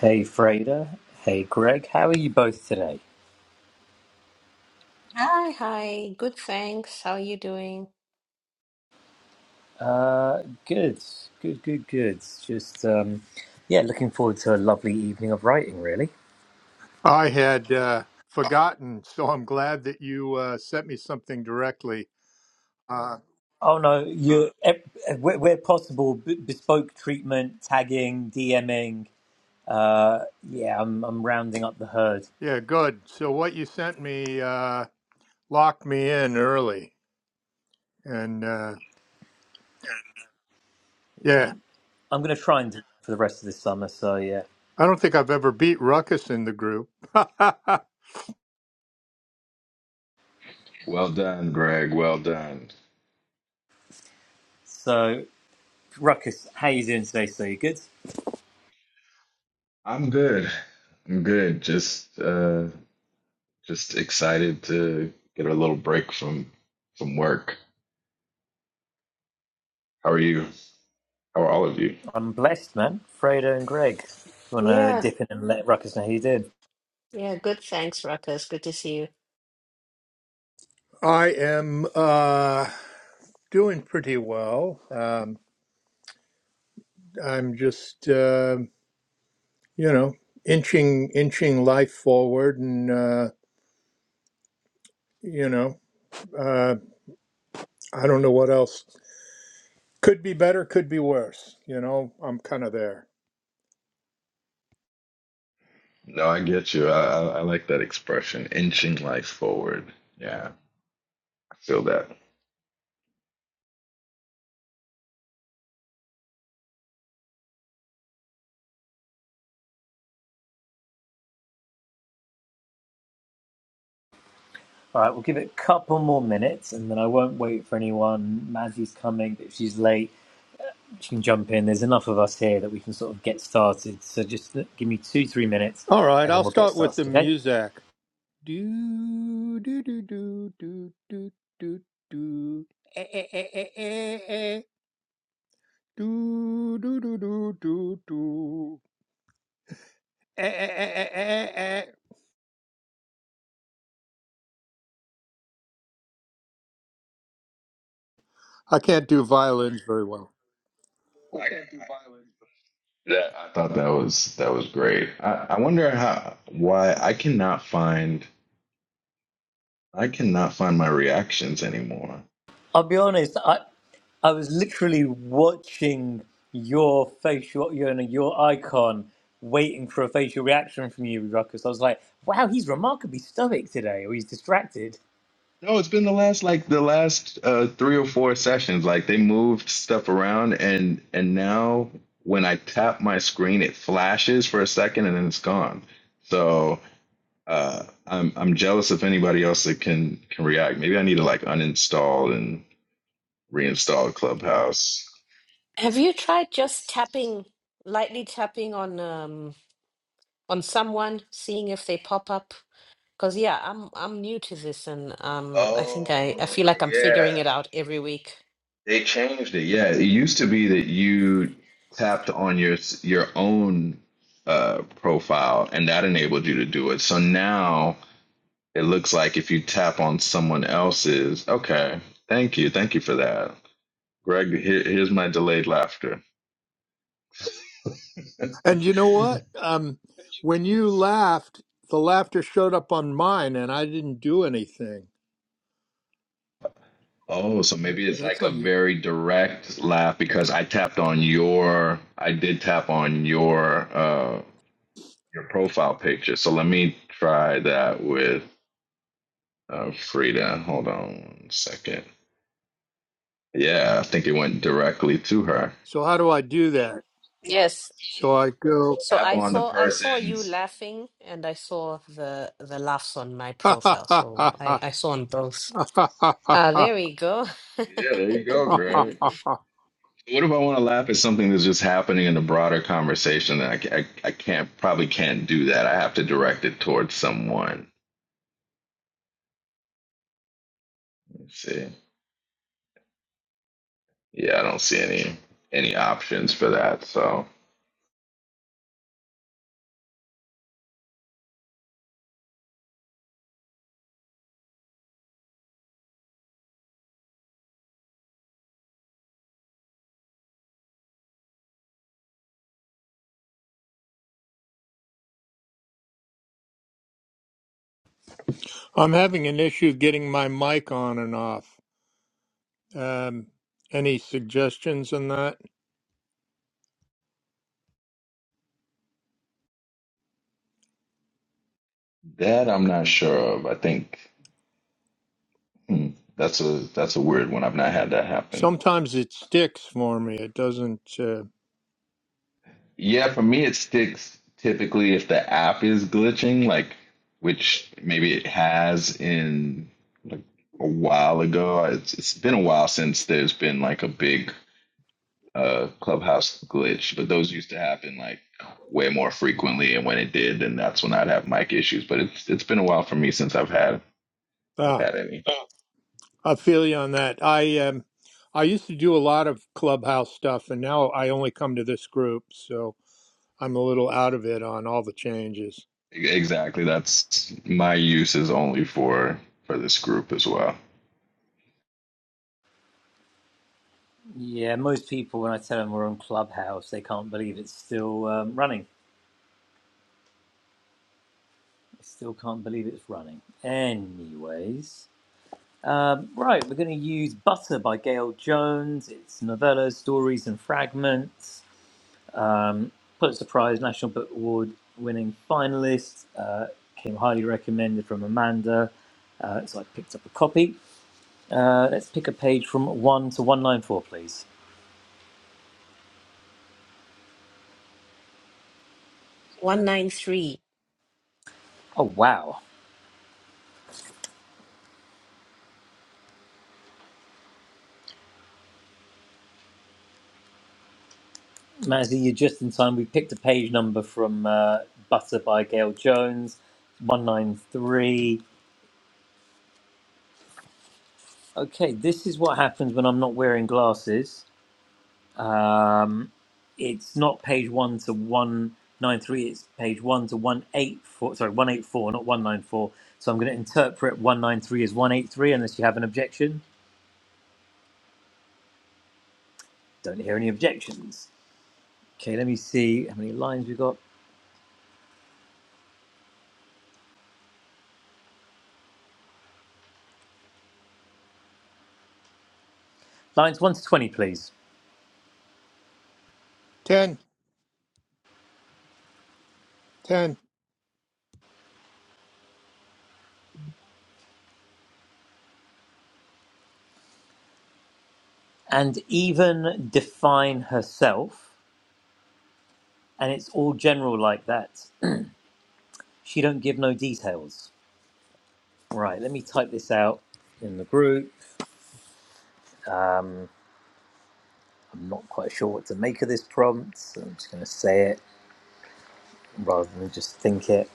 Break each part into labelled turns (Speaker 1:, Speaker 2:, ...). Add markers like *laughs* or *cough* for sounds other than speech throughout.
Speaker 1: Hey Freda. Hey Greg. How are you both today?
Speaker 2: Hi, hi. Good, thanks. How are you doing?
Speaker 1: Uh, good. Good, good, good. Just, um, yeah, looking forward to a lovely evening of writing, really.
Speaker 3: I had uh, forgotten, so I'm glad that you uh, sent me something directly. Uh,
Speaker 1: Oh no, you where, where possible, b- bespoke treatment, tagging, DMing. Uh, yeah, I'm I'm rounding up the herd.
Speaker 3: yeah, good. So what you sent me uh, locked me in early, and uh,
Speaker 1: Yeah,
Speaker 3: yeah,
Speaker 1: I'm, I'm going to try and do it for the rest of the summer. So yeah.
Speaker 3: I don't think I've ever beat Ruckus in the group. *laughs* I
Speaker 4: Well done, Greg. Well done.
Speaker 1: So Ruckus, how you doing today? So you good?
Speaker 4: I'm good. I'm good. Just uh just excited to get a little break from from work. How are you? How are all of you?
Speaker 1: I'm blessed, man. Freda and Greg. you Want to
Speaker 2: Yeah,
Speaker 1: dip in and let Ruckus know how you doing?
Speaker 2: yeah, good, thanks, Ruckus. Good to see you.
Speaker 3: am uh, doing pretty well. Um, I'm just uh, you know inching inching life forward, and uh, you know uh, I don't know what else. Could be better, could be worse. You know, I'm kind of there.
Speaker 4: No, I get you. I I, I like that expression, inching life forward. Yeah, I feel that.
Speaker 1: All right, we'll give it a couple more minutes and then I won't wait for anyone. Mazzy's coming, but if she's late, she can jump in. There's enough of us here that we can sort of get started. So just give me two, three minutes
Speaker 3: All right,
Speaker 1: and then
Speaker 3: I'll
Speaker 1: we'll get
Speaker 3: start with the
Speaker 1: started, okay?
Speaker 3: music. Do do do do do do do do. Eh, eh, eh, eh, eh, eh. Do do do do do do. Eh, eh, eh, eh, eh, eh. I can't do violins very well.
Speaker 4: Like, that I thought that was that was great. I, I wonder how why I cannot find I cannot find my reactions anymore.
Speaker 1: I'll be honest, I, I was literally watching your facial, you know, your icon, waiting for a facial reaction from you, Ruckus. I was like, wow, he's remarkably stoic today, or he's distracted.
Speaker 4: No, it's been the last like the last uh three or four sessions. Like they moved stuff around and and now when I tap my screen it flashes for a second and then it's gone. So uh I'm I'm jealous of anybody else that can can react. Maybe I need to like uninstall and reinstall Clubhouse.
Speaker 2: Have you tried just tapping, lightly tapping on um on someone, seeing if they pop up? Because yeah, I'm I'm new to this and um I think I I
Speaker 4: Oh
Speaker 2: feel like I'm figuring
Speaker 4: yeah.
Speaker 2: it out every week.
Speaker 4: They changed it. Yeah, it used to be that you tapped on your s- your own uh, profile, and that enabled you to do it. So now it looks like if you tap on someone else's, okay, thank you, thank you for that, Greg. Here, here's my delayed laughter.
Speaker 3: And you know what? Um, when you laughed, the laughter showed up on mine, and I didn't do anything.
Speaker 4: Oh, so maybe it's
Speaker 3: That's
Speaker 4: like a
Speaker 3: on you.
Speaker 4: very direct laugh because I tapped on your, I did tap on your uh, your profile picture. So let me try that with Uh, Frida, hold on one second. Yeah, I think it went directly to her.
Speaker 3: So how do I do that?
Speaker 4: So how
Speaker 2: Yes.
Speaker 4: do
Speaker 3: So I go.
Speaker 2: So
Speaker 4: I tap
Speaker 2: I
Speaker 4: on the
Speaker 2: saw I saw you
Speaker 4: person's?
Speaker 2: laughing and I saw the the laughs on my
Speaker 3: *laughs*
Speaker 2: profile. So I
Speaker 3: I'm
Speaker 2: I saw on both. Ah, there we go. *laughs*
Speaker 4: Yeah, there you go,
Speaker 2: 193.
Speaker 4: Greg. What if I want to laugh at something that's just happening in the broader conversation? That I, ca- I, I can't probably can't do that. I have to direct it towards someone. Let's see. Yeah, I don't see any any options for that. So
Speaker 3: having an issue getting my mic on and off. Um, any suggestions on that?
Speaker 4: that I'm not sure of. I think hmm, that's a that's a weird one. I've not had that happen.
Speaker 3: Sometimes it sticks for me. It doesn't. Uh,
Speaker 4: Yeah, for me, it sticks typically if the app is glitching, like which maybe it has in like a while ago. It's it's been a while since there's been like a big uh Clubhouse glitch, but those used to happen like way more frequently, and when it did, then that's when I'd have mic issues. But it's it's been a while for me since I've had I've
Speaker 3: ah,
Speaker 4: had any.
Speaker 3: I feel you on that. I um, I used to do a lot of clubhouse stuff, and now I only come to this group, so I'm a little out of it on all the changes.
Speaker 4: Exactly, that's my use is only for for this group as well.
Speaker 1: Yeah, most people, when I tell them we're on Clubhouse, they can't believe it's still um, running. I still can't believe it's running. Anyways, um, right, we're going to use Butter by Gail Jones. It's novellas, stories, and fragments. Um, Pulitzer Prize, National Book Award winning finalist. Uh, came highly recommended from Amanda, uh, so I picked up a copy. Uh, let's pick a page from 1 to 194, please. Oh, wow. Mazzy, you're just in time. We picked a page number from uh, Butter by Gail Jones, 193. Okay, this is what happens when I'm not wearing glasses. Um, it's not page one to one nine three. It's page one to one eight four. Sorry, one eight four, not one nine four. So I'm going to interpret one nine three as one eight three, unless you have an objection. Don't hear any objections. Okay, let me see how many lines we've got. Lines one to twenty, please.
Speaker 3: Ten, ten.
Speaker 1: And even define herself. And it's all general like that. She don't give no details. Right, let me type this out in the group. I'm not quite sure what to make of this prompt, so I'm just going to say it rather than just think it.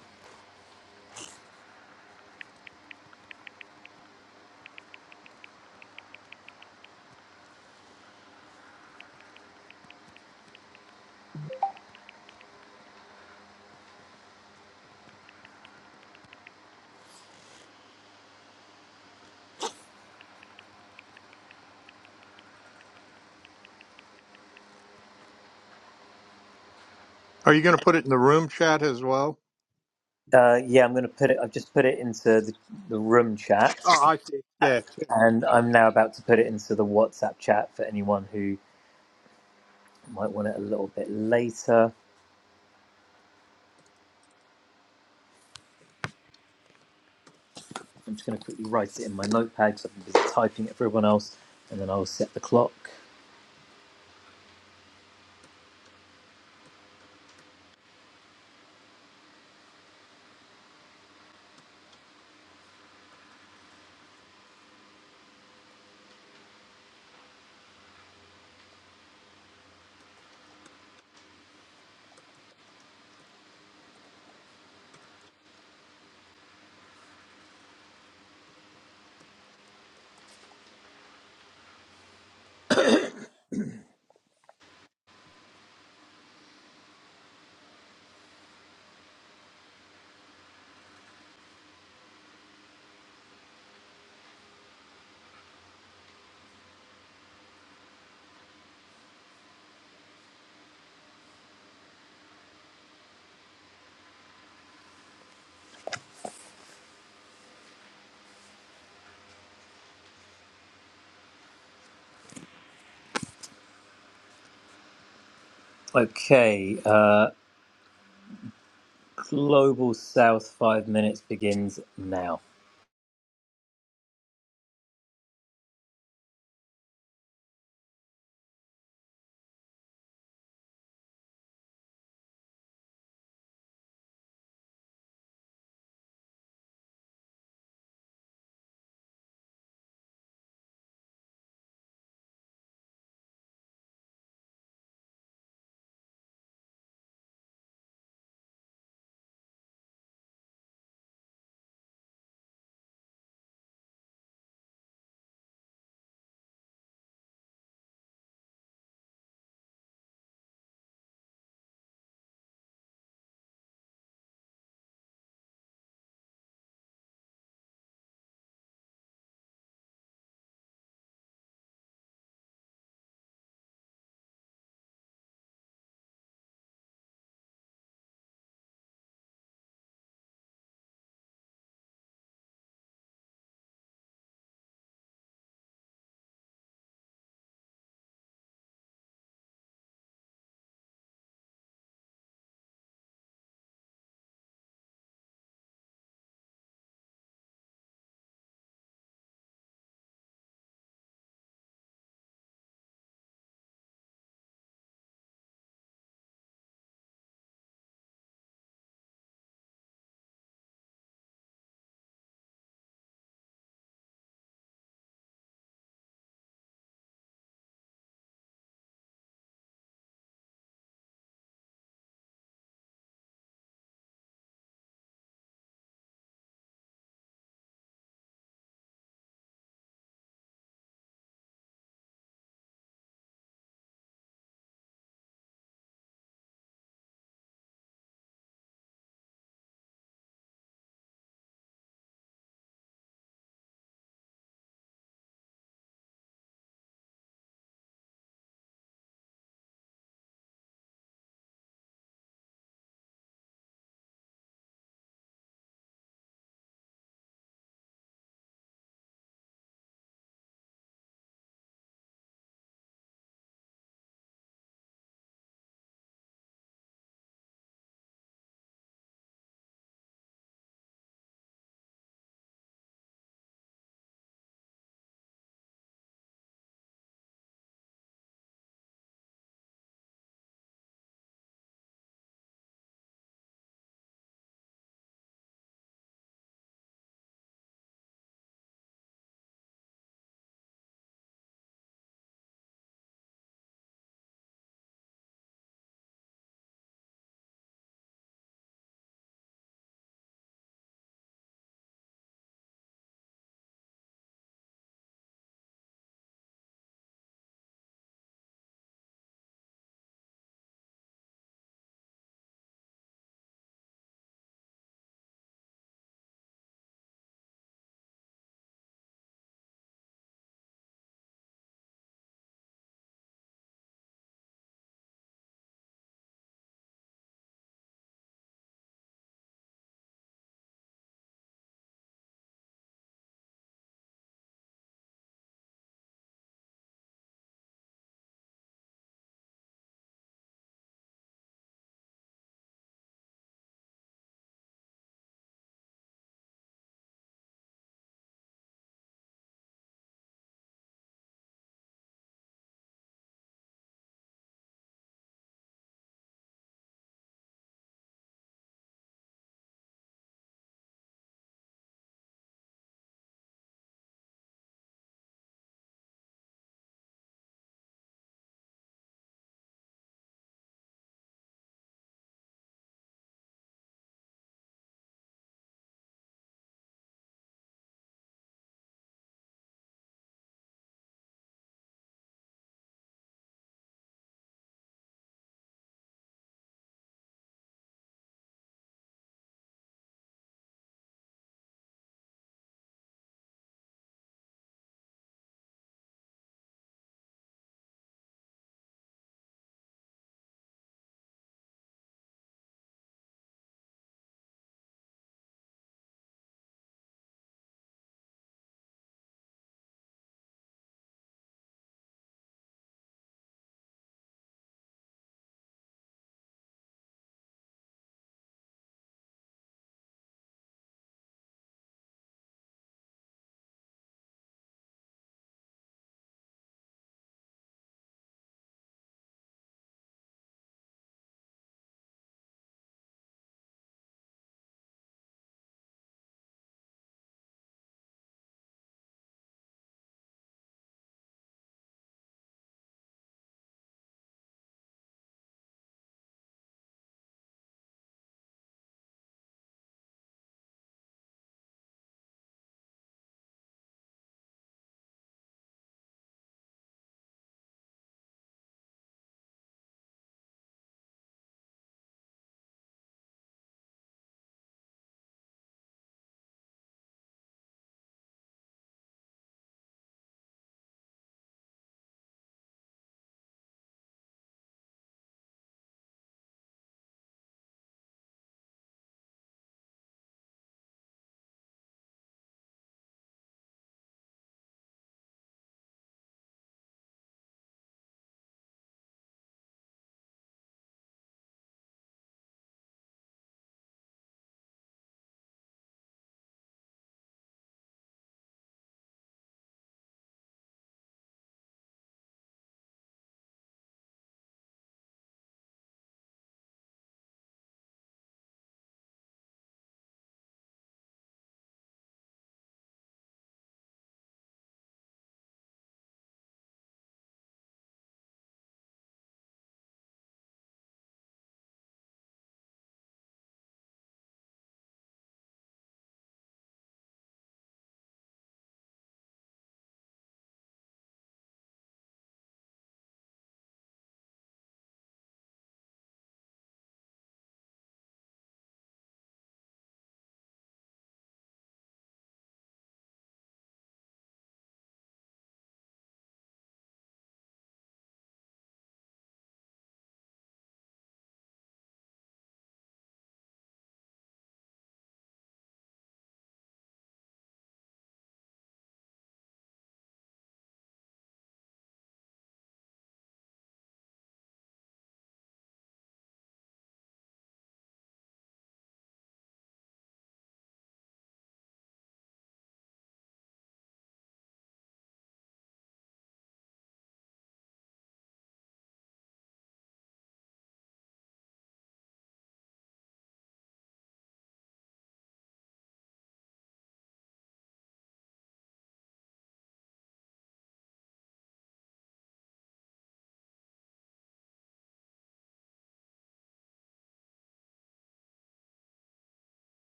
Speaker 3: Are you going to put it in the room chat as well?
Speaker 1: Uh, yeah, I'm going to put it. I've just put it into the, the room chat,
Speaker 3: Oh, I see. Yeah.
Speaker 1: and I'm now about to put it into the WhatsApp chat for anyone who might want it a little bit later. I'm just going to quickly write it in my notepad because I've been busy typing it for everyone else, and then I'll set the clock. Okay, uh, Global South five minutes begins now,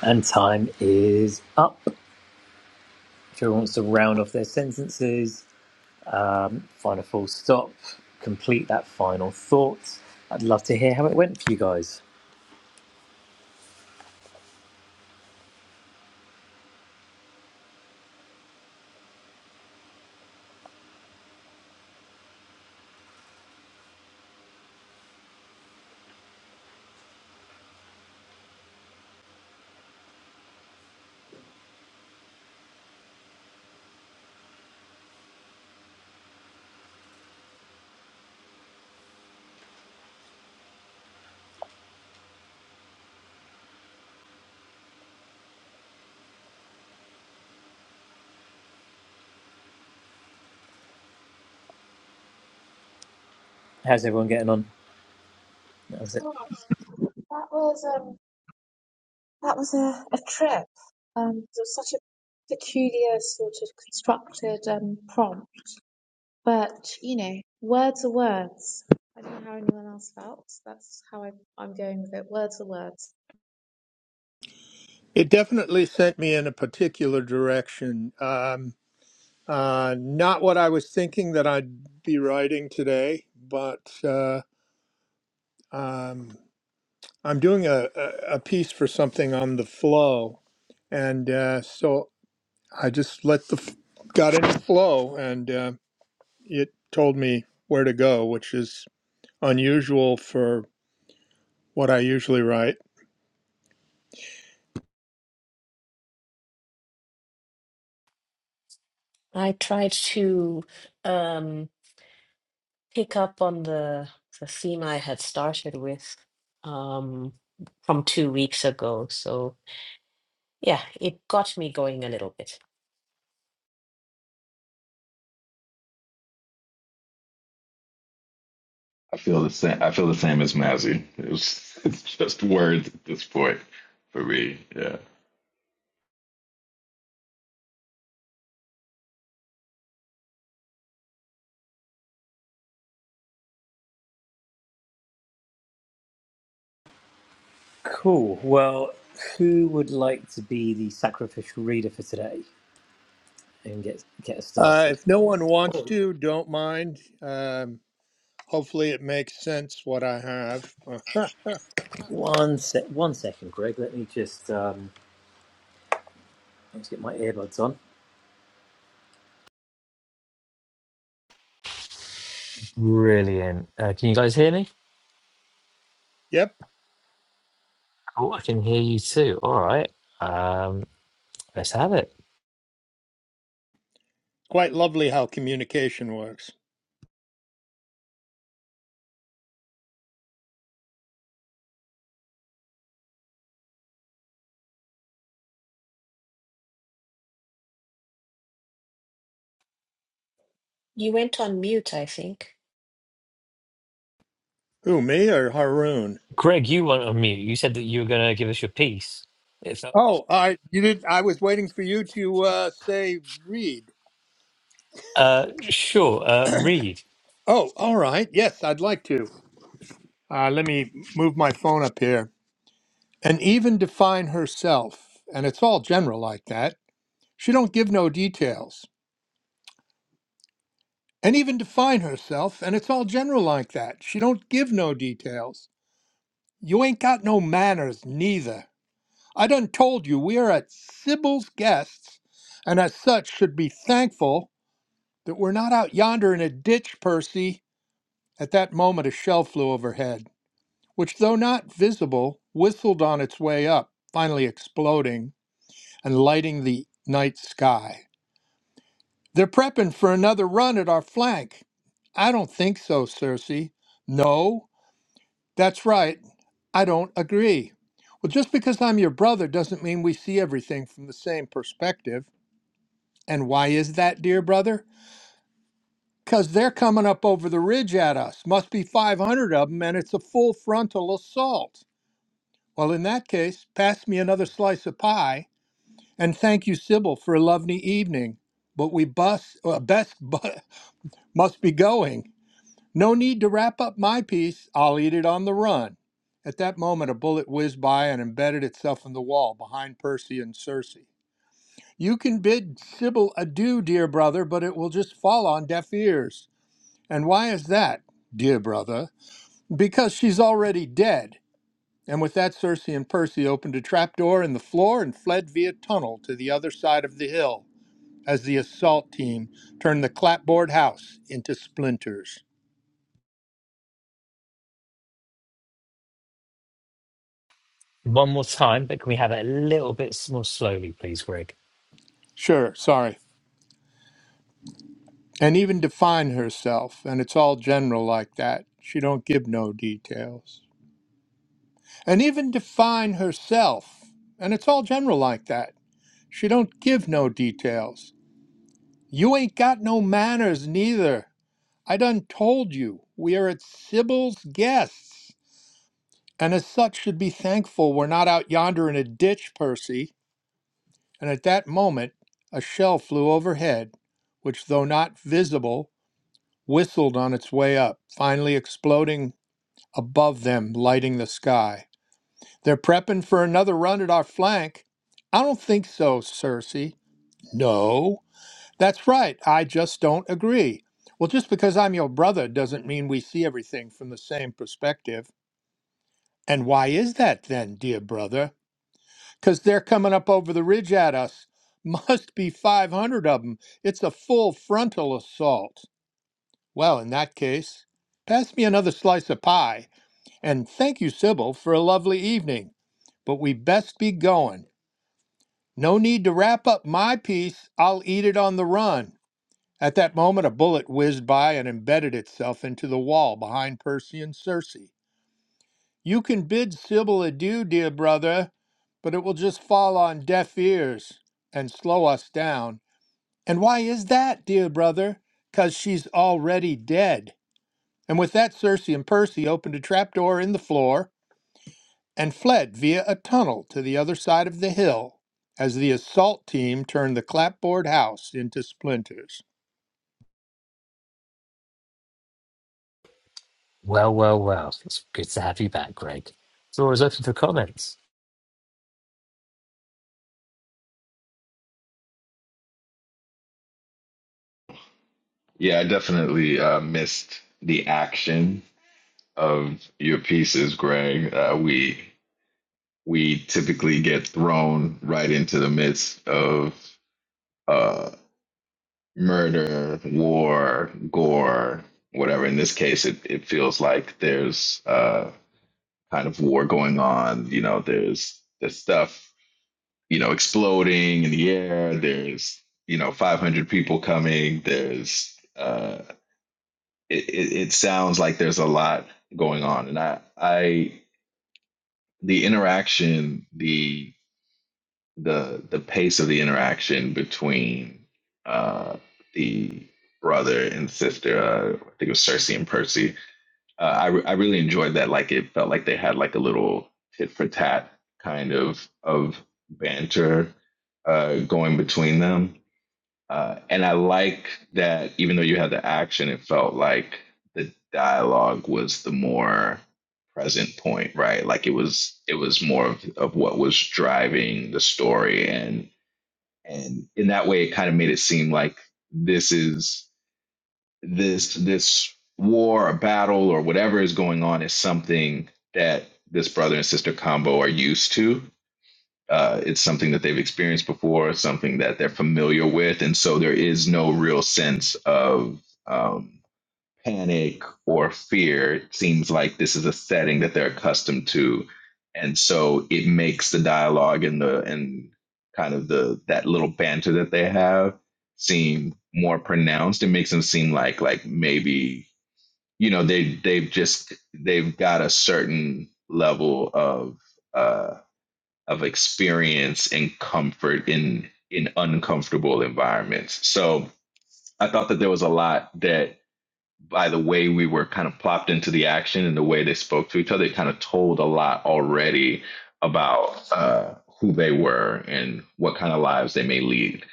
Speaker 1: and time is up. If everyone wants to round off their sentences, um, find a full stop, complete that final thought. I'd love to hear how it went for you guys. How's everyone getting on? That it.
Speaker 5: That was um that was a, a trip. Um, it was such a peculiar sort of constructed um prompt, but you know, words are words. I don't know how anyone else felt. That's how I, I'm going with it. Words are words.
Speaker 3: It definitely sent me in a particular direction. Um, uh, not what I was thinking that I'd be writing today, but uh, um, I'm doing a, a, a piece for something on the flow. And uh, so I just let the, f- got in the flow and uh, it told me where to go, which is unusual for what I usually write.
Speaker 2: I tried to um, pick up on the the theme I had started with um, from two weeks ago. So yeah, it got me going a little bit.
Speaker 4: I feel the same. I feel the same as Mazzy. It's *laughs* it's just words at this point for me. Yeah,
Speaker 1: Cool. Well, who would like to be the sacrificial reader for today and get get us
Speaker 3: Uh,
Speaker 1: started?
Speaker 3: if no one wants
Speaker 1: Oh,
Speaker 3: to, don't mind. Um, Hopefully, it makes sense what I have. *laughs*
Speaker 1: one sec, one second, Greg. Let me just um, let's get my earbuds on. Brilliant. Uh, can you guys hear me?
Speaker 3: yep,
Speaker 1: Oh, I can hear you too. All right, have it.
Speaker 3: quite lovely how communication works.
Speaker 2: You went on mute, I think.
Speaker 3: Who, me or Haroon?
Speaker 1: Greg, you weren't on mute. You said that you were going to give us your piece. If
Speaker 3: Oh, I you did. I was waiting for you to uh, say read.
Speaker 1: uh, sure, uh, Reed.
Speaker 3: Oh, all right. Yes, I'd like to. Uh, let me move my phone up here. And even define herself, and it's all general like that. She don't give no details. And even define herself, and it's all general like that. She don't give no details. You ain't got no manners neither. I done told you we are at Sybil's guests, and as such should be thankful that we're not out yonder in a ditch, Percy. At that moment a shell flew overhead, which, though not visible, whistled on its way up, finally exploding and lighting the night sky. They're prepping for another run at our flank. I don't think so, Circe. No, that's right. I don't agree. Well, just because I'm your brother doesn't mean we see everything from the same perspective. And why is that, dear brother? Because they're coming up over the ridge at us. Must be 500 of them, and it's a full frontal assault. Well, in that case, pass me another slice of pie, and thank you, Sybil, for a lovely evening. But we bus, uh, best bu- *laughs* must be going. No need to wrap up my piece. I'll eat it on the run. At that moment, a bullet whizzed by and embedded itself in the wall behind Percy and Circe. You can bid Sybil adieu, dear brother, but it will just fall on deaf ears. And why is that, dear brother? Because she's already dead. And with that, Circe and Percy opened a trapdoor in the floor and fled via tunnel to the other side of the hill as the assault team turned the clapboard house into splinters.
Speaker 1: One more time, but can we have it a little bit s- more slowly, please, Greg?
Speaker 3: Sure, sorry. And even define herself, and it's all general like that. She don't give no details. And even define herself, and it's all general like that. She don't give no details. You ain't got no manners neither. I done told you, we are at Sybil's guests, and as such should be thankful we're not out yonder in a ditch, Percy. And at that moment, a shell flew overhead, which, though not visible, whistled on its way up, finally exploding above them, lighting the sky. They're prepping for another run at our flank. I don't think so, Cersei. No. That's right. I just don't agree. Well, just because I'm your brother doesn't mean we see everything from the same perspective. And why is that then, dear brother? Because they're coming up over the ridge at us. *laughs* Must be 500 of them. It's a full frontal assault. Well, in that case, pass me another slice of pie. And thank you, Sybil, for a lovely evening. But we best be going. No need to wrap up my piece. I'll eat it on the run. At that moment, a bullet whizzed by and embedded itself into the wall behind Percy and Circe. You can bid Sybil adieu, dear brother, but it will just fall on deaf ears and slow us down. And why is that, dear brother? 'Cause she's already dead. And with that, Circe and Percy opened a trapdoor in the floor and fled via a tunnel to the other side of the hill as the assault team turned the clapboard house into splinters.
Speaker 1: Well, well, well. It's good to have you back, Greg. It's always open for comments.
Speaker 4: yeah. I definitely uh, missed the action of your pieces, Greg. Uh, we we typically get thrown right into the midst of uh, murder, war, gore, whatever. In this case, it it feels like there's uh, kind of war going on. You know, there's there's stuff you know, exploding in the air. There's, you know, 500 people coming. There's, uh, it, it, it sounds like there's a lot going on. And I, I, the interaction, the, the, the pace of the interaction between, uh, the brother and sister, uh, I think it was Cersei and Percy. Uh, I, re- I really enjoyed that. Like it felt like they had like a little tit for tat kind of, of banter, uh, going between them Uh, and I like that even though you had the action, it felt like the dialogue was the more present point, right? Like it was it was more of, of what was driving the story and and in that way it kind of made it seem like this is this this war or battle or whatever is going on is something that this brother and sister combo are used to uh, it's something that they've experienced before, something that they're familiar with, and so there is no real sense of um, panic or fear. It seems like this is a setting that they're accustomed to, and so it makes the dialogue and the and kind of the that little banter that they have seem more pronounced. It makes them seem like like maybe you know they they've just they've got a certain level of uh of experience and comfort in in uncomfortable environments. So I thought that there was a lot that by the way we were kind of plopped into the action and the way they spoke to each other, it kind of told a lot already about uh, who they were and what kind of lives they may lead.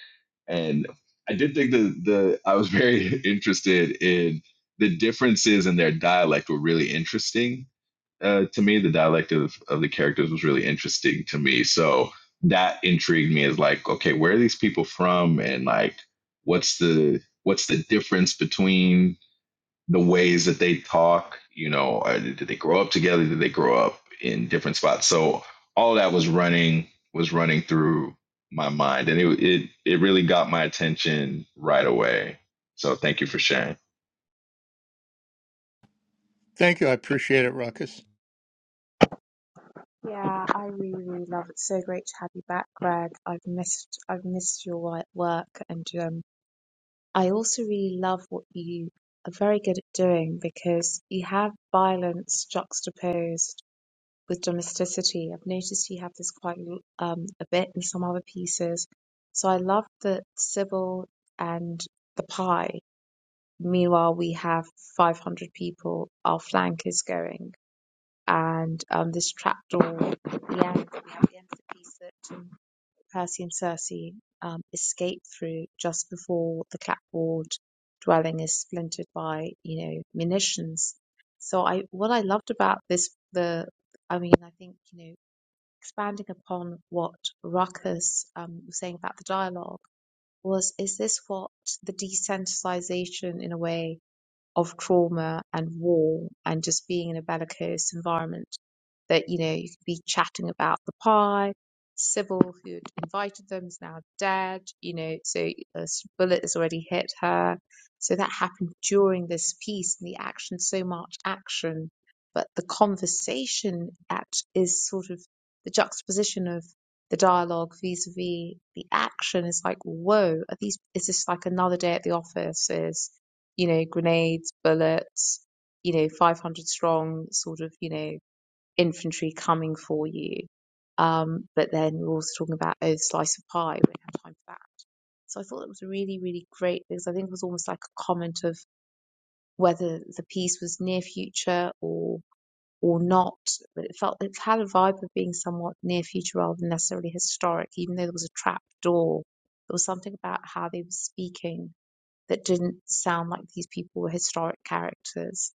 Speaker 4: And I did think that the I was very *laughs* interested in the differences in their dialect were really interesting uh, to me the dialect of, of the characters was really interesting to me so that intrigued me as like okay where are these people from and like what's the what's the difference between the ways that they talk you know uh, did did they grow up together did they grow up in different spots so all that was running was running through my mind and it it, it really got my attention right away so thank you for sharing
Speaker 3: Thank you. I appreciate it, Ruckus.
Speaker 5: Yeah, I really, really love it. It's so great to have you back, Greg. I've missed I've missed your work, and um, I also really love what you are very good at doing because you have violence juxtaposed with domesticity. I've noticed you have this quite um, a bit in some other pieces. So I love that Sybil and the pie. Meanwhile, we have 500 people. Our flank is going, and um, this trapdoor. the end, we have the end of the piece that um, Percy and Circe um, escape through just before the clapboard dwelling is splintered by, you know, munitions. So I, what I loved about this, the I mean, I think, you know, expanding upon what Ruckus um, was saying about the dialogue was is this what the desensitization in a way of trauma and war and just being in a bellicose environment that you know you could be chatting about the pie sybil who had invited them is now dead you know so a s- bullet has already hit her so that happened during this piece and the action so much action but the conversation at is sort of the juxtaposition of the dialogue vis-a-vis the action is like whoa are these is this like another day at the office Is you know, grenades, bullets, you know, 500 strong sort of, you know, infantry coming for you. Um, but then we're also talking about, oh, the slice of pie. We don't have time for that. So I thought that was really, really great because I think it was almost like a comment of whether the piece was near future or or not. But it felt it had a vibe of being somewhat near future rather than necessarily historic, even though there was a trap door. There was something about how they were speaking that didn't sound like these people were historic characters.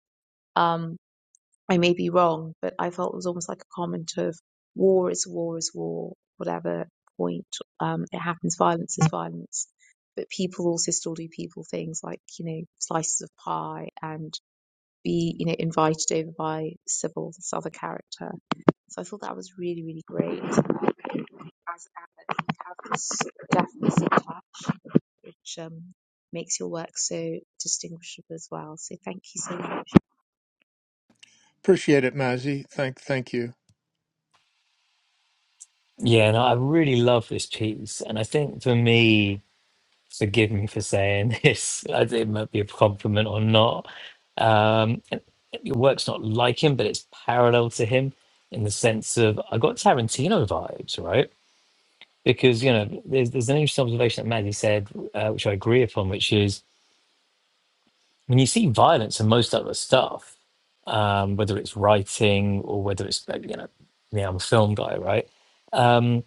Speaker 5: Um, I may be wrong, but I felt it was almost like a comment of war is war is war, whatever point um, it happens, violence is violence. But people also still do people things like, you know, slices of pie and be, you know, invited over by Sybil, this other character. So I thought that was really, really great. Um, as Anna, you have this deafness in touch, which um, makes your work so distinguishable as well. So thank you so much.
Speaker 3: Appreciate it, Mazzy. Thank, thank you,
Speaker 1: Yeah, and I really love this piece. And I think for me, forgive me for saying *laughs* this, I think it might be a compliment or not. Um, and your work's not like him, but it's parallel to him in the sense of I got Tarantino vibes, right? Because, you know, there's, there's an interesting observation that Maddie said, uh, which I agree upon, which is when you see violence in most other stuff, um, whether it's writing or whether it's uh, you know, yeah, I'm a film guy, right? Um,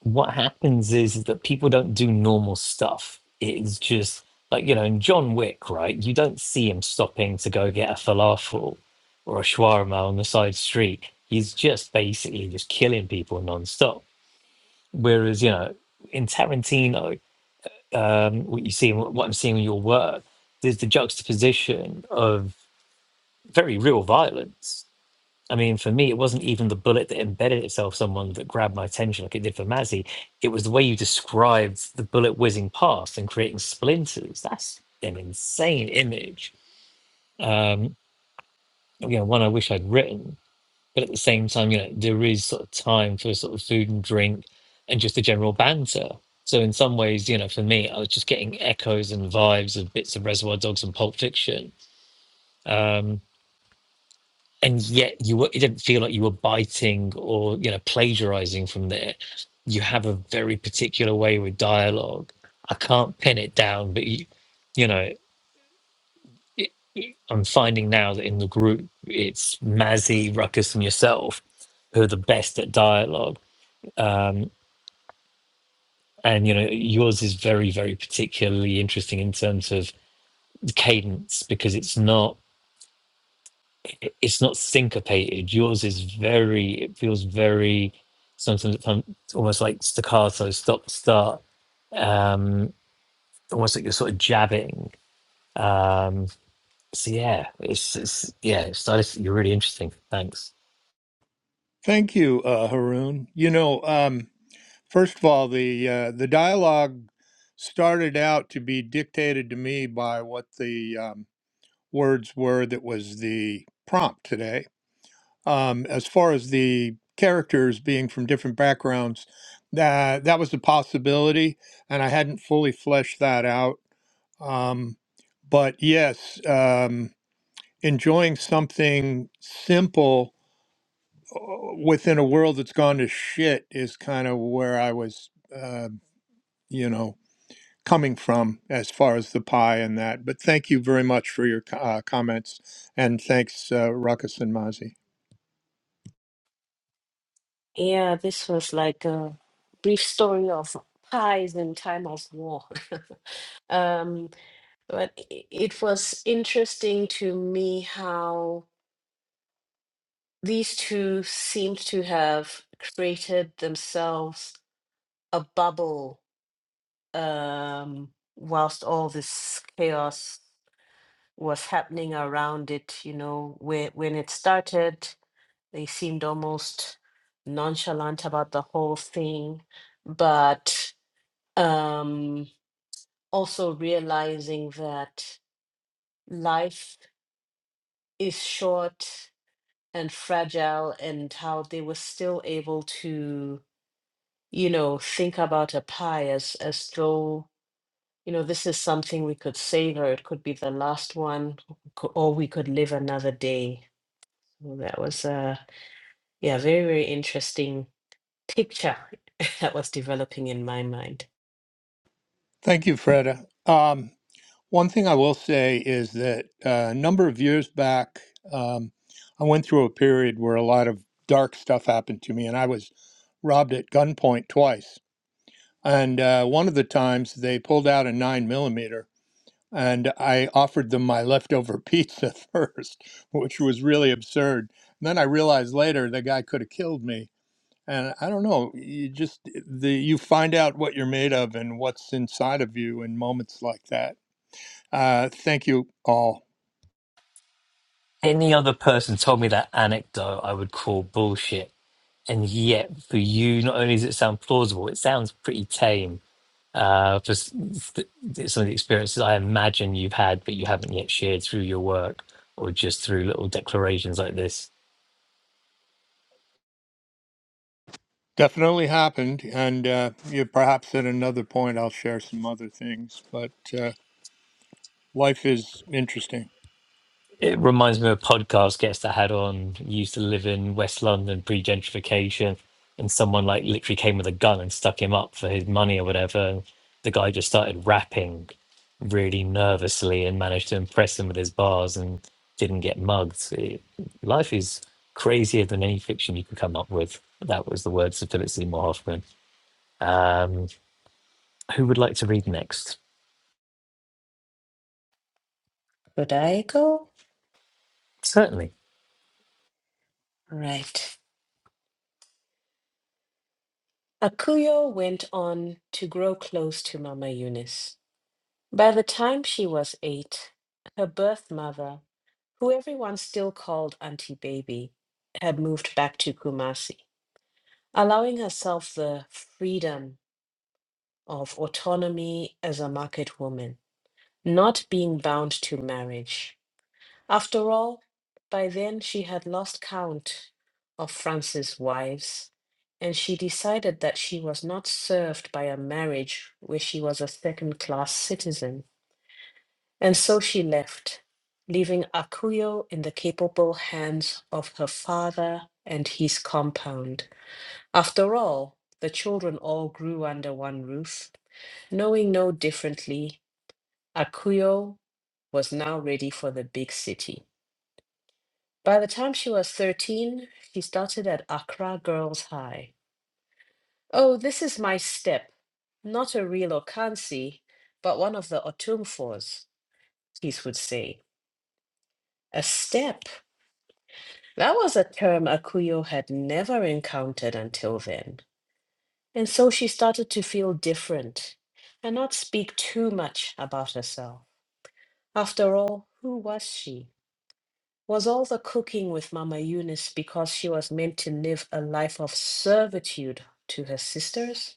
Speaker 1: what happens is that people don't do normal stuff. It's just like you know, in John Wick, right? You don't see him stopping to go get a falafel or a shawarma on the side street. He's just basically just killing people nonstop. Whereas you know, in Tarantino, um, what you see, and what I'm seeing in your work, there's the juxtaposition of very real violence. I mean, for me, it wasn't even the bullet that embedded itself someone that grabbed my attention like it did for Mazzy. It was the way you described the bullet whizzing past and creating splinters. That's an insane image. Um, you know, one I wish I'd written. But at the same time, you know, there is sort of time for sort of food and drink and just the general banter. So in some ways, you know, for me, I was just getting echoes and vibes of bits of Reservoir Dogs and Pulp Fiction. Um, and yet you were, it didn't feel like you were biting or you know plagiarizing from there you have a very particular way with dialogue i can't pin it down but you, you know i'm finding now that in the group it's mazzy ruckus and yourself who are the best at dialogue and you know yours is very very particularly interesting in terms of the cadence because it's not it's not syncopated yours is very it feels very sometimes it's almost like staccato stop start um almost like you're sort of jabbing um so yeah it's, it's yeah it's stylistically really interesting thanks
Speaker 3: thank you, uh, Haroon. You know, um, first of all, the uh, the dialogue started out to be dictated to me by what the um, words were that was the prompt today. Um, as far as the characters being from different backgrounds, that that was a possibility, and I hadn't fully fleshed that out. Um, but yes, um, enjoying something simple within a world that's gone to shit is kind of where I was, uh, you know, coming from as far as the pie and that. But thank you very much for your co- uh, comments, and thanks, uh, Ruckus and Mozzie.
Speaker 2: Yeah, this was like a brief story of pies in time of war. *laughs* Um, but i- it was interesting to me how these two seemed to have created themselves a bubble um whilst all this chaos was happening around it you know where when it started they seemed almost nonchalant about the whole thing but um also realizing that life is short and fragile and how they were still able to you know think about a pie as as though you know, this is something we could savor. It could be the last one, co- or we could live another day. So that was a yeah, very very interesting picture *laughs* that was developing in my mind.
Speaker 3: Thank you, Freda. Um, One thing I will say is that uh, a number of years back, um, I went through a period where a lot of dark stuff happened to me, and I was robbed at gunpoint twice. And uh, one of the times they pulled out a nine millimeter, and I offered them my leftover pizza *laughs* first, which was really absurd. And then I realized later the guy could have killed me. And I don't know, you just the you find out what you're made of and what's inside of you in moments like that uh, thank you all.
Speaker 1: any other person told me that anecdote i would call bullshit and yet for you not only does it sound plausible it sounds pretty tame uh for s- th- th- some of the experiences i imagine you've had but you haven't yet shared through your work or just through little declarations like this
Speaker 3: Definitely happened, and uh, you perhaps at another point I'll share some other things. But uh, life is interesting.
Speaker 1: It reminds me of a podcast guest I had on who used to live in West London pre gentrification, and someone like literally came with a gun and stuck him up for his money or whatever. And the guy just started rapping really nervously and managed to impress him with his bars and didn't get mugged. It- life is crazier than any fiction you can come up with. That was the words of Philip Seymour Hoffman. Um, who would like to read next?
Speaker 2: Could I go?
Speaker 1: Certainly.
Speaker 2: Right. Akuyo went on to grow close to Mama Eunice. By the time she was eight, her birth mother, who everyone still called Auntie Baby, had moved back to Kumasi, allowing herself the freedom of autonomy as a market woman, not being bound to marriage. After all, by then she had lost count of Francis' wives, and she decided that she was not served by a marriage where she was a second class citizen. And so she left, leaving Akuyo in the capable hands of her father and his compound. After all, the children all grew under one roof. Knowing no differently, Akuyo was now ready for the big city. By the time she was 13, she started at Accra Girls High. Oh, this is my step. Not a real Okansi, but one of the Otumfors, Keith would say. A step. That was a term Akuyo had never encountered until then. And so she started to feel different and not speak too much about herself. After all, who was she? was also cooking with Mama Eunice because she was meant to live a life of servitude to her sisters,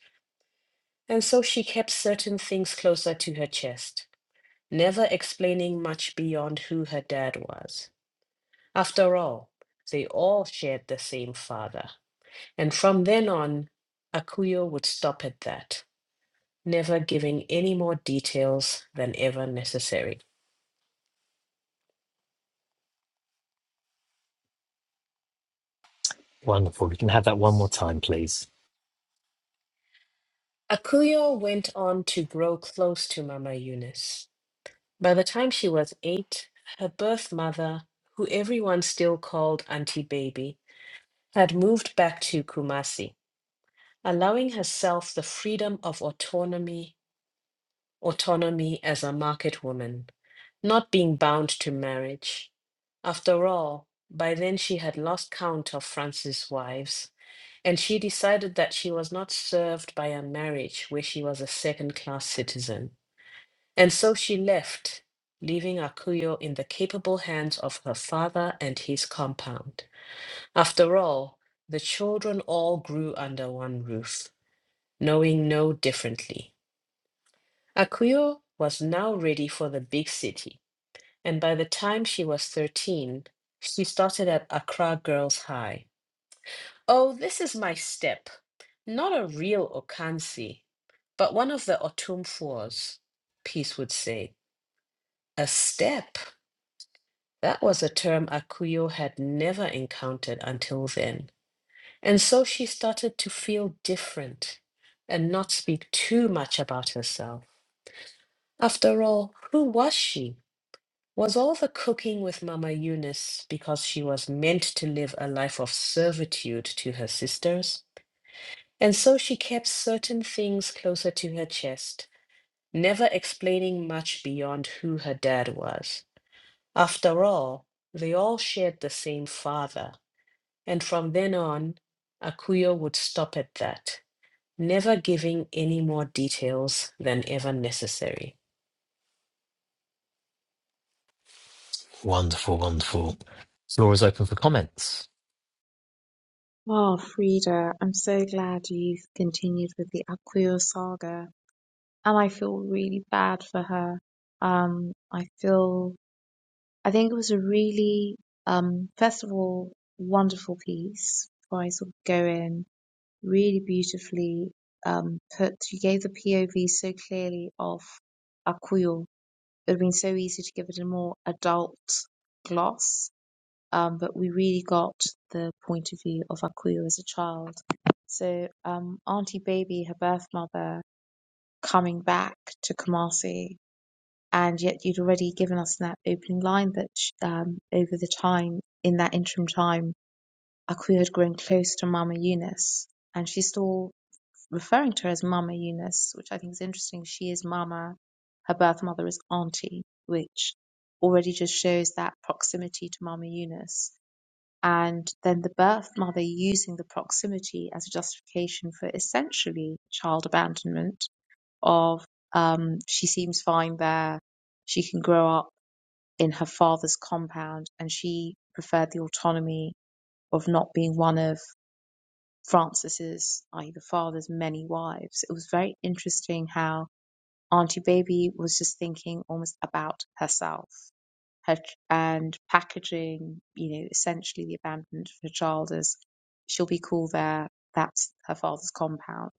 Speaker 2: and so she kept certain things closer to her chest, never explaining much beyond who her dad was. After all, they all shared the same father, and from then on, Akuyo would stop at that, never giving any more details than ever necessary.
Speaker 1: Wonderful. We can have that one more time, please.
Speaker 2: Akuyo went on to grow close to Mama Eunice. By the time she was eight, her birth mother, who everyone still called Auntie Baby, had moved back to Kumasi, allowing herself the freedom of autonomy, autonomy as a market woman, not being bound to marriage. After all, by then she had lost count of Francis' wives, and she decided that she was not served by a marriage where she was a second class citizen. And so she left, leaving Akuyo in the capable hands of her father and his compound. After all, the children all grew under one roof, knowing no differently. Akuyo was now ready for the big city, and by the time she was 13, she started at Accra Girls High. Oh, this is my step. Not a real Okansi, but one of the Otumfuos, Peace would say. A step? That was a term Akuyo had never encountered until then, and so she started to feel different and not speak too much about herself. After all, who was she? Was all the cooking with Mama Eunice because she was meant to live a life of servitude to her sisters? And so she kept certain things closer to her chest, never explaining much beyond who her dad was. After all, they all shared the same father And from then on, Akuyo would stop at that, never giving any more details than ever necessary.
Speaker 1: Wonderful, wonderful. Floor is open for comments.
Speaker 5: Oh, Frida, I'm so glad you've continued with the Akuyo saga. And I feel really bad for her. Um, I feel, I think it was a really, um, first of all, wonderful piece before I sort of go in. really beautifully um, put. You gave the POV so clearly of Akuyo. It would have been so easy to give it a more adult gloss, um, but we really got the point of view of Akuyo as a child. So, um, Auntie Baby, her birth mother, coming back to Kumasi, and yet you'd already given us in that opening line that sh- um, over the time, in that interim time, Akuyo had grown close to Mama Eunice, and she saw referring to her as Mama Eunice, which I think is interesting. She is Mama. Her birth mother is Auntie, which already just shows that proximity to Mama Eunice. And then the birth mother using the proximity as a justification for essentially child abandonment of um, she seems fine there. She can grow up in her father's compound and she preferred the autonomy of not being one of Francis's, i.e., the father's many wives, it was very interesting how Auntie Baby was just thinking almost about herself her and packaging, you know, essentially the abandonment of her child as she'll be cool there. That's her father's compound.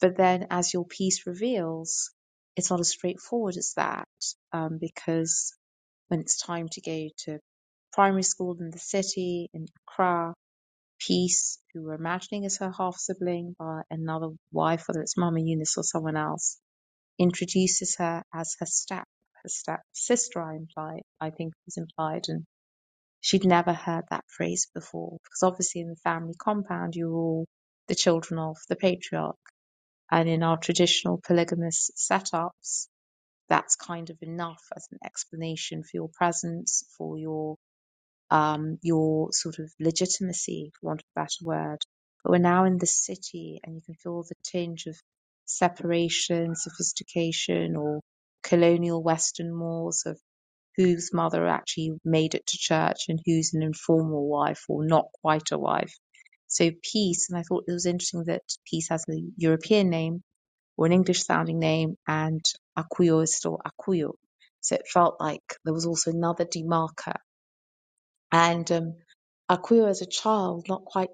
Speaker 5: But then, as your piece reveals, it's not as straightforward as that um, because when it's time to go to primary school in the city in Accra, Peace, who we're imagining is her half sibling by another wife, whether it's Mama Eunice or someone else, introduces her as her step her step sister. I imply, I think was implied, and she'd never heard that phrase before because obviously in the family compound you're all the children of the patriarch, and in our traditional polygamous setups, that's kind of enough as an explanation for your presence, for your um, your sort of legitimacy, for want of a better word. But we're now in the city and you can feel the tinge of separation, sophistication, or colonial Western mores of whose mother actually made it to church and who's an informal wife or not quite a wife. So peace, and I thought it was interesting that peace has a European name or an English sounding name and Akuyo is still Akuyo. So it felt like there was also another demarker and um, Akuyo, as a child, not quite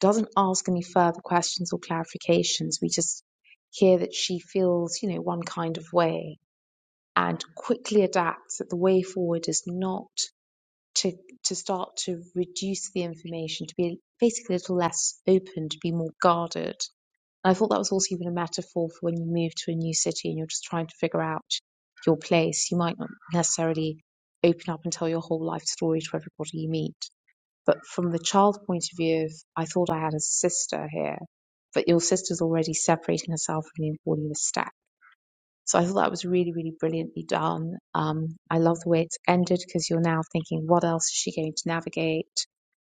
Speaker 5: doesn't ask any further questions or clarifications. We just hear that she feels, you know, one kind of way and quickly adapts that the way forward is not to to start to reduce the information, to be basically a little less open, to be more guarded. And I thought that was also even a metaphor for when you move to a new city and you're just trying to figure out your place. You might not necessarily open up and tell your whole life story to everybody you meet but from the child's point of view, if I thought I had a sister here, but your sister's already separating herself from you and calling you a stack. So I thought that was really, really brilliantly done. Um, I love the way it's ended because you're now thinking, what else is she going to navigate?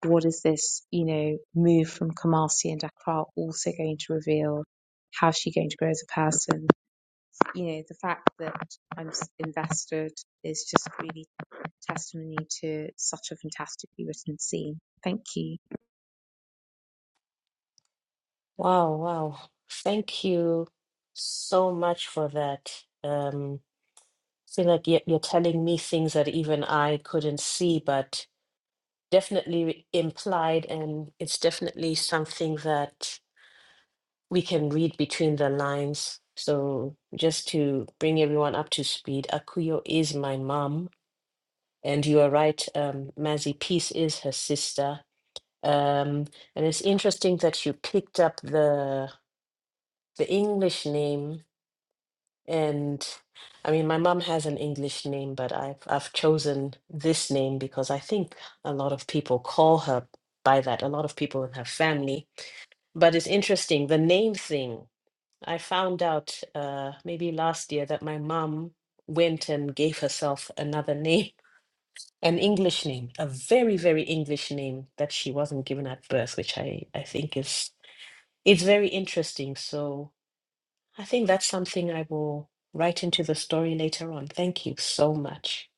Speaker 5: What is this, you know, move from Kamasi and Accra also going to reveal? How's she going to grow as a person? You know, the fact that I'm s- invested is just really testimony to such a fantastically written scene. Thank you.
Speaker 2: Wow, wow. Thank you so much for that. Um, I feel like you're, you're telling me things that even I couldn't see, but definitely implied, and it's definitely something that we can read between the lines. So, just to bring everyone up to speed, Akuyo is my mom And you are right, um, Mazzy, Peace is her sister. Um, and it's interesting that you picked up the the English name. And I mean, my mom has an English name, but I've I've chosen this name because I think a lot of people call her by that. A lot of people in her family. But it's interesting the name thing. I found out uh, maybe last year that my mom went and gave herself another *laughs* name an English name, a very, very English name that she wasn't given at birth, which I, I think is it's very interesting. So I think that's something I will write into the story later on. Thank you so much.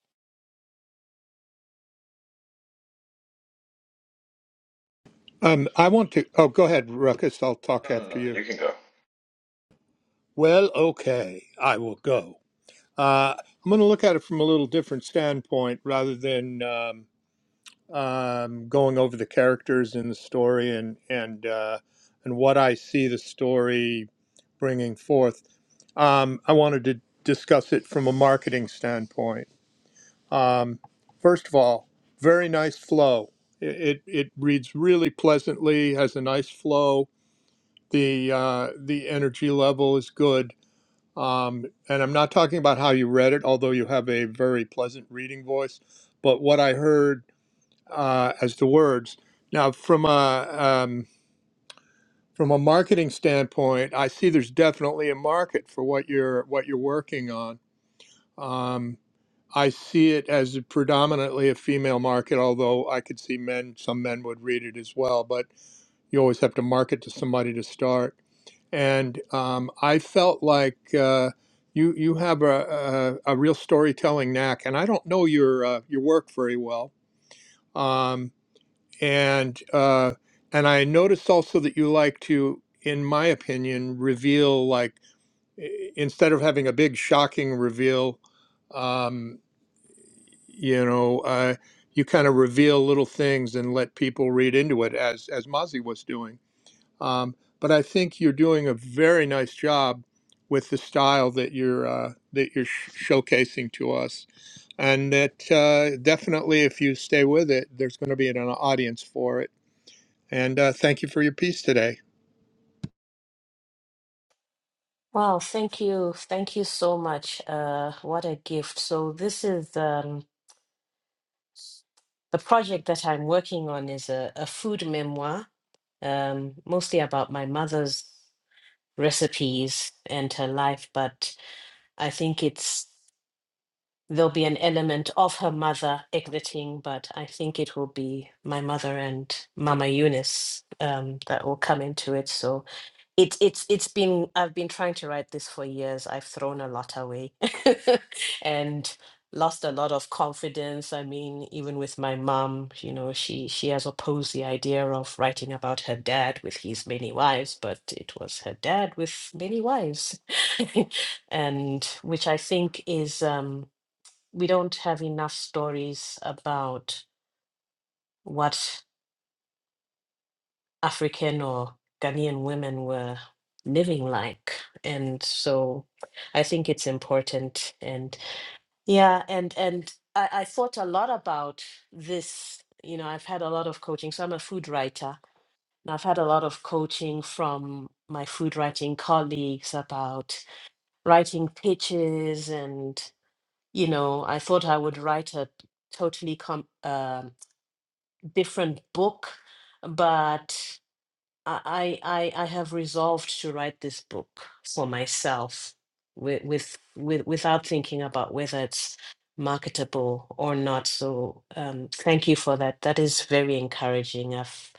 Speaker 3: Um, I want to. Oh, go ahead, Ruckus. I'll
Speaker 4: no
Speaker 3: talk
Speaker 4: no no
Speaker 3: after you.
Speaker 4: you can go
Speaker 3: Well, okay, I will go. Uh, I'm going to look at it from a little different standpoint rather than um, um, going over the characters in the story and and uh, and what I see the story bringing forth. Um, I wanted to discuss it from a marketing standpoint. Um, first of all, very nice flow. It, it it reads really pleasantly, has a nice flow. The uh, the energy level is good. Um, and I'm not talking about how you read it, although you have a very pleasant reading voice. But what I heard uh, as the words now from a um, from a marketing standpoint, I see there's definitely a market for what you're what you're working on. Um, I see it as a predominantly a female market, although I could see men. Some men would read it as well, but you always have to market to somebody to start. And um, I felt like uh, you you have a, a a real storytelling knack, and I don't know your uh, your work very well. Um, and uh, and I noticed also that you like to, in my opinion, reveal like i- instead of having a big shocking reveal, um, you know, uh, you kind of reveal little things and let people read into it as as Mozzie was doing. Um, but I think you're doing a very nice job with the style that you're uh, that you're sh- showcasing to us. And that uh, definitely, if you stay with it, there's going to be an audience for it and uh, thank you for your piece today.
Speaker 2: Wow, thank you. Thank you so much. Uh, what a gift. So this is um, the project that I'm working on is a, a food memoir, um, mostly about my mother's recipes and her life, but I think it's there'll be an element of her mother exiting, but I think it will be my mother and Mama Eunice um, that will come into it. So it's it's it's been I've been trying to write this for years. I've thrown a lot away *laughs* and lost a lot of confidence. I mean, even with my mom, you know, she she has opposed the idea of writing about her dad with his many wives, but it was her dad with many wives. *laughs* and which I think is um we don't have enough stories about what African or Ghanaian women were living like. And so I think it's important. And yeah, and and I, I thought a lot about this. You know, I've had a lot of coaching. So I'm a food writer. And I've had a lot of coaching from my food writing colleagues about writing pitches and you know, I thought I would write a totally com- um different book, but I I I I have resolved to write this book for myself with with, with without thinking about whether it's marketable or not. So um, thank you for that. That is very encouraging. I've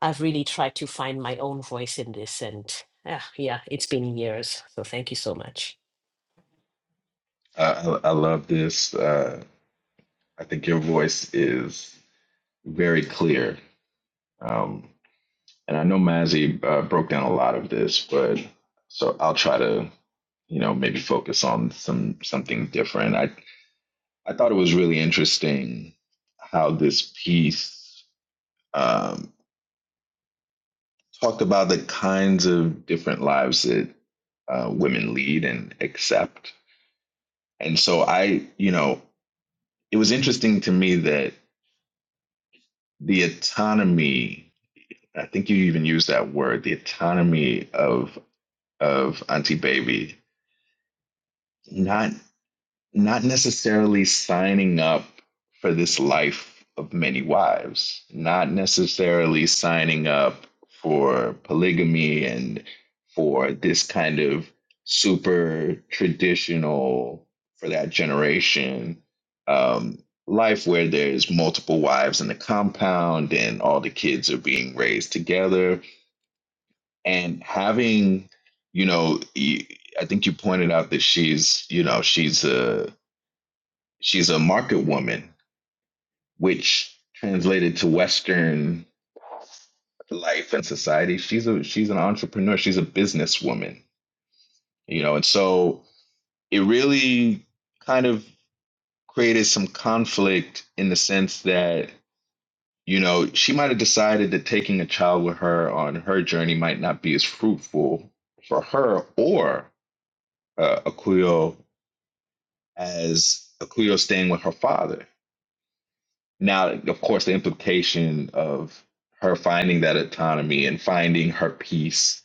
Speaker 2: I've really tried to find my own voice in this, and ah, yeah, it's been years. So thank you so much.
Speaker 4: uh, I, I love this. Uh, I think your voice is very clear. Um, and I know Mazzy uh, broke down a lot of this, but so I'll try to, you know, maybe focus on some something different. I, I thought it was really interesting how this piece um, talked about the kinds of different lives that uh, women lead and accept. And so I, you know, it was interesting to me that the autonomy I think you even use that word, the autonomy of of Auntie Baby, not not necessarily signing up for this life of many wives, not necessarily signing up for polygamy and for this kind of super traditional for that generation um, life where there's multiple wives in the compound and all the kids are being raised together and having you know y- i think you pointed out that she's you know she's a she's a market woman which translated to western life and society she's a she's an entrepreneur she's a businesswoman you know and so it really kind of created some conflict in the sense that you know she might have decided that taking a child with her on her journey might not be as fruitful for her or uh, Akuyo as Akuyo staying with her father. Now, of course, the implication of her finding that autonomy and finding her peace,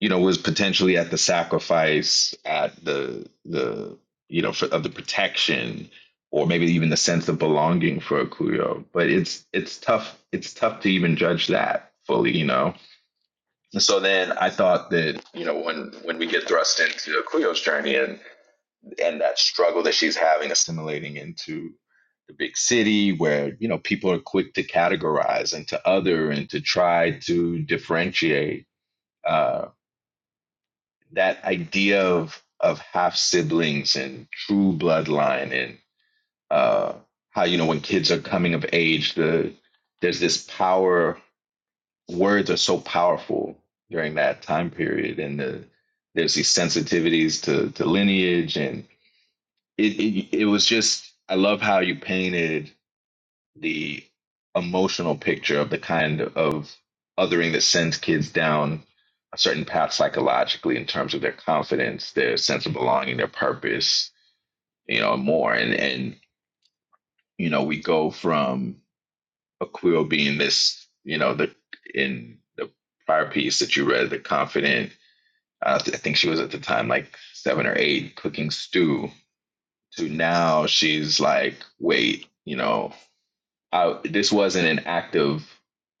Speaker 4: you know, was potentially at the sacrifice, at the the you know for, of the protection, or maybe even the sense of belonging for Akuyo. But it's it's tough. It's tough to even judge that fully, you know. And so then I thought that you know when when we get thrust into Akuyo's journey and and that struggle that she's having assimilating into the big city where you know people are quick to categorize and to other and to try to differentiate uh, that idea of of half siblings and true bloodline and uh, how you know when kids are coming of age the there's this power words are so powerful during that time period and the, there's these sensitivities to, to lineage and it, it it was just I love how you painted the emotional picture of the kind of othering that sends kids down a certain path psychologically in terms of their confidence, their sense of belonging, their purpose, you know, and more. And and you know, we go from a queer being this, you know, the in the prior piece that you read, the confident. Uh, I think she was at the time like seven or eight, cooking stew. To now, she's like, wait, you know, I this wasn't an act of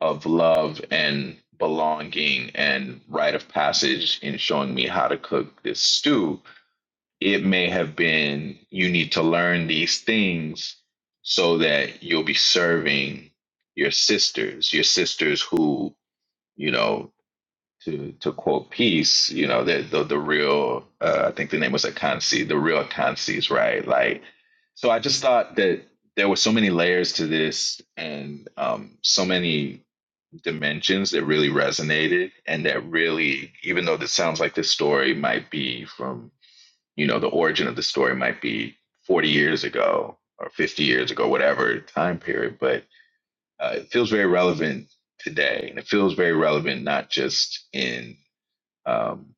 Speaker 4: of love and belonging and rite of passage in showing me how to cook this stew. It may have been you need to learn these things so that you'll be serving your sisters, your sisters who, you know, to to quote peace, you know, the the, the real uh, I think the name was Akansi, the real Akansis, right? Like, so I just thought that there were so many layers to this and um, so many dimensions that really resonated and that really, even though this sounds like this story might be from, you know, the origin of the story might be 40 years ago or 50 years ago, whatever time period, but uh, it feels very relevant today and it feels very relevant not just in um,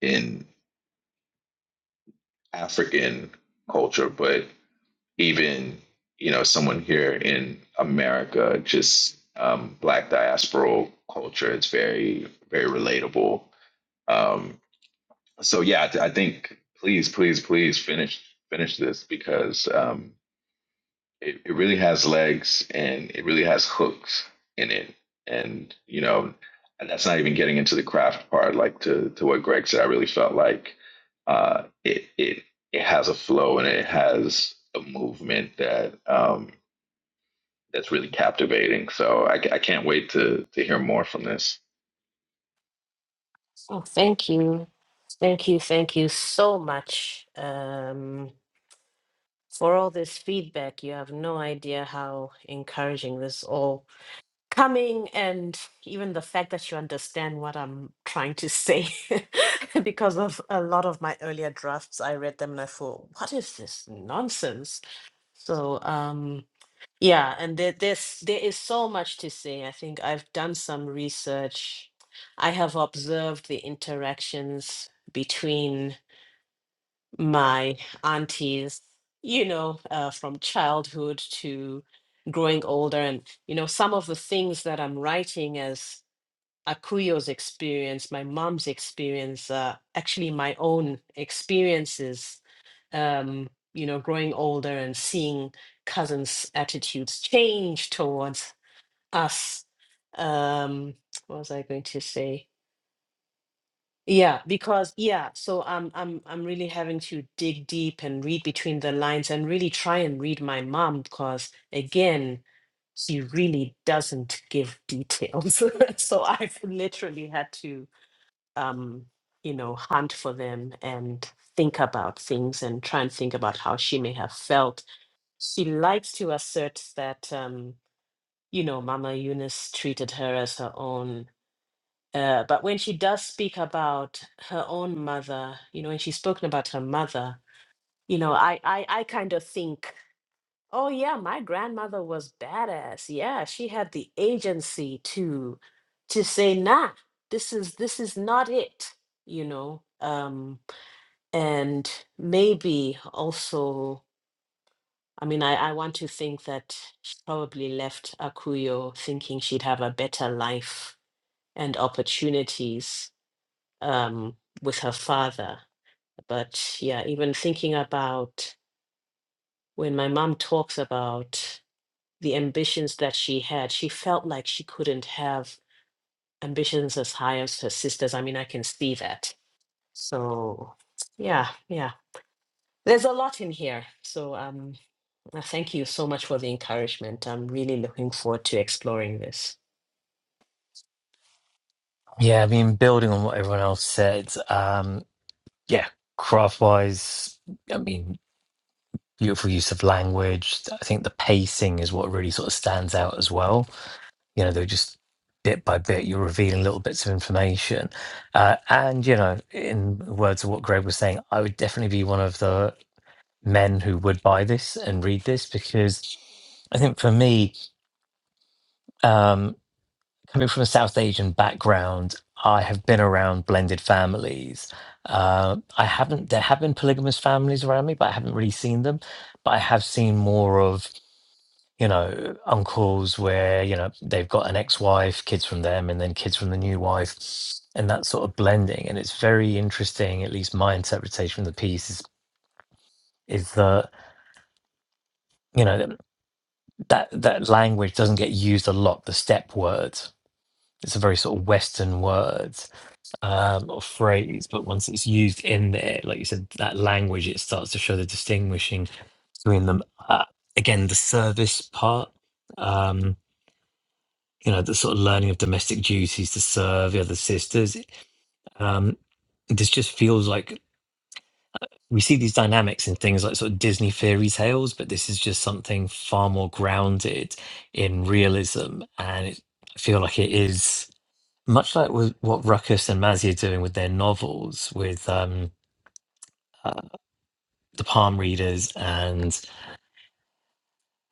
Speaker 4: in African culture, but even you know someone here in America, just um, Black diasporal culture, it's very very relatable. Um, so yeah, I, I think please please please finish finish this because um, it, it really has legs and it really has hooks in it. And, you know, and that's not even getting into the craft part, like to, to what Greg said, I really felt like uh, it, it, it has a flow and it has a movement that, um, that's really captivating. So I, I can't wait to, to hear more from this.
Speaker 2: Oh, thank you. Thank you. Thank you so much um, for all this feedback. You have no idea how encouraging this all coming and even the fact that you understand what I'm trying to say *laughs* because of a lot of my earlier drafts I read them and I thought what is this nonsense so um yeah and there, there's there is so much to say I think I've done some research I have observed the interactions between my aunties, you know, uh, from childhood to growing older. And, you know, some of the things that I'm writing as Akuyo's experience, my mom's experience, uh, actually my own experiences, um, you know, growing older and seeing cousins' attitudes change towards us. Um, *tsk* what was I going to say? Yeah, because yeah, so I'm I'm I'm really having to dig deep and read between the lines and really try and read my mom because again, she really doesn't give details. *laughs* So I've literally had to um, you know, hunt for them and think about things and try and think about how she may have felt. She likes to assert that um, you know, Mama Eunice treated her as her own uh, but when she does speak about her own mother, you know, when she's spoken about her mother, you know, I, I, I kind of think, oh yeah, my grandmother was badass. Yeah, she had the agency to, to say, nah, this is this is not it, you know. Um, and maybe also, I mean, I, I want to think that she probably left Akuyo thinking she'd have a better life and opportunities um, with her father. But yeah, even thinking about when my mom talks about the ambitions that she had, she felt like she couldn't have ambitions as high as her sisters. I mean, I can see that. So yeah, yeah. There's a lot in here. So um, uh, thank you so much for the encouragement. I'm really looking forward to exploring this.
Speaker 1: Yeah, I mean, building on what everyone else said, um, yeah, craft wise, I mean, beautiful use of language. I think the pacing is what really sort of stands out as well. You know, they're just bit by bit, you're revealing little bits of information. Uh, and, you know, in words of what Greg was saying, I would definitely be one of the men who would buy this and read this because I think for me, um, coming from a South Asian background, I have been around blended families. Uh, I haven't, there have been polygamous families around me, but I haven't really seen them. But I have seen more of, you know, uncles where, you know, they've got an ex wife, kids from them, and then kids from the new wife, and that sort of blending. And it's very interesting, at least my interpretation of the piece is, is that, you know, that, that language doesn't get used a lot, the step words. It's a very sort of Western word um, or phrase, but once it's used in there, like you said, that language, it starts to show the distinguishing between them. Uh, again, the service part, um, you know, the sort of learning of domestic duties to serve the other sisters. Um, this just feels like we see these dynamics in things like sort of Disney fairy tales, but this is just something far more grounded in realism. And it, I feel like it is much like with what Ruckus and Mazzy are doing with their novels, with. Um, the palm readers and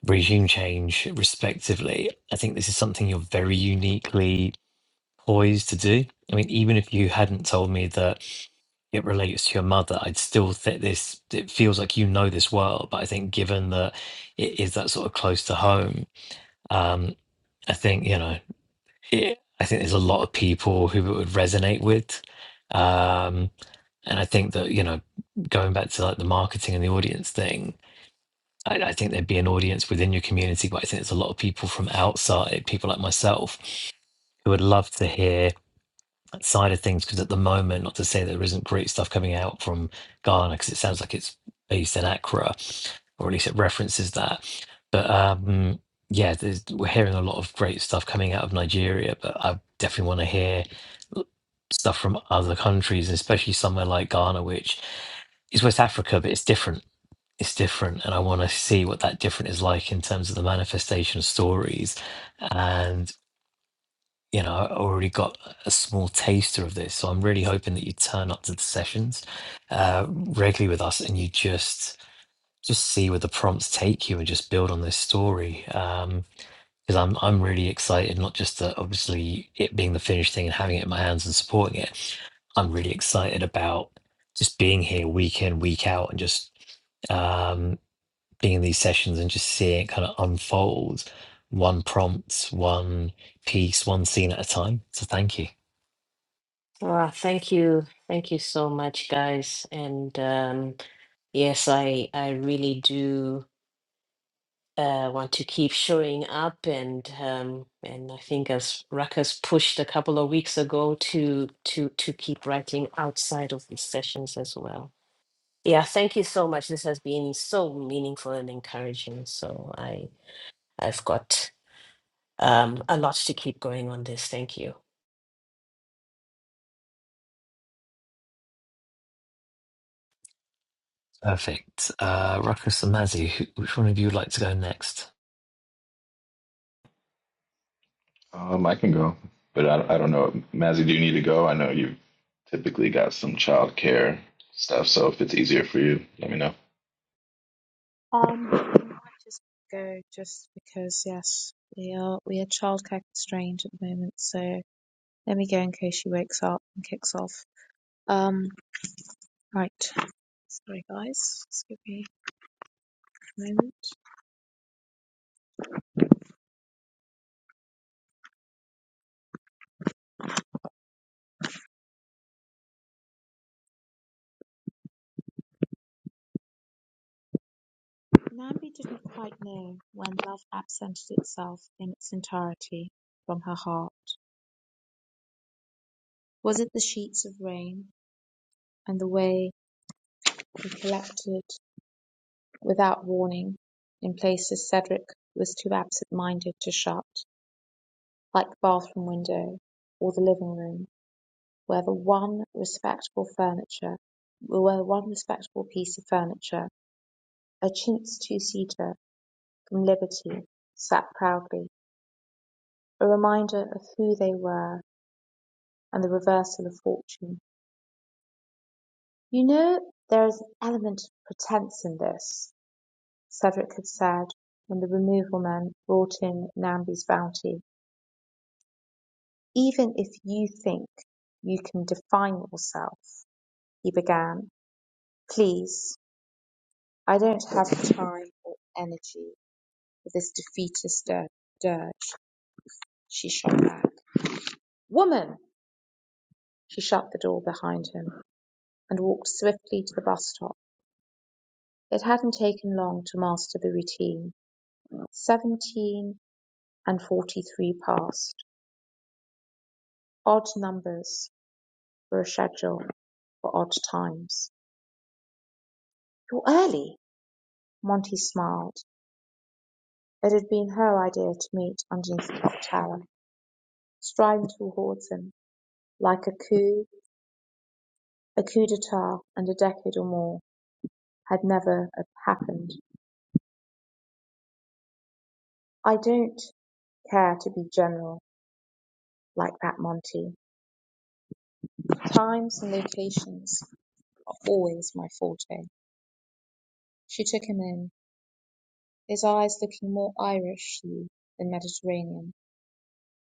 Speaker 1: regime change respectively i think this is something you're very uniquely poised to do i mean even if you hadn't told me that it relates to your mother i'd still think this it feels like you know this well but i think given that it is that sort of close to home um i think you know it, i think there's a lot of people who it would resonate with um and i think that you know going back to like the marketing and the audience thing I, I think there'd be an audience within your community, but I think there's a lot of people from outside, people like myself, who would love to hear that side of things. Because at the moment, not to say there isn't great stuff coming out from Ghana, because it sounds like it's based in Accra, or at least it references that. But um, yeah, there's, we're hearing a lot of great stuff coming out of Nigeria, but I definitely want to hear l- stuff from other countries, and especially somewhere like Ghana, which is West Africa, but it's different it's different and i want to see what that different is like in terms of the manifestation stories and you know i already got a small taster of this so i'm really hoping that you turn up to the sessions uh, regularly with us and you just just see where the prompts take you and just build on this story um because I'm, I'm really excited not just that obviously it being the finished thing and having it in my hands and supporting it i'm really excited about just being here week in week out and just um being in these sessions and just seeing it kind of unfold, one prompt, one piece, one scene at a time. So thank you.
Speaker 2: Ah, thank you. Thank you so much, guys. And um, yes, I I really do uh, want to keep showing up and um, and I think as Ruckus pushed a couple of weeks ago to to to keep writing outside of these sessions as well. Yeah, thank you so much. This has been so meaningful and encouraging. So I I've got um, a lot to keep going on this. Thank you.
Speaker 1: Perfect. Uh, Ruckus and Mazzy, who, which one of you would like to go next?
Speaker 4: Um, I can go, but I, I don't know. Mazzy, do you need to go? I know you've typically got some childcare stuff. So if it's easier for you, let me know.
Speaker 5: Um, *laughs* we might just go just because yes, we are we are childcare constrained at the moment, so let me go in case she wakes up and kicks off. Um, right. Sorry guys, just give me a moment. Nambi didn't quite know when love absented itself in its entirety from her heart. Was it the sheets of rain and the way they collected without warning in places Cedric was too absent minded to shut? like the bathroom window or the living room, where the one respectable furniture, where one respectable piece of furniture, a chintz two-seater from Liberty, sat proudly, a reminder of who they were and the reversal of fortune. "You know there is an element of pretence in this," Cedric had said when the removal men brought in Namby's bounty. "Even if you think you can define yourself he began. "Please!" "I don't have time or energy for this defeatist dir- dirge," she shot back. "Woman!" She shut the door behind him and walked swiftly to the bus stop. It hadn't taken long to master the routine. Seventeen and forty-three passed. Odd numbers were a schedule for odd times. "You're early," Monty smiled. It had been her idea to meet underneath the clock tower, striding towards him like a coup. A coup d'etat and a decade or more had never happened. I don't care to be general like that, Monty. Times and locations are always my forte." She took him in, his eyes looking more Irish to you than Mediterranean,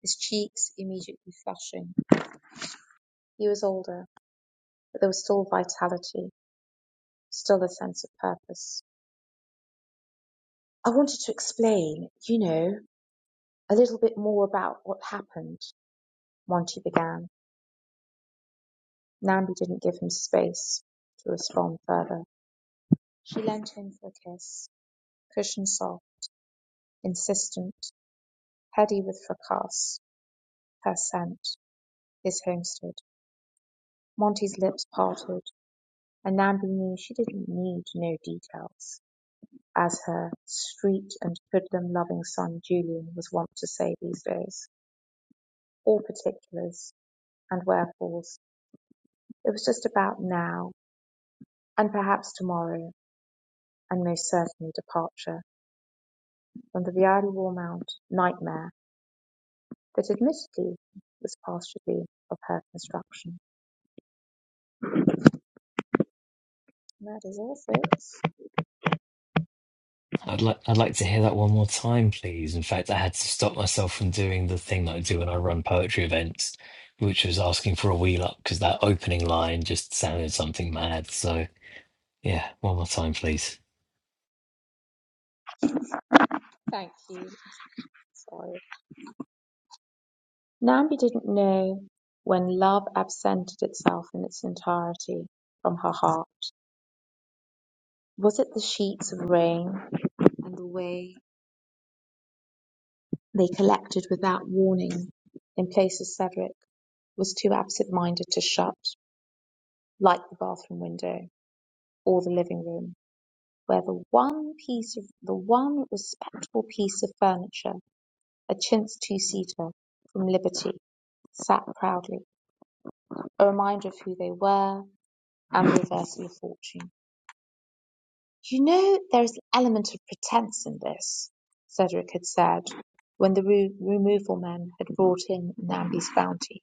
Speaker 5: his cheeks immediately flushing. He was older, but there was still vitality, still a sense of purpose. "I wanted to explain, you know, a little bit more about what happened," Monty began. Nambi didn't give him space to respond further. She leant in for a kiss, cushion soft, insistent, heady with fracas, her scent, his homestead. Monty's lips parted, and Nambi knew she didn't need no details, as her street and hoodlum loving son Julian was wont to say these days, All particulars and wherefores. It was just about now, and perhaps tomorrow, and most certainly departure. on the Viale-War Mount "Nightmare" that admittedly was partially of her construction. That is all, folks.
Speaker 1: I'd like I'd like to hear that one more time, please. In fact, I had to stop myself from doing the thing that I do when I run poetry events, which was asking for a wheel up because that opening line just sounded something mad. So yeah, one more time, please.
Speaker 5: Thank you. Sorry. Nambi didn't know when love absented itself in its entirety from her heart. Was it the sheets of rain and the way they collected without warning in places Cedric was too absent minded to shut, like the bathroom window or the living room? where the one piece of the one respectable piece of furniture, a chintz two-seater from Liberty, sat proudly, a reminder of who they were and the reversal of fortune. You know, there is an element of pretense in this, Cedric had said when the re- removal men had brought in Namby's bounty.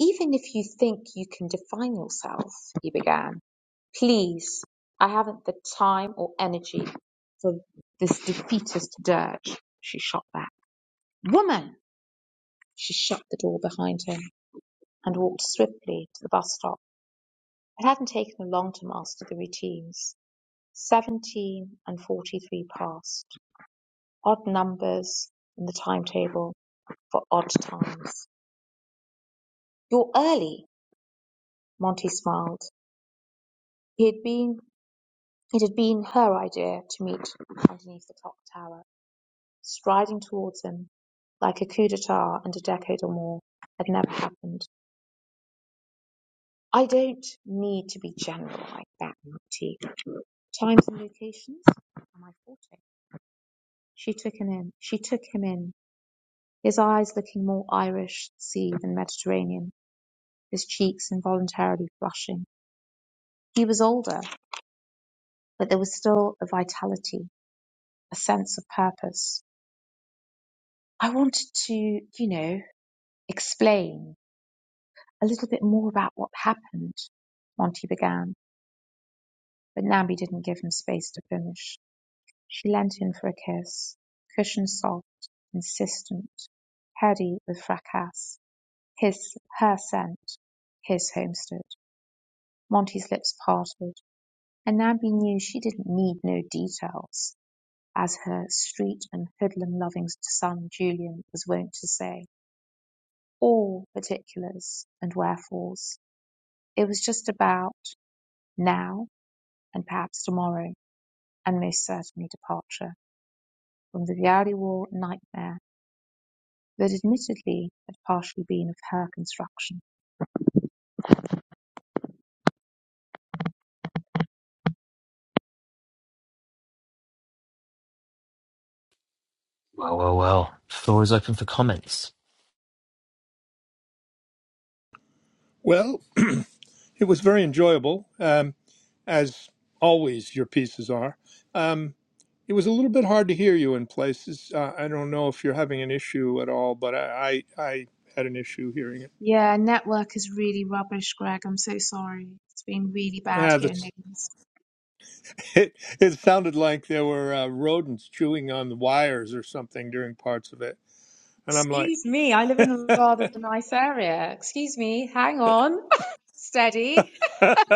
Speaker 5: Even if you think you can define yourself, he began. Please, I haven't the time or energy for this defeatist dirge, she shot back. Woman! She shut the door behind him and walked swiftly to the bus stop. It hadn't taken long to master the routines. Seventeen and forty-three passed. Odd numbers in the timetable for odd times. You're early, Monty smiled. He had been. It had been her idea to meet underneath the clock tower, striding towards him, like a coup d'etat and a decade or more had never happened. I don't need to be general like that, Marty. Times and locations are my forte. She took him in. She took him in, his eyes looking more Irish sea than Mediterranean, his cheeks involuntarily flushing. He was older, but there was still a vitality, a sense of purpose. I wanted to, you know. explain a little bit more about what happened, Monty began, but Nambi didn't give him space to finish. She leant in for a kiss, cushion soft, insistent, heady with fracas, his, her scent, his homestead. Monty's lips parted, and Nambi knew she didn't need no details, as her street and hoodlum loving son Julian was wont to say. All particulars and wherefores. It was just about Now, and perhaps tomorrow, and most certainly departure from the reality war nightmare that admittedly had partially been of her construction.
Speaker 1: Well, well, well. Floor is open for comments.
Speaker 3: Well, *clears throat* it was very enjoyable, um, as always your pieces are. Um, it was a little bit hard to hear you in places. Uh, I don't know if you're having an issue at all, but I I, I had an issue hearing it.
Speaker 5: Yeah, network is really rubbish, Greg. I'm so sorry. It's been really bad
Speaker 3: Ah,
Speaker 5: here in
Speaker 3: that's,
Speaker 5: lately.
Speaker 3: *laughs* it, it sounded like there were uh, rodents chewing on the wires or something during parts of it, and I'm like,
Speaker 5: Excuse me, I live in a rather nice area. Excuse me, hang on. *laughs* Steady.
Speaker 3: *laughs*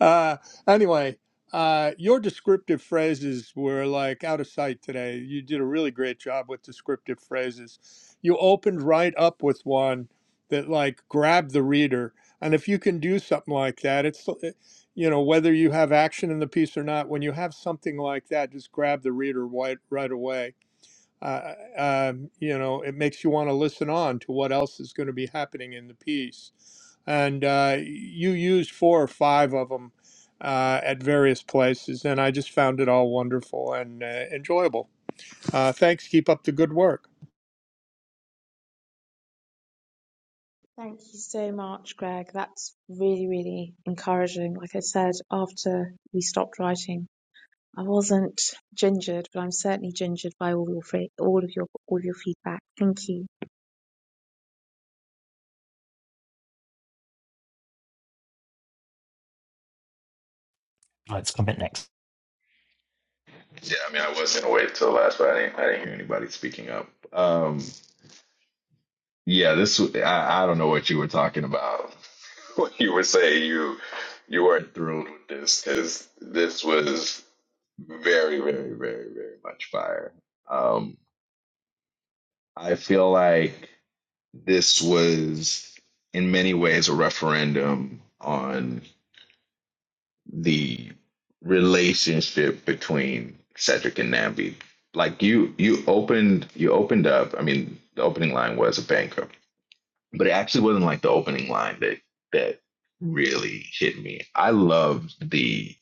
Speaker 3: Uh, anyway, uh, your descriptive phrases were like out of sight today. You did a really great job with descriptive phrases. You opened right up with one that like grabbed the reader. And if you can do something like that, it's, eh, you know, whether you have action in the piece or not, when you have something like that, just grab the reader right, right away uh, um, you know, it makes you want to listen on to what else is going to be happening in the piece. And uh, you used four or five of them uh, at various places, and I just found it all wonderful and uh, enjoyable. Uh, thanks. Keep up the good work.
Speaker 5: Thank you so much, Greg. That's really, really encouraging. Like I said, after we stopped writing, I wasn't gingered, but I'm certainly gingered by all your fe- all of your all of your feedback. Thank you.
Speaker 1: I'd like to comment next.
Speaker 4: Yeah, I mean, I was gonna wait till last, but I didn't. I didn't hear anybody speaking up. Um, yeah, this. w- I, I don't know what you were talking about *laughs* when you were saying you you weren't thrilled with this because this was very, very, very, very much fire. Um, I feel like this was in many ways a referendum on. the relationship between Cedric and Nambi. Like you you opened you opened up, I mean the opening line was a banker, but it actually wasn't like the opening line that that really hit me. I loved the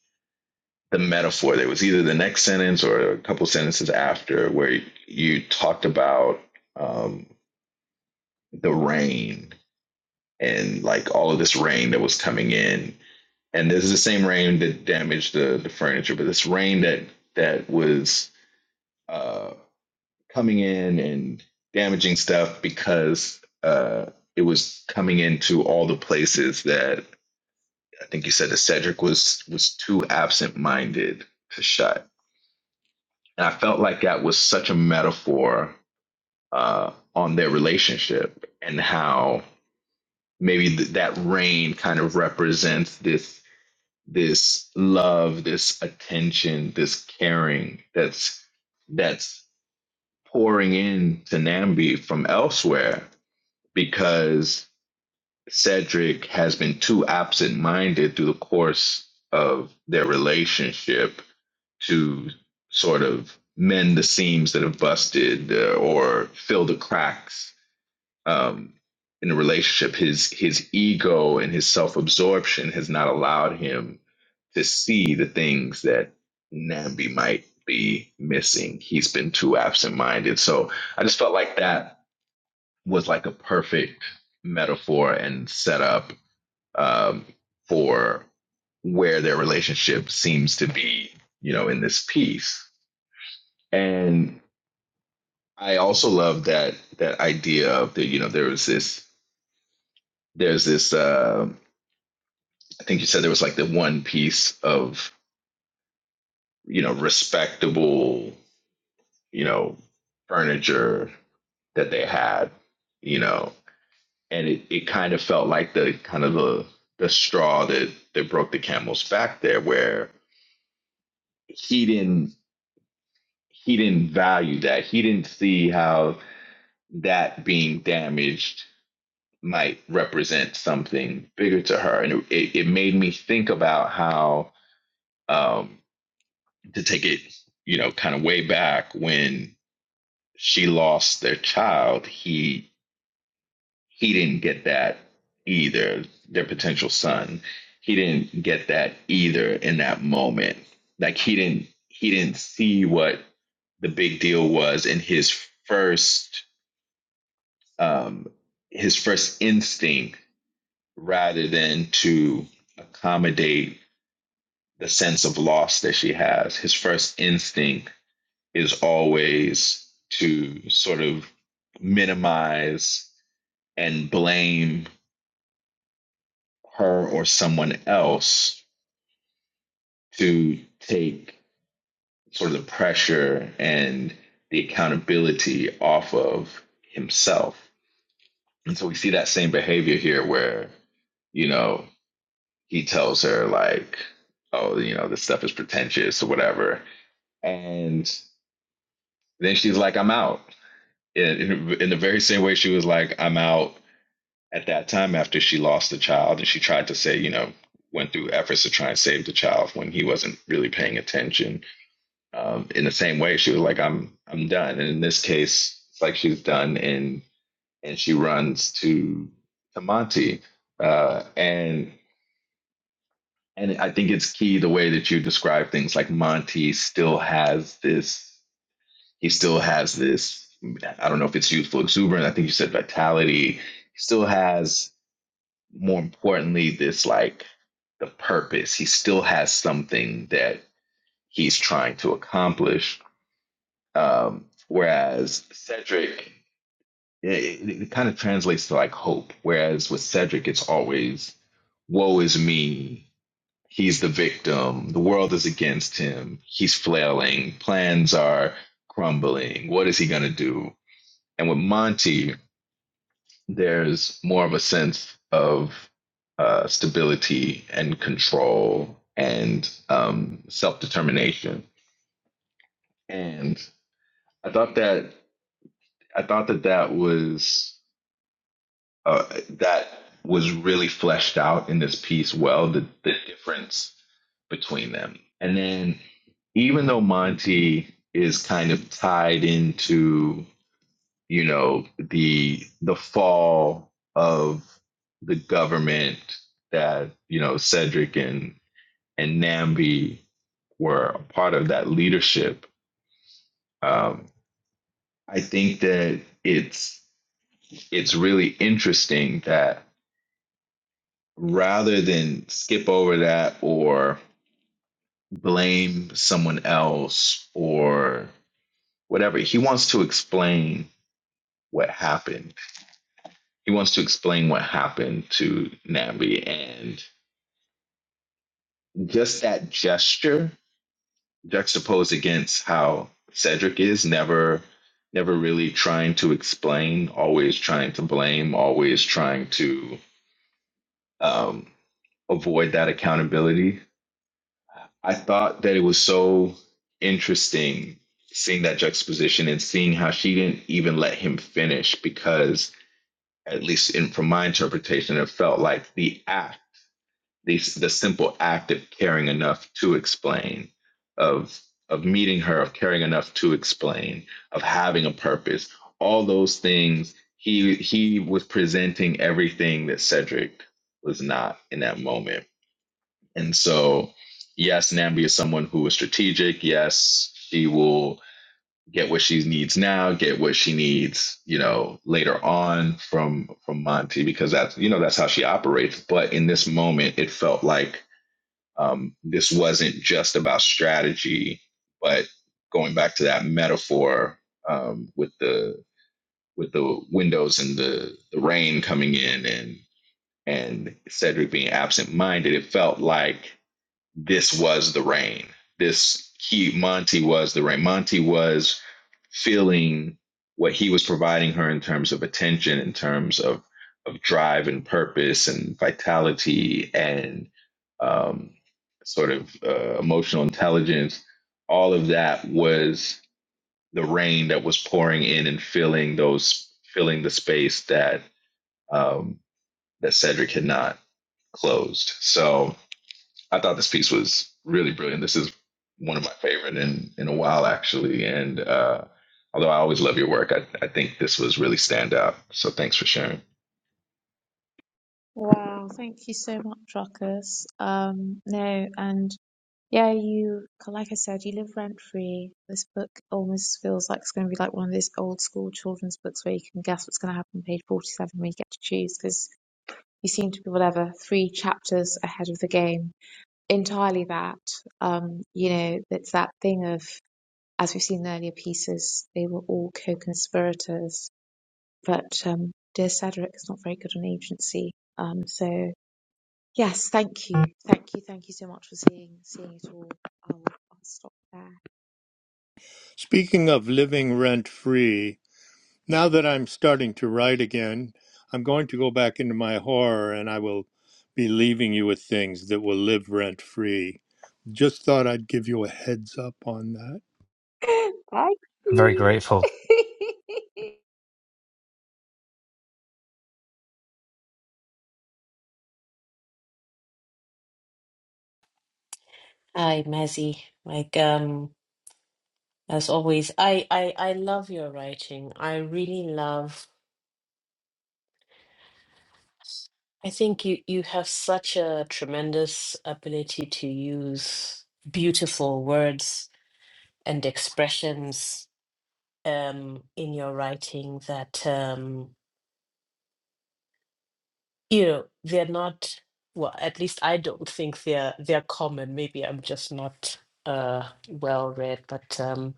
Speaker 4: the metaphor that was either the next sentence or a couple sentences after where you talked about um, the rain and like all of this rain that was coming in and this is the same rain that damaged the the furniture, but this rain that that was uh, coming in and damaging stuff because uh, it was coming into all the places that I think you said that Cedric was was too absent minded to shut, and I felt like that was such a metaphor uh, on their relationship and how maybe th- that rain kind of represents this this love, this attention, this caring that's that's pouring in to Nambi from elsewhere because Cedric has been too absent-minded through the course of their relationship to sort of mend the seams that have busted uh, or fill the cracks um, in the relationship. His his ego and his self-absorption has not allowed him to see the things that Nambi might be missing. He's been too absent minded. So I just felt like that was like a perfect metaphor and setup um, for where their relationship seems to be, you know, in this piece. And I also love that that idea of the, you know, there was this there's this uh I think you said there was like the one piece of, you know, respectable you know, furniture that they had, you know, and it, it kind of felt like the kind of the the straw that that broke the camel's back there, where he didn't he didn't value that. He didn't see how that being damaged might represent something bigger to her, and it, it made me think about how um, to take it, you know, kind of way back when she lost their child. He he didn't get that either. Their potential son, he didn't get that either in that moment. Like he didn't he didn't see what the big deal was in his first um, his first instinct, rather than to accommodate the sense of loss that she has. His first instinct is always to sort of minimize and blame her or someone else to take sort of the pressure and the accountability off of himself. And so we see that same behavior here where, you know, he tells her, like, oh, you know, this stuff is pretentious or whatever. And then she's like, I'm out. In, in, the very same way she was like, I'm out at that time after she lost the child. And she tried to say, you know, went through efforts to try and save the child when he wasn't really paying attention um, in the same way she was like i'm i'm done and in this case it's like she's done and and she runs to to monty uh, and and i think it's key the way that you describe things like monty still has this he still has this i don't know if it's youthful exuberance i think you said vitality he still has more importantly this like the purpose he still has something that he's trying to accomplish Um, whereas Cedric, yeah, it, it, it kind of translates to like hope. Whereas with Cedric, it's always, woe is me. He's the victim. The world is against him. He's flailing. Plans are crumbling. What is he going to do? And with Monty, there's more of a sense of uh, stability and control and um, self determination. And I thought that I thought that that was uh, that was really fleshed out in this piece well the, the difference between them and then even though monty is kind of tied into you know the the fall of the government that you know cedric and and nambi were a part of that leadership um, i think that it's it's really interesting that rather than skip over that or blame someone else or whatever, he wants to explain what happened. He wants to explain what happened to Nambi. And just that gesture juxtaposed against how Cedric is never never really trying to explain, always trying to blame, always trying to um, avoid that accountability I thought that it was so interesting seeing that juxtaposition and seeing how she didn't even let him finish because, at least in, from my interpretation, it felt like the act, the, the simple act of caring enough to explain, of of meeting her, of caring enough to explain, of having a purpose, all those things. He he was presenting everything that Cedric was not in that moment and so, yes, Nambi is someone who is strategic. Yes, she will get what she needs now, get what she needs, you know, later on from from Monty because that's you know that's how she operates. But in this moment, it felt like um, this wasn't just about strategy, but going back to that metaphor um, with the with the windows and the, the rain coming in and and Cedric being absent minded, it felt like this was the rain. This he Monty was the rain. Monty was feeling what he was providing her in terms of attention, in terms of of drive and purpose and vitality and um, sort of uh, emotional intelligence. All of that was the rain that was pouring in and filling those filling the space that um, that Cedric had not closed. So I thought this piece was really brilliant. This is one of my favorite in in a while, actually. And uh, although I always love your work, I, I think this was really stand out. So thanks for sharing.
Speaker 5: Wow, thank you so much, Ruckus. Um, no, and Yeah, you, like I said, you live rent free. This book almost feels like it's going to be like one of those old school children's books where you can guess what's going to happen on page 47 when you get to choose because you seem to be whatever three chapters ahead of the game. Entirely that. Um, you know, it's that thing of, as we've seen in earlier pieces, they were all co-conspirators, but um, dear Cedric is not very good on agency. Um, so yes, thank you, thank you, thank you so much for seeing seeing it all. I'll, I'll stop there.
Speaker 3: Speaking of living rent free, now that I'm starting to write again, I'm going to go back into my horror and I will be leaving you with things that will live rent free. Just thought I'd give you a heads up on that.
Speaker 5: Like
Speaker 1: I'm very
Speaker 5: you.
Speaker 1: grateful
Speaker 5: *laughs*
Speaker 2: Hi, Mazzy. Like um, as always, I I I love your writing. I really love I think you you have such a tremendous ability to use beautiful words and expressions um, in your writing that um, you know they're not well. At least I don't think they're they're common. Maybe I'm just not uh, well read. But um,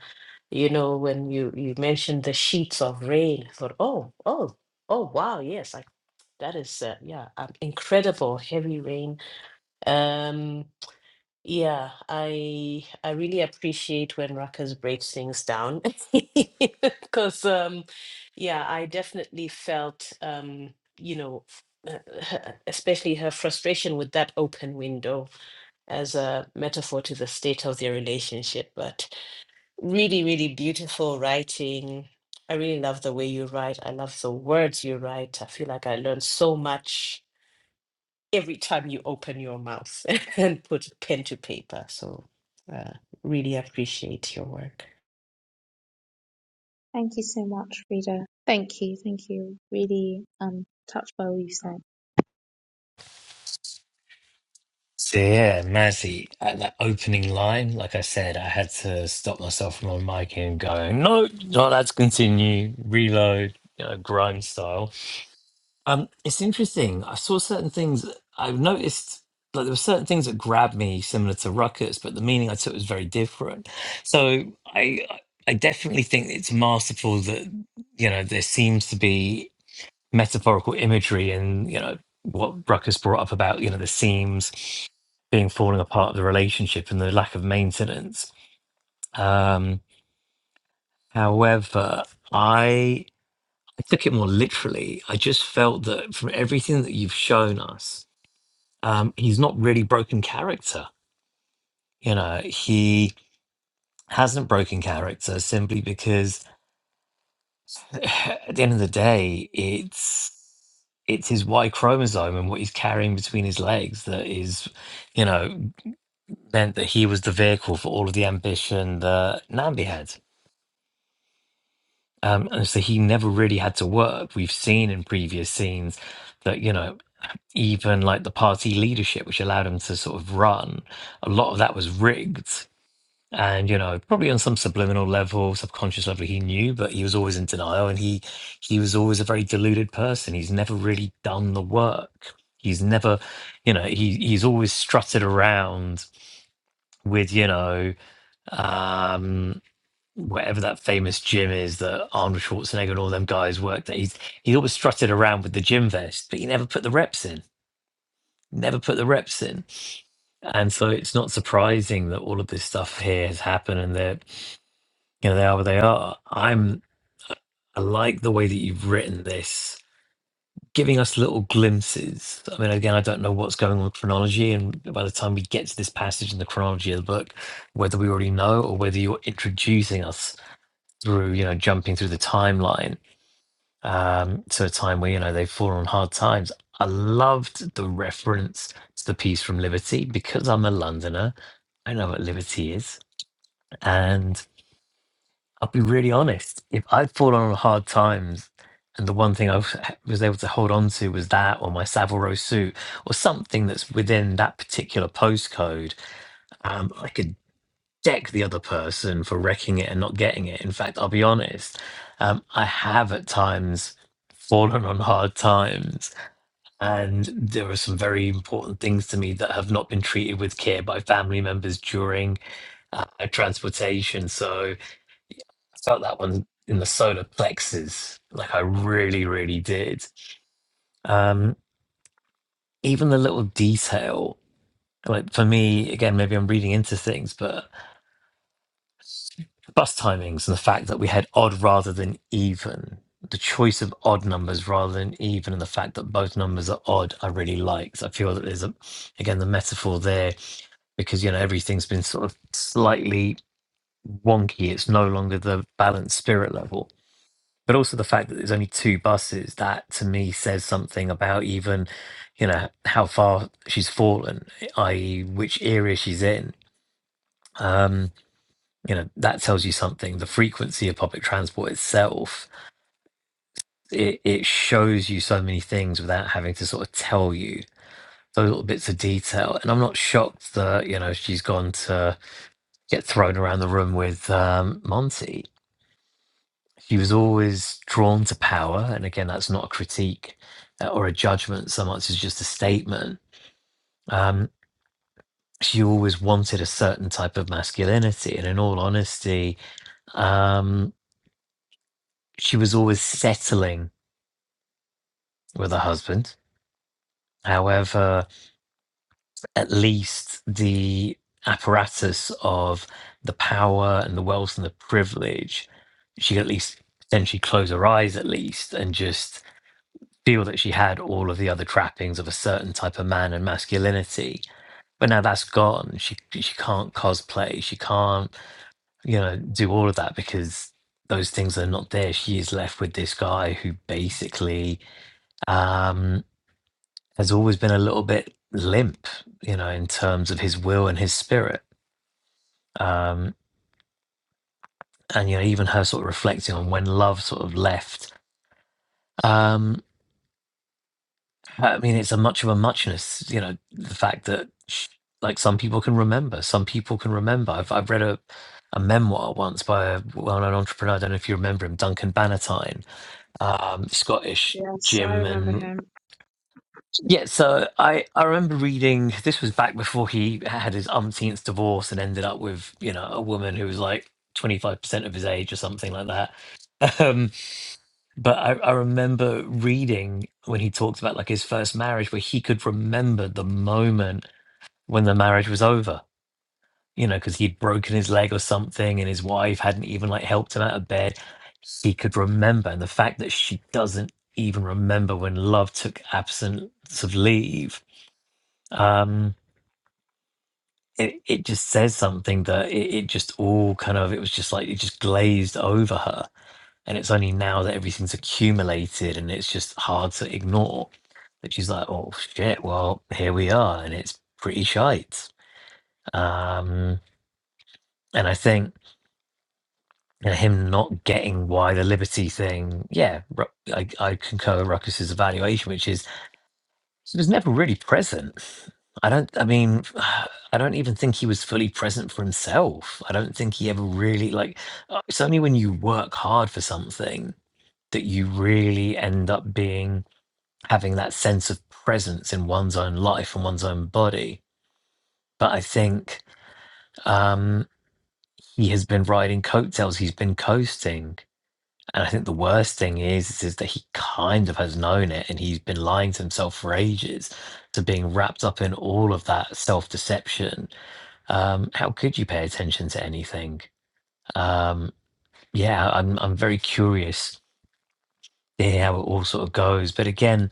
Speaker 2: you know, when you you mentioned the sheets of rain, I thought, oh, oh, oh, wow, yes, like that is uh, yeah, um, incredible heavy rain. Um, Yeah, I I really appreciate when Ruckus breaks things down *laughs* because um yeah, I definitely felt um you know uh, her- especially her frustration with that open window as a metaphor to the state of their relationship, but really, really beautiful writing. I really love the way you write. I love the words you write. I feel like I learned so much every time you open your mouth *laughs* and put pen to paper. So uh, really appreciate your work.
Speaker 5: Thank you so much, Rita. Thank you, thank you. Really um touched by all you said.
Speaker 1: So yeah, Mazzy, at that opening line, like I said, I had to stop myself from on mic and going, no, no, let's continue, reload, you know, grime style. Um, it's interesting. I saw certain things I've noticed like there were certain things that grabbed me similar to Ruckus, but the meaning I took was very different. So I I definitely think it's masterful that you know there seems to be metaphorical imagery and you know what Ruckus brought up about you know the seams being falling apart of the relationship and the lack of maintenance. Um, however, I I took it more literally. I just felt that from everything that you've shown us, um, he's not really broken character. You know, he hasn't broken character simply because *sighs* at the end of the day, it's it's his Y chromosome and what he's carrying between his legs that is, you know, meant that he was the vehicle for all of the ambition that Nambi had. Um, and so he never really had to work. We've seen in previous scenes that, you know, even like the party leadership, which allowed him to sort of run, a lot of that was rigged and you know probably on some subliminal level subconscious level he knew but he was always in denial and he he was always a very deluded person he's never really done the work he's never you know he he's always strutted around with you know um whatever that famous gym is that arnold schwarzenegger and all them guys worked at he's he always strutted around with the gym vest but he never put the reps in never put the reps in and so it's not surprising that all of this stuff here has happened and that you know, they are what they are. I'm I like the way that you've written this, giving us little glimpses. I mean, again, I don't know what's going on with chronology, and by the time we get to this passage in the chronology of the book, whether we already know or whether you're introducing us through, you know, jumping through the timeline um, to a time where you know they've fallen on hard times. I loved the reference to the piece from Liberty because I'm a Londoner. I know what Liberty is, and. I'll be really honest. If I'd fallen on hard times, and the one thing I was was able to hold on to was that, or my Savile Row suit, or something that's within that particular postcode, um, I could deck the other person for wrecking it and not getting it. In fact, I'll be honest. Um, I have at times fallen on hard times, and there are some very important things to me that have not been treated with care by family members during uh, transportation. So. I felt that one in the solar plexus, like I really, really did. Um, even the little detail, like for me, again, maybe I'm reading into things, but bus timings and the fact that we had odd rather than even, the choice of odd numbers rather than even, and the fact that both numbers are odd, I really liked. I feel that there's a, again, the metaphor there because you know everything's been sort of slightly wonky. It's no longer the balanced spirit level. but also the fact that there's only two buses that to me says something about even you know how far she's fallen i.e which area she's in um you know that tells you something the frequency of public transport itself it, it shows you so many things without having to sort of tell you those little bits of detail and i'm not shocked that you know she's gone to get thrown around the room with um monty she was always drawn to power. And again, that's not a critique uh, or a judgment so much as just a statement. Um, she always wanted a certain type of masculinity. And in all honesty, um, she was always settling with her husband. However, at least the apparatus of the power and the wealth and the privilege, she could at least potentially close her eyes at least and just feel that she had all of the other trappings of a certain type of man and masculinity. But now that's gone. She she can't cosplay. She can't you know do all of that because those things are not there. She is left with this guy who basically um, has always been a little bit limp, you know, in terms of his will and his spirit. Um, and you know, even her sort of reflecting on when love sort of left. Um, I mean, it's a much of a muchness, you know, the fact that sh- like some people can remember, some people can remember. I've, I've read a, a memoir once by a well-known entrepreneur. I don't know if you remember him, Duncan Bannatyne, um, Scottish
Speaker 5: Yes, I
Speaker 1: Jim,
Speaker 5: remember
Speaker 1: and
Speaker 5: him.
Speaker 1: yeah. So I, I remember reading. This was back before he had his umpteenth divorce and ended up with you know a woman who was like twenty five percent of his age or something like that. *laughs* But I, I remember reading when he talked about like his first marriage, where he could remember the moment when the marriage was over, you know, because he'd broken his leg or something and his wife hadn't even like helped him out of bed. He could remember. And the fact that she doesn't even remember when love took absence of leave, um, it, it just says something that it, it just all kind of, it was just like, it just glazed over her and it's only now that everything's accumulated and it's just hard to ignore that she's like oh shit well here we are and it's pretty shite um and i think you know, him not getting why the liberty thing yeah Ru- i, I concur with ruckus's evaluation which is he was never really present i don't i mean *sighs* i don't even think he was fully present for himself i don't think he ever really like uh, it's only when you work hard for something that you really end up being having that sense of presence in one's own life and one's own body. But I think um, he has been riding coattails. He's been coasting, and I think the worst thing is is that he kind of has known it, and he's been lying to himself for ages. So being wrapped up in all of that self deception, um, how could you pay attention to anything? Um, yeah, I'm I'm very curious to hear how it all sort of goes. But again,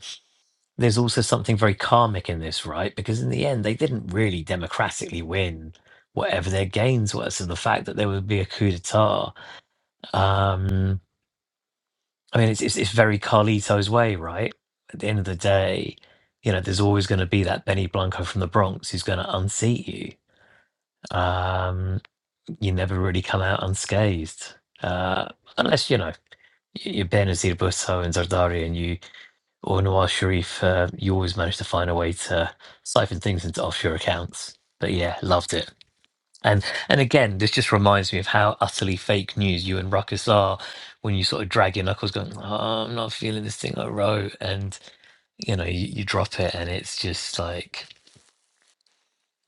Speaker 1: there's also something very karmic in this, right? Because in the end, they didn't really democratically win whatever their gains were. So the fact that there would be a coup d'etat, um, I mean, it's, it's, it's very Carlito's way, right? At the end of the day, you know, there's always going to be that Benny Blanco from the Bronx who's going to unseat you. Um, you never really come out unscathed, uh, unless, you know, y- you're Benazir Bhutto and Zardari and you Or Nawaz Sharif, uh, you always manage to find a way to siphon things into offshore accounts. But yeah, loved it. And and again, this just reminds me of how utterly fake news you and Ruckus are when you sort of drag your knuckles, going, oh, "I'm not feeling this thing I wrote," and you know you, you drop it, and it's just like,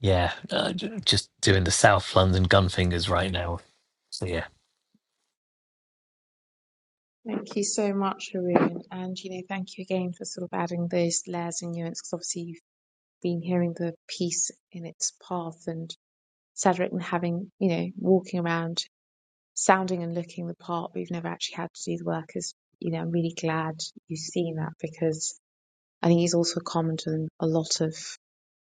Speaker 1: yeah, uh, j- just doing the South London gun fingers right now. So yeah,
Speaker 5: Thank you so much, Haroon. And you know, thank you again for sort of adding those layers and nuance because obviously you've been hearing the piece in its path and Cedric and having, you know, walking around, sounding and looking the part, but you've never actually had to do the work is, you know, I'm really glad you've seen that because I think he's also common to a lot of,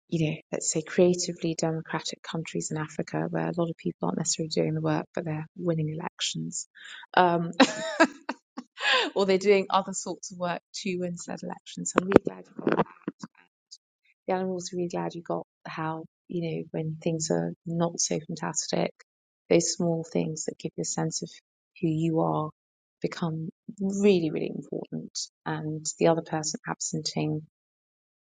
Speaker 5: you know, let's say creatively democratic countries in Africa where a lot of people aren't necessarily doing the work, but they're winning elections. Um, *laughs* or they're doing other sorts of work to win said elections. So I'm really glad you got that. Yeah, I'm also really glad you got how, you know, when things are not so fantastic, those small things that give you a sense of who you are become really, really important. And the other person absenting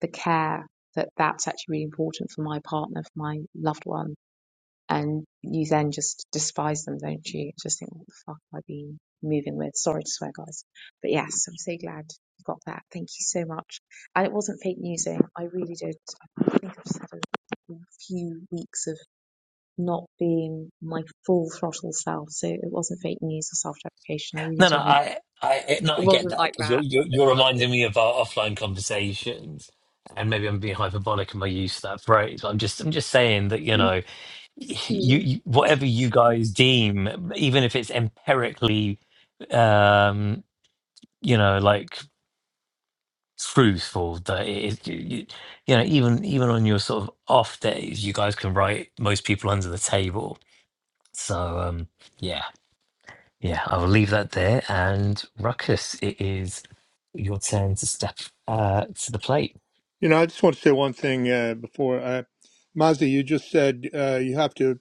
Speaker 5: the care that that's actually really important for my partner, for my loved one. And you then just despise them, don't you? Just think, what the fuck have I been moving with? Sorry to swear, guys. But yes, I'm so glad you got that. Thank you so much. And it wasn't fake newsing. I really did. I think I've just had a few weeks of not being my full throttle self. So it wasn't fake news or self deprecation. I really
Speaker 1: No, no,
Speaker 5: didn't.
Speaker 1: I, I, no,
Speaker 5: It
Speaker 1: I get
Speaker 5: wasn't
Speaker 1: that
Speaker 5: like
Speaker 1: because you're,
Speaker 5: that.
Speaker 1: you're, you're reminding me of our offline conversations, and maybe I'm being hyperbolic in my use of that phrase. But I'm just, I'm just saying that you know, you,
Speaker 5: *laughs*
Speaker 1: you whatever you guys deem, even if it's empirically, um, you know, like truthful, that it is, you, you, you know, even even on your sort of off days, you guys can write most people under the table. So, um, yeah. Yeah, I will leave that there. And Ruckus, it is your turn to step uh, to the plate.
Speaker 3: You know, I just want to say one thing uh, before. Uh, Mazda, you just said uh, you have to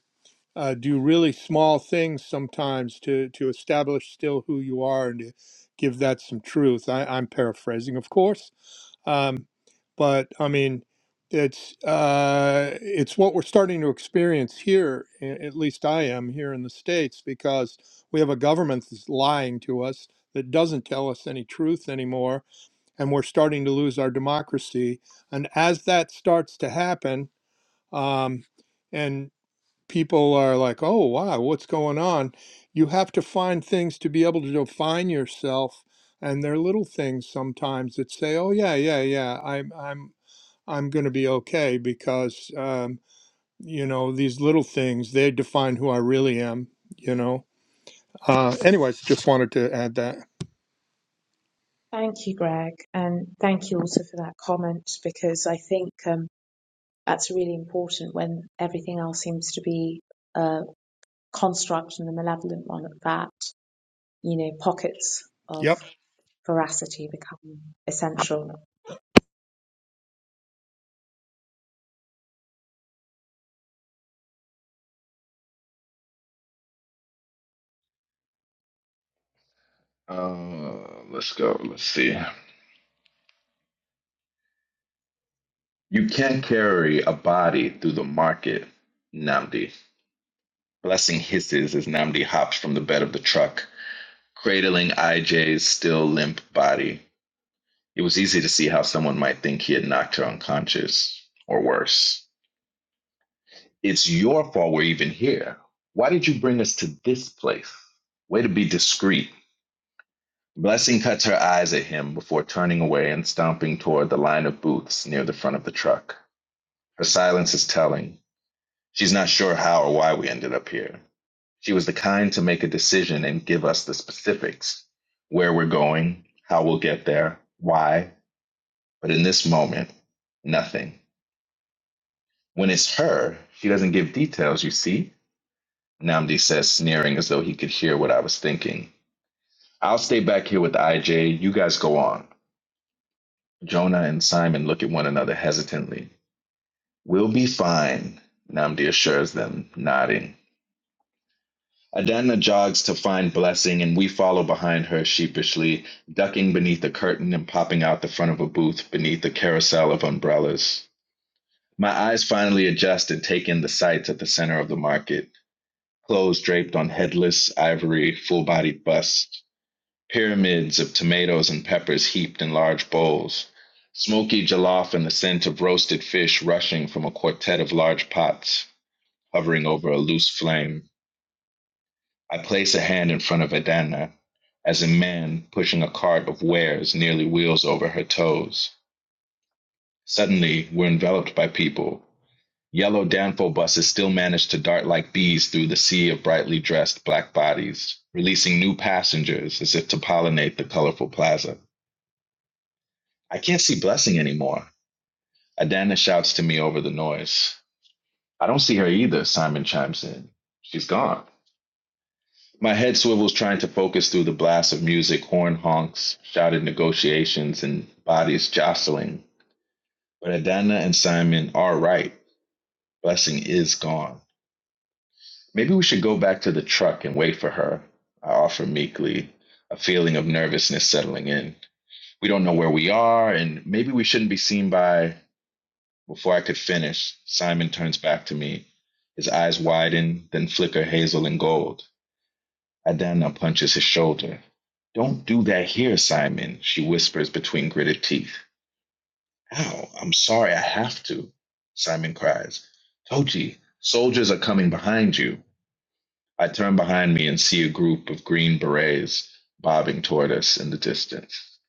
Speaker 3: uh, do really small things sometimes to, to establish still who you are and to give that some truth. I, I'm paraphrasing, of course. Um, but I mean, it's uh, it's what we're starting to experience here, a- at least I am here in the States, because we have a government that's lying to us that doesn't tell us any truth anymore and we're starting to lose our democracy. And as that starts to happen, um, and people are like, oh, wow, what's going on? You have to find things to be able to define yourself. And they're little things sometimes that say, oh, yeah, yeah, yeah, I'm, I'm, I'm going to be okay because, um, you know, these little things, they define who I really am, you know. Uh, anyways, just wanted to add that.
Speaker 5: Thank you, Greg, and thank you also for that comment because I think um, that's really important when everything else seems to be a construct and a malevolent one at that. You know, pockets of
Speaker 3: Yep.
Speaker 5: veracity become essential.
Speaker 4: Uh, let's go. Let's see. You can't carry a body through the market, Namdi. Blessing hisses as Namdi hops from the bed of the truck, cradling IJ's still limp body. It was easy to see how someone might think he had knocked her unconscious, or worse. It's your fault we're even here. Why did you bring us to this place? Way to be discreet. Blessing cuts her eyes at him before turning away and stomping toward the line of booths near the front of the truck. Her silence is telling. She's not sure how or why we ended up here. She was the kind to make a decision and give us the specifics where we're going, how we'll get there, why. But in this moment, nothing. When it's her, she doesn't give details, you see? Namdi says, sneering as though he could hear what I was thinking. I'll stay back here with IJ. You guys go on. Jonah and Simon look at one another hesitantly. We'll be fine, Namdi assures them, nodding. Adana jogs to find Blessing, and we follow behind her sheepishly, ducking beneath a curtain and popping out the front of a booth beneath a carousel of umbrellas. My eyes finally adjust and take in the sights at the center of the market clothes draped on headless, ivory, full bodied busts pyramids of tomatoes and peppers heaped in large bowls, smoky jollof and the scent of roasted fish rushing from a quartet of large pots hovering over a loose flame. I place a hand in front of Adana as a man pushing a cart of wares nearly wheels over her toes. Suddenly, we're enveloped by people. Yellow Danfo buses still manage to dart like bees through the sea of brightly dressed black bodies, releasing new passengers as if to pollinate the colorful plaza. I can't see Blessing anymore. Adana shouts to me over the noise. I don't see her either, Simon chimes in. She's gone. My head swivels trying to focus through the blast of music, horn honks, shouted negotiations, and bodies jostling. But Adana and Simon are right. Blessing is gone. Maybe we should go back to the truck and wait for her, I offer meekly, a feeling of nervousness settling in. We don't know where we are, and maybe we shouldn't be seen by Before I could finish, Simon turns back to me. His eyes widen, then flicker hazel and gold. Adana punches his shoulder. Don't do that here, Simon, she whispers between gritted teeth. Ow, I'm sorry I have to, Simon cries. Toji, soldiers are coming behind you. I turn behind me and see a group of green berets bobbing toward us in the distance.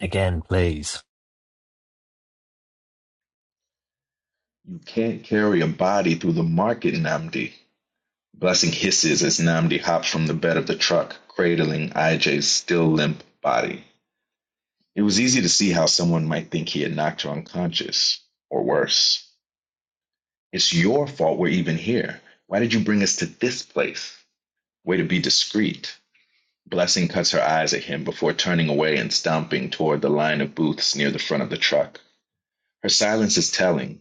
Speaker 1: Again, please.
Speaker 4: You can't carry a body through the market, Namdi, Blessing hisses as Namdi hops from the bed of the truck, cradling IJ's still limp body. It was easy to see how someone might think he had knocked her unconscious, or worse. It's your fault we're even here. Why did you bring us to this place? Way to be discreet. Blessing cuts her eyes at him before turning away and stomping toward the line of booths near the front of the truck. Her silence is telling.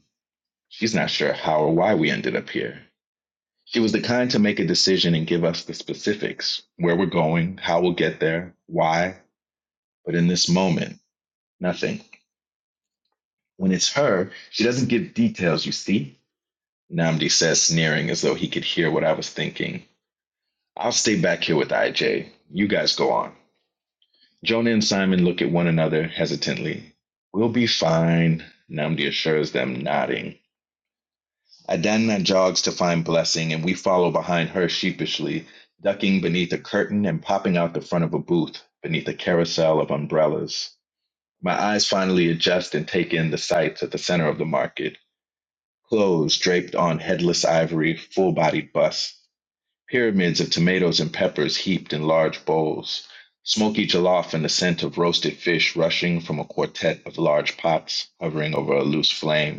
Speaker 4: She's not sure how or why we ended up here. She was the kind to make a decision and give us the specifics where we're going, how we'll get there, why. But in this moment, nothing. When it's her, she doesn't give details, you see? Namdi says, sneering as though he could hear what I was thinking. I'll stay back here with IJ. You guys go on. Jonah and Simon look at one another hesitantly. We'll be fine, Namdi assures them, nodding. Adanna jogs to find Blessing, and we follow behind her sheepishly, ducking beneath a curtain and popping out the front of a booth beneath a carousel of umbrellas. My eyes finally adjust and take in the sights at the center of the market clothes draped on headless ivory, full bodied busts, pyramids of tomatoes and peppers heaped in large bowls, smoky jollof and the scent of roasted fish rushing from a quartet of large pots hovering over a loose flame.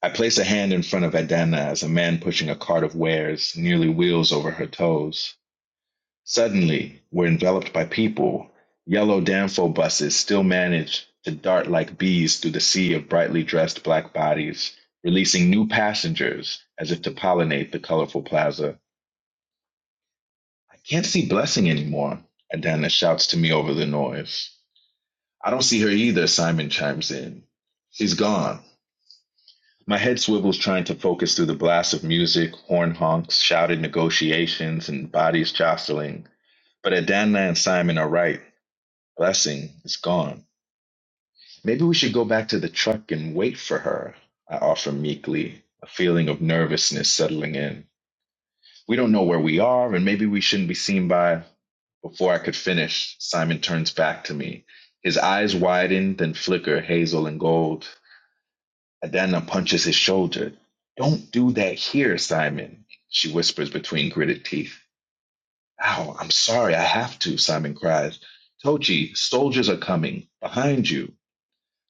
Speaker 4: I place a hand in front of Adana as a man pushing a cart of wares nearly wheels over her toes. Suddenly, we're enveloped by people. Yellow Danfo buses still manage to dart like bees through the sea of brightly dressed black bodies, releasing new passengers as if to pollinate the colorful plaza. I can't see Blessing anymore, Adana shouts to me over the noise. I don't see her either, Simon chimes in. She's gone. My head swivels trying to focus through the blast of music, horn honks, shouted negotiations, and bodies jostling. But Adana and Simon are right. Blessing is gone. Maybe we should go back to the truck and wait for her, I offer meekly, a feeling of nervousness settling in. We don't know where we are, and maybe we shouldn't be seen by. Before I could finish, Simon turns back to me. His eyes widen, then flicker hazel and gold. Adana punches his shoulder. Don't do that here, Simon, she whispers between gritted teeth. Ow, I'm sorry, I have to, Simon cries. Tochi, soldiers are coming. Behind you.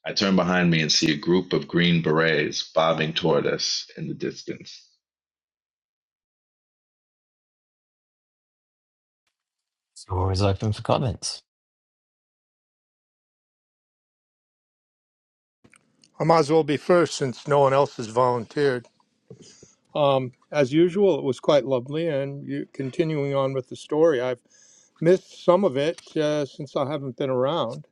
Speaker 4: I turn behind me and see a group of green berets bobbing toward us in the distance.
Speaker 1: Floor is open for comments.
Speaker 3: I might as well be first since no one else has volunteered. Um, as usual, it was quite lovely. And you, continuing on with the story, I've missed some of it uh, since I haven't been around.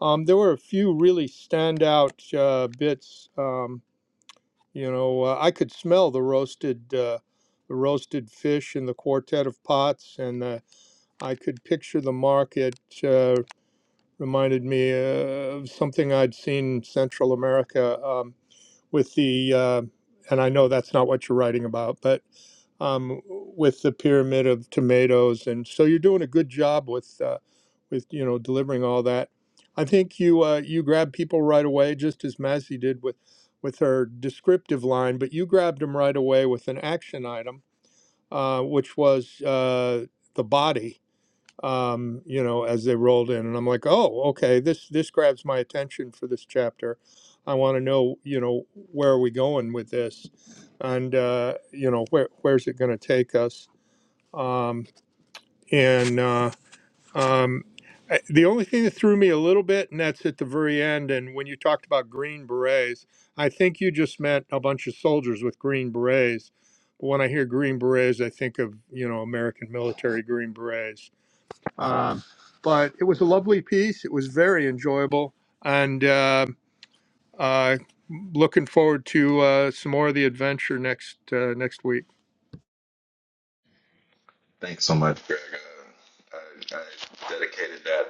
Speaker 3: Um, there were a few really standout uh, bits. Um, you know, uh, I could smell the roasted, uh, the roasted fish in the quartet of pots, and uh, I could picture the market. Uh, reminded me uh, of something I'd seen in Central America. Um, with the uh, and I know that's not what you're writing about, but um, with the pyramid of tomatoes, and so you're doing a good job with uh, with you know delivering all that. I think you uh, you grab people right away, just as Mazzy did with with her descriptive line, but you grabbed them right away with an action item, uh, which was uh, the body um, you know, as they rolled in. And I'm like, oh, okay, this this grabs my attention for this chapter. I want to know, you know, where are we going with this, and uh, you know, where where's it going to take us? Um, and uh, um, I- the only thing that threw me a little bit, and that's at the very end, and when you talked about green berets, I think you just meant a bunch of soldiers with green berets. But when I hear green berets, I think of you know American military green berets um, but it was a lovely piece. It was very enjoyable, and uh, uh, looking forward to uh, some more of the adventure next uh, next week.
Speaker 4: Thanks so much, Greg. Uh, I, I dedicated that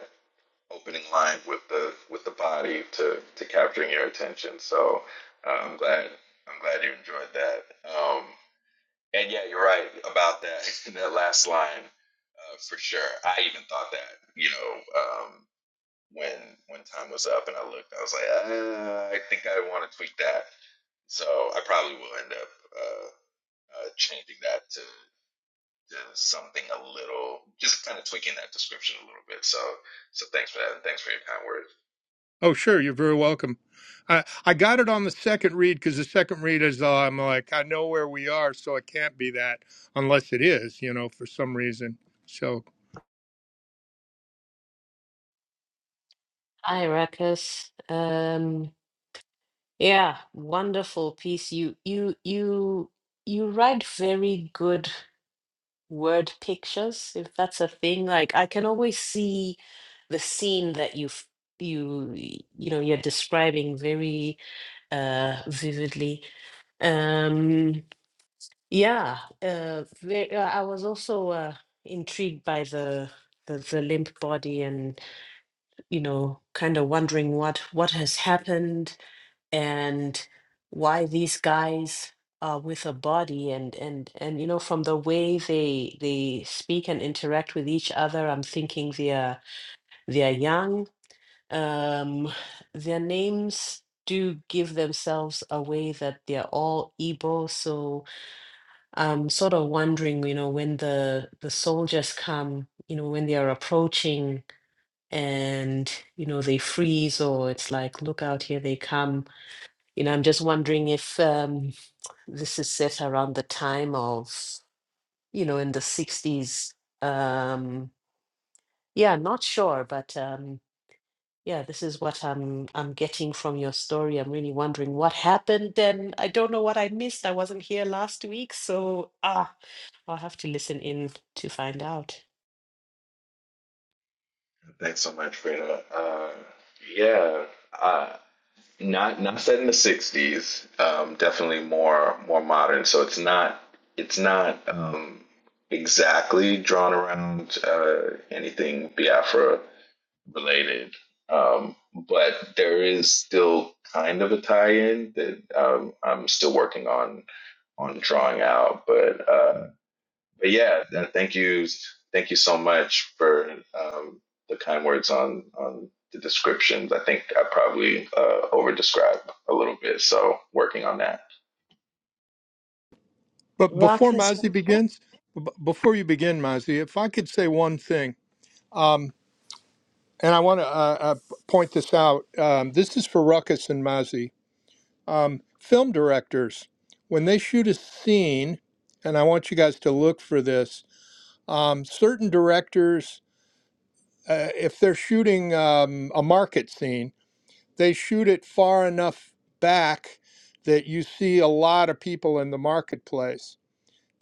Speaker 4: opening line with the with the body to, to capturing your attention. So uh, I'm glad I'm glad you enjoyed that. Um, And yeah, you're right about that. *laughs* that last line, uh, for sure. I even thought that, you know, um, when when time was up and I looked, I was like, uh, I think I want to tweak that. So I probably will end up uh, uh, changing that to, to something a little, just kind of tweaking that description a little bit. So so thanks for that, and thanks for your kind words.
Speaker 3: Oh, sure, you're very welcome. I I got it on the second read because the second read is uh, I'm like I know where we are, so it can't be that unless it is, you know, for some reason. So,
Speaker 2: Hi, Ruckus. Um, yeah, wonderful piece. You you you you write very good word pictures, if that's a thing. Like I can always see the scene that you've you you know you're describing very uh vividly um Yeah, uh, ve- uh, I was also uh, intrigued by the, the the limp body, and you know, kind of wondering what what has happened and why these guys are with a body, and and and you know, from the way they they speak and interact with each other, I'm thinking they're they're young. Um, their names do give themselves away that they're all Igbo, so. I'm sort of wondering, you know, when the the soldiers come, you know, when they are approaching and, you know, they freeze or it's like, look out, here they come. You know, I'm just wondering if um, this is set around the time of, you know, in the 60s. Um, yeah, not sure, but um, yeah, this is what I'm I'm getting from your story. I'm really wondering what happened then. I don't know what I missed. I wasn't here last week, so ah. I'll have to listen in to find out.
Speaker 4: Thanks so much, Freda. Uh, yeah, uh, Not not set in the '60s. Um, definitely more more modern. So it's not it's not um, exactly drawn around uh, anything Biafra related. Um, but there is still kind of a tie-in that um, I'm still working on on drawing out. But uh, but yeah, th- thank you, thank you so much for um, the kind words on on the descriptions. I think I probably uh, over described a little bit, so working on that.
Speaker 3: but before
Speaker 5: Ruckus,
Speaker 3: Mazi
Speaker 5: Ruckus. Oh,
Speaker 3: begins, b- before you begin, Mazi, if I could say one thing, um, and I want to uh, uh, point this out. Um, this is for Ruckus and Mazi. um, film directors when they shoot a scene and i want you guys to look for this um, certain directors uh, if they're shooting um, a market scene they shoot it far enough back that you see a lot of people in the marketplace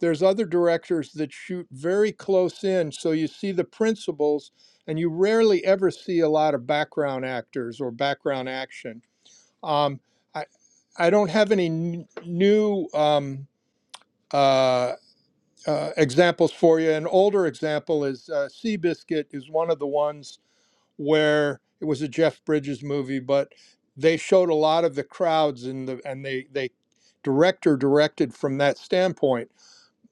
Speaker 3: there's other directors that shoot very close in so you see the principals and you rarely ever see a lot of background actors or background action um, I, I don't have any n- new um, uh, uh, examples for you. An older example is uh, Seabiscuit is one of the ones where it was a Jeff Bridges movie, but they showed a lot of the crowds in the and they they director directed from that standpoint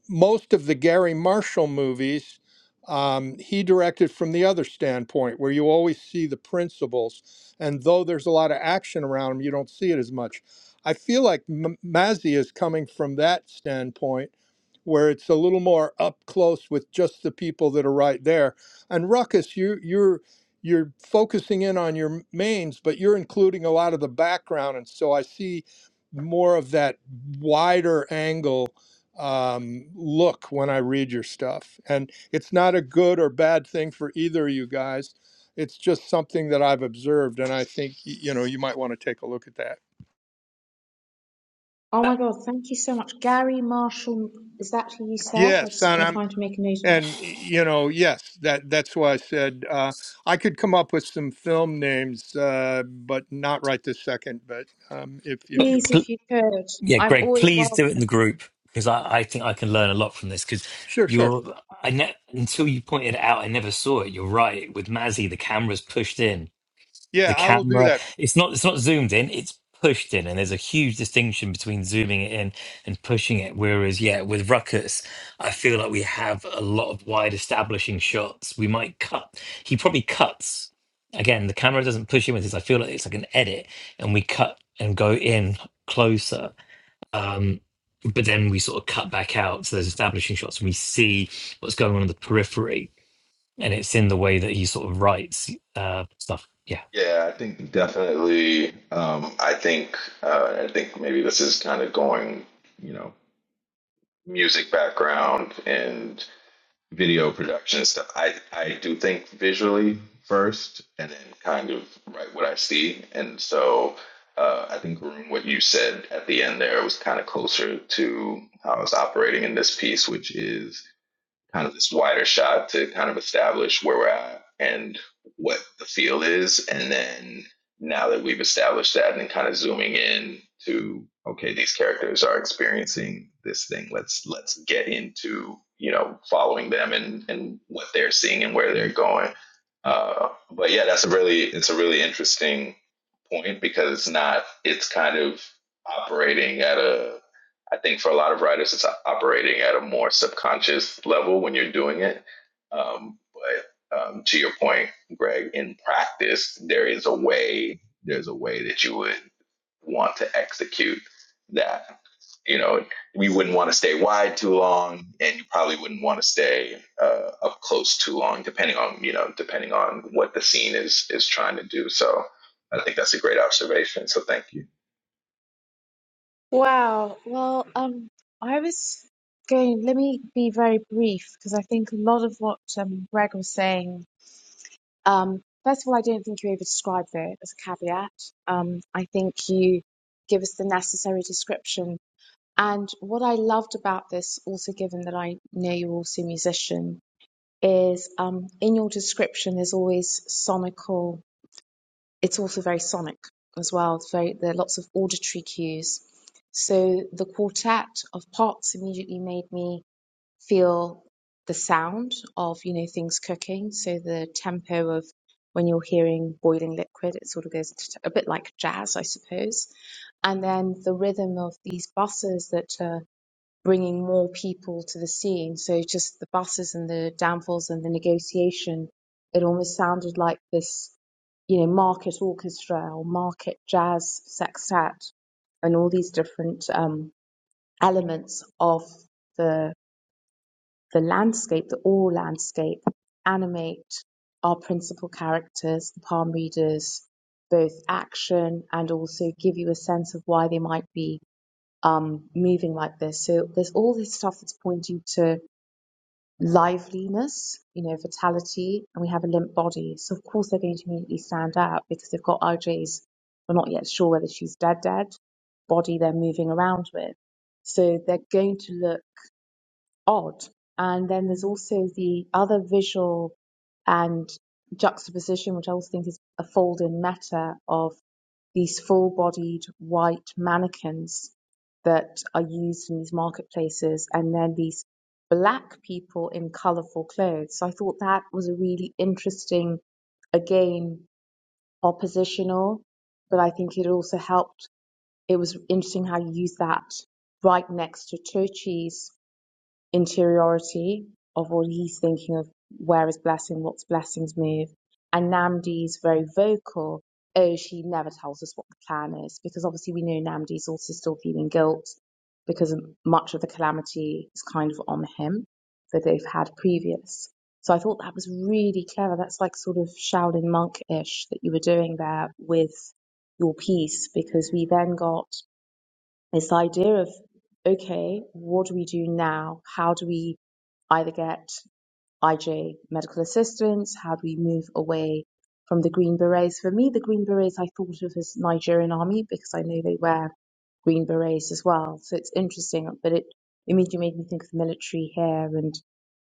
Speaker 3: most of the Gary Marshall movies, um, he directed from the other standpoint, where you always see the principles. And though there's a lot of action around him, you don't see it as much. I feel like M- Mazzy is coming from that standpoint, where it's a little more up close with just the people that are right there. And Ruckus, you you're you're focusing in on your mains, but you're including a lot of the background, and so I see more of that wider angle um, look when I read your stuff. And it's not a good or bad thing for either of you guys. It's just something that I've observed, and I think you know you might want to take a look at that.
Speaker 5: oh my God, thank you so much. Gary Marshall, is that who you said? I
Speaker 3: Yes, and
Speaker 5: am
Speaker 3: I'm
Speaker 5: trying to make a note of it.
Speaker 3: and you know yes that that's why I said uh, I could come up with some film names, uh, but not right this second. But um, if if
Speaker 1: But
Speaker 3: you
Speaker 5: Please,
Speaker 3: want,
Speaker 1: pl-
Speaker 5: if you could.
Speaker 1: yeah,
Speaker 5: I'm
Speaker 1: Greg,
Speaker 5: always
Speaker 1: please do it
Speaker 5: welcome.
Speaker 1: in the group because I, I think I can learn a lot from this. Because
Speaker 3: sure, sure,
Speaker 1: you're, I ne- until you pointed it out, I never saw it. You're right. With Mazzy, the camera's pushed in. the
Speaker 3: yeah, I will do
Speaker 1: camera
Speaker 3: that.
Speaker 1: it's not it's not zoomed in it's pushed in and there's a huge distinction between zooming it in and pushing it whereas yeah with ruckus i feel like we have a lot of wide establishing shots we might cut he probably cuts again the camera doesn't push in with this i feel like it's like an edit and we cut and go in closer um but then we sort of cut back out to those establishing shots and we see what's going on in the periphery and it's in the way that he sort of writes uh stuff yeah
Speaker 4: Yeah, I think definitely. Um, I think uh, I think maybe this is kind of going, you know, music background and video production and stuff. I I do think visually first, and then kind of write what I see. And so uh, I think what you said at the end there was kind of closer to how I was operating in this piece, which is kind of this wider shot to kind of establish where we're at and what the field is. And then now that we've established that and kind of zooming in to okay, these characters are experiencing this thing. Let's let's get into you know following them and and what they're seeing and where they're going. Uh, but yeah, that's a really it's a really interesting point because it's not it's kind of operating at a i think for a lot of writers it's operating at a more subconscious level when you're doing it um, but um, to your point greg in practice there is a way there's a way that you would want to execute that. You know, we wouldn't want to stay wide too long, and you probably wouldn't want to stay uh, up close too long, depending on you know, depending on what the scene is is trying to do. So, I think that's a great observation. So, thank you.
Speaker 5: Wow. Well, um, I was going, let me be very brief because I think a lot of what um, Greg was saying, um, first of all, I don't think you over-described it as a caveat. Um, I think you give us the necessary description. And what I loved about this, also given that I know you're also a musician, is um, in your description there's always sonical it's also very sonic as well. It's very there are lots of auditory cues. So the quartet of pots immediately made me feel the sound of you know things cooking. So the tempo of when you're hearing boiling liquid, it sort of goes t- a bit like jazz, I suppose. And then the rhythm of these buses that are bringing more people to the scene. So just the buses and the downfalls and the negotiation, it almost sounded like this, you know, market orchestra or market jazz sextet and all these different um, elements of the the landscape, the oral landscape, animate our principal characters, the palm readers, both action and also give you a sense of why they might be um, moving like this. So there's all this stuff that's pointing to liveliness, you know, vitality, and we have a limp body. So of course they're going to immediately stand out because they've got RJ's. We're not yet sure whether she's dead, dead body they're moving around with. So they're going to look odd. And then there's also the other visual and juxtaposition, which I also think is a fold in meta of these full bodied white mannequins that are used in these marketplaces, and then these black people in colorful clothes. So I thought that was a really interesting, again, oppositional, but I think it also helped. It was interesting how you use that right next to Turchi's interiority of what he's thinking of where is blessing, what's blessing's move. And Namdi's very vocal, oh, she never tells us what the plan is, because obviously we know Namdi's also still feeling guilt because much of the calamity is kind of on him that they've had previous. So I thought that was really clever. That's like sort of Shaolin monk ish that you were doing there with your piece, because we then got it's the idea of, okay, what do we do now? How do we either get IJ medical assistance? How do we move away from the Green Berets? For me, the Green Berets I thought of as Nigerian army because I know they wear green berets as well. So it's interesting, but it immediately made me think of the military here. and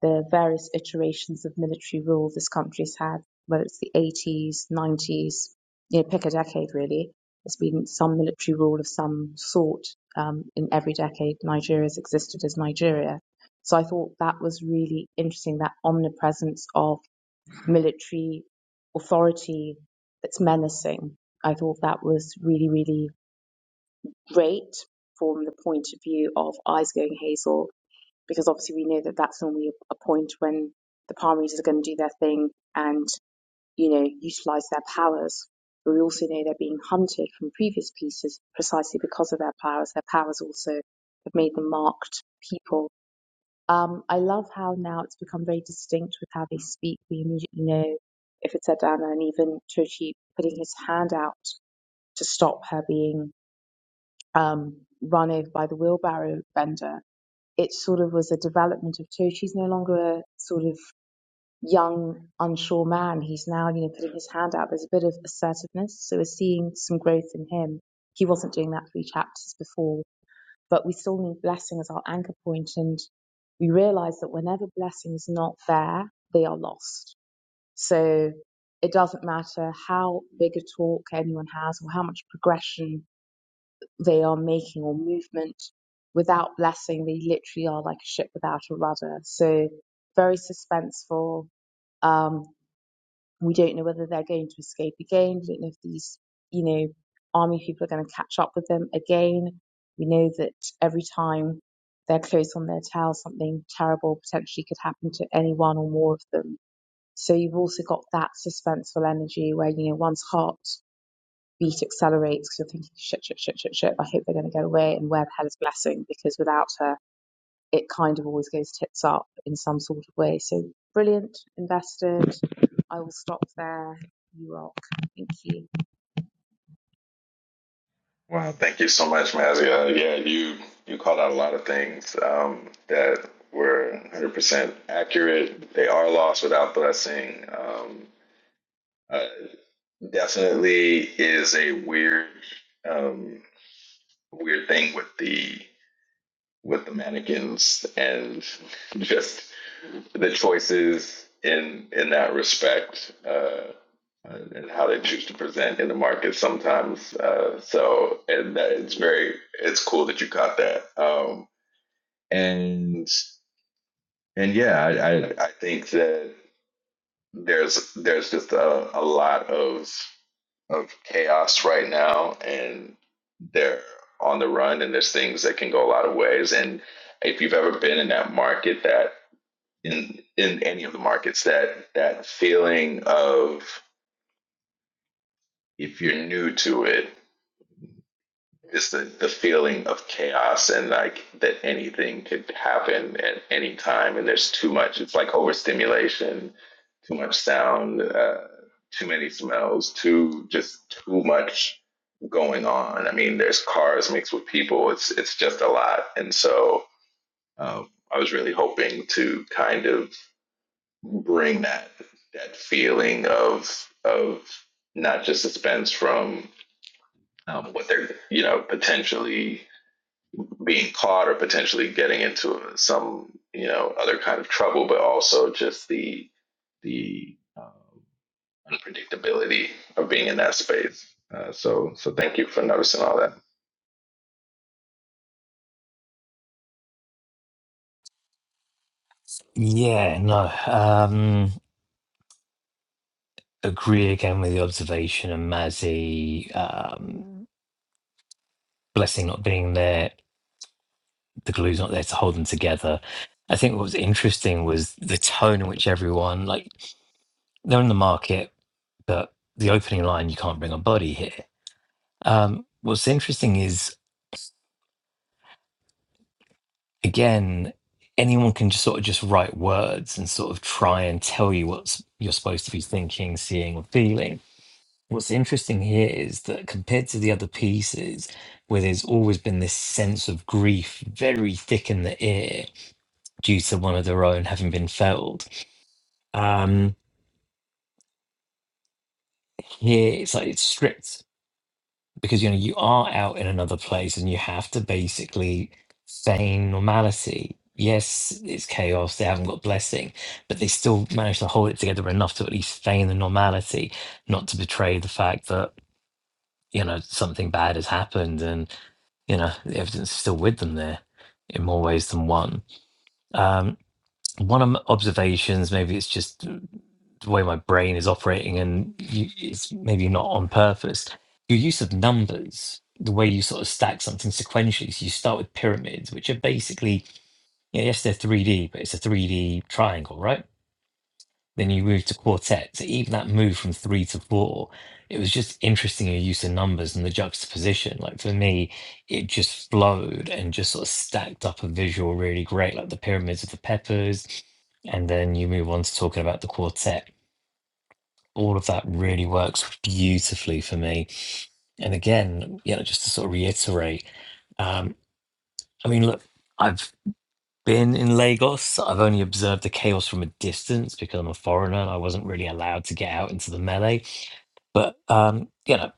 Speaker 5: the various iterations of military rule this country's had, whether it's the 80s, 90s, you know, pick a decade really. There's been some military rule of some sort um, in every decade Nigeria's existed as Nigeria. So I thought that was really interesting, that omnipresence of military authority that's menacing. I thought that was really, really great from the point of view of Eyes Going Hazel because obviously we know that that's normally a point when the palm readers are going to do their thing and you know utilize their powers. But we also know they're being hunted from previous pieces precisely because of their powers. Their powers also have made them marked people. Um, I love how now it's become very distinct with how they speak. We immediately know if it's Adana and even Tochi putting his hand out to stop her being um, run over by the wheelbarrow vendor it sort of was a development of church. He's no longer a sort of young, unsure man. He's now, you know, putting his hand out. There's a bit of assertiveness. So we're seeing some growth in him. He wasn't doing that three chapters before, but we still need blessing as our anchor point. And we realize that whenever blessing is not there, they are lost. So it doesn't matter how big a talk anyone has or how much progression they are making or movement without blessing. They literally are like a ship without a rudder. So very suspenseful. Um, we don't know whether they're going to escape again. We don't know if these, you know, army people are going to catch up with them again. We know that every time they're close on their tail, something terrible potentially could happen to any one or more of them. So you've also got that suspenseful energy where, you know, one's heart beat accelerates because you're thinking, shit, shit, shit, shit, shit. I hope they're going to get away. And where the hell is Blessing? Because without her, it kind of always goes tits up in some sort of way. So brilliant, invested. I will stop there. You rock. Thank you.
Speaker 4: Wow, thank you so much, Mazia. Uh, Yeah, you you called out a lot of things um, that were 100% accurate. They are lost without blessing. Um, uh, definitely is a weird. Um, weird thing with the with the mannequins and *laughs* just the choices in in that respect uh, uh, and how they choose to present in the market sometimes. Uh, so and that, it's very it's cool that you caught that. Um, and and yeah, I, I I think that there's there's just a, a lot of of chaos right now and they're on the run and there's things that can go a lot of ways and if you've ever been in that market that in in any of the markets that that feeling of if you're new to it It's the, the feeling of chaos and like that anything could happen at any time and there's too much. It's like overstimulation, too much sound, uh, too many smells, too just too much going on. I mean, there's cars mixed with people. It's it's just a lot. And so um, I was really hoping to kind of bring that that feeling of of not just suspense from um, what they're you know potentially being caught or potentially getting into some you know other kind of trouble, but also just the the um, unpredictability of being in that space. Uh, so so thank you for noticing all that.
Speaker 1: Yeah, no. Um, agree again with the observation and Mazzy. Um, blessing not being there, the glue's not there to hold them together. I think what was interesting was the tone in which everyone, like, they're in the market, but the opening line, you can't bring a body here. Um, what's interesting is, again, anyone can just sort of just write words and sort of try and tell you what you're supposed to be thinking, seeing, or feeling What's interesting here is that compared to the other pieces, where there's always been this sense of grief very thick in the air due to one of their own having been felled, um, here it's like it's stripped because you know you are out in another place and you have to basically feign normality. Yes, it's chaos, they haven't got blessing, but they still manage to hold it together enough to at least feign the normality, not to betray the fact that you know something bad has happened and you know the evidence is still with them there in more ways than one um one of my observations maybe it's just the way my brain is operating and you, it's maybe not on purpose your use of numbers the way you sort of stack something sequentially so you start with pyramids which are basically yeah, yes they're 3d but it's a 3d triangle right then you move to quartet. So even that move from three to four, it was just interesting your use of numbers and the juxtaposition. Like for me, it just flowed and just sort of stacked up a visual really great, like the pyramids of the peppers. And then you move on to talking about the quartet. All of that really works beautifully for me. And again, you know, just to sort of reiterate, um, I mean, look, I've been in Lagos. I've only observed the chaos from a distance because I'm a foreigner. and I wasn't really allowed to get out into the melee. But um, you know,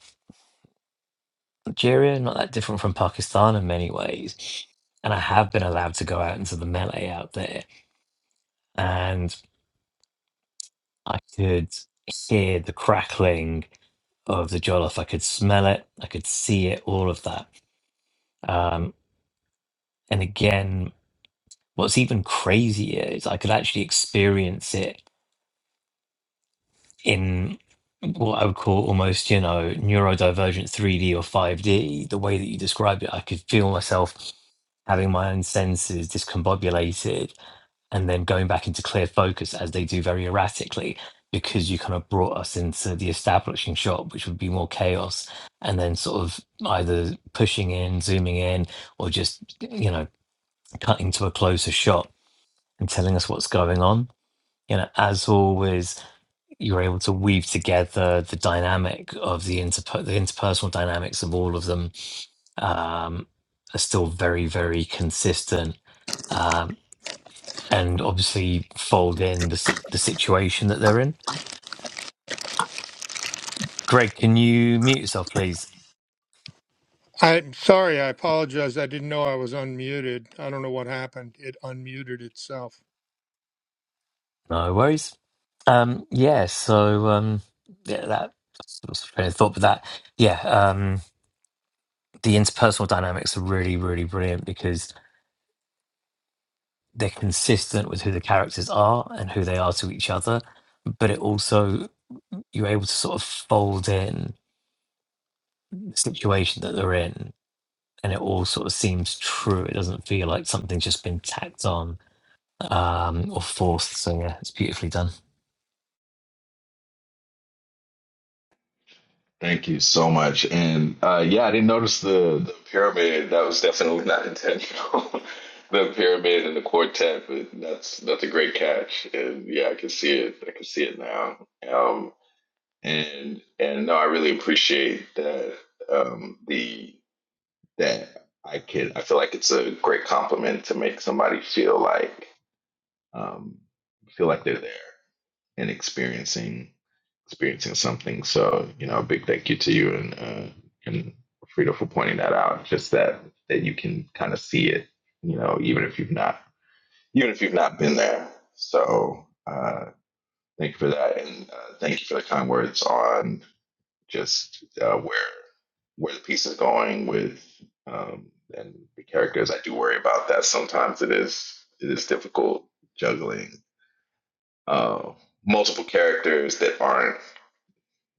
Speaker 1: Nigeria not that different from Pakistan in many ways. And I have been allowed to go out into the melee out there, and I could hear the crackling of the jollof. I could smell it. I could see it. All of that. Um, and again, what's even crazier is I could actually experience it in what I would call almost, you know, neurodivergent 3D or 5D, the way that you described it, I could feel myself having my own senses discombobulated and then going back into clear focus as they do very erratically because you kind of brought us into the establishing shot, which would be more chaos, and then sort of either pushing in, zooming in, or just, you know, cutting to a closer shot and telling us what's going on. You know, as always, you're able to weave together the dynamic of the inter the interpersonal dynamics of all of them um, are still very very consistent um, and obviously fold in the si- the situation that they're in. Greg, can you mute yourself, please?
Speaker 3: I'm sorry, I apologize. I didn't know I was unmuted. I don't know what happened. It unmuted itself.
Speaker 1: No worries. Um, yeah, so um, yeah, that sort of train of thought, but that yeah, um, the interpersonal dynamics are really really brilliant because they're consistent with who the characters are and who they are to each other, but it also you're able to sort of fold in the situation that they're in, and it all sort of seems true. It doesn't feel like something's just been tacked on um, or forced. So yeah, it's beautifully done.
Speaker 4: Thank you so much. And uh, yeah, I didn't notice the, the pyramid. That was definitely not intentional. *laughs* the pyramid and the quartet, but that's that's a great catch. And yeah, I can see it. I can see it now. Um, and and no, I really appreciate that. Um, the that I can. I feel like it's a great compliment to make somebody feel like um, feel like they're there and experiencing experiencing something. So, you know, a big thank you to you and uh, and Frida for pointing that out. Just that that you can kind of see it, you know, even if you've not even if you've not been there. So, uh, thank you for that, and uh, thank you for the kind words on just uh, where where the piece is going with um, and the characters. I do worry about that sometimes. It is it is difficult juggling uh, multiple characters that aren't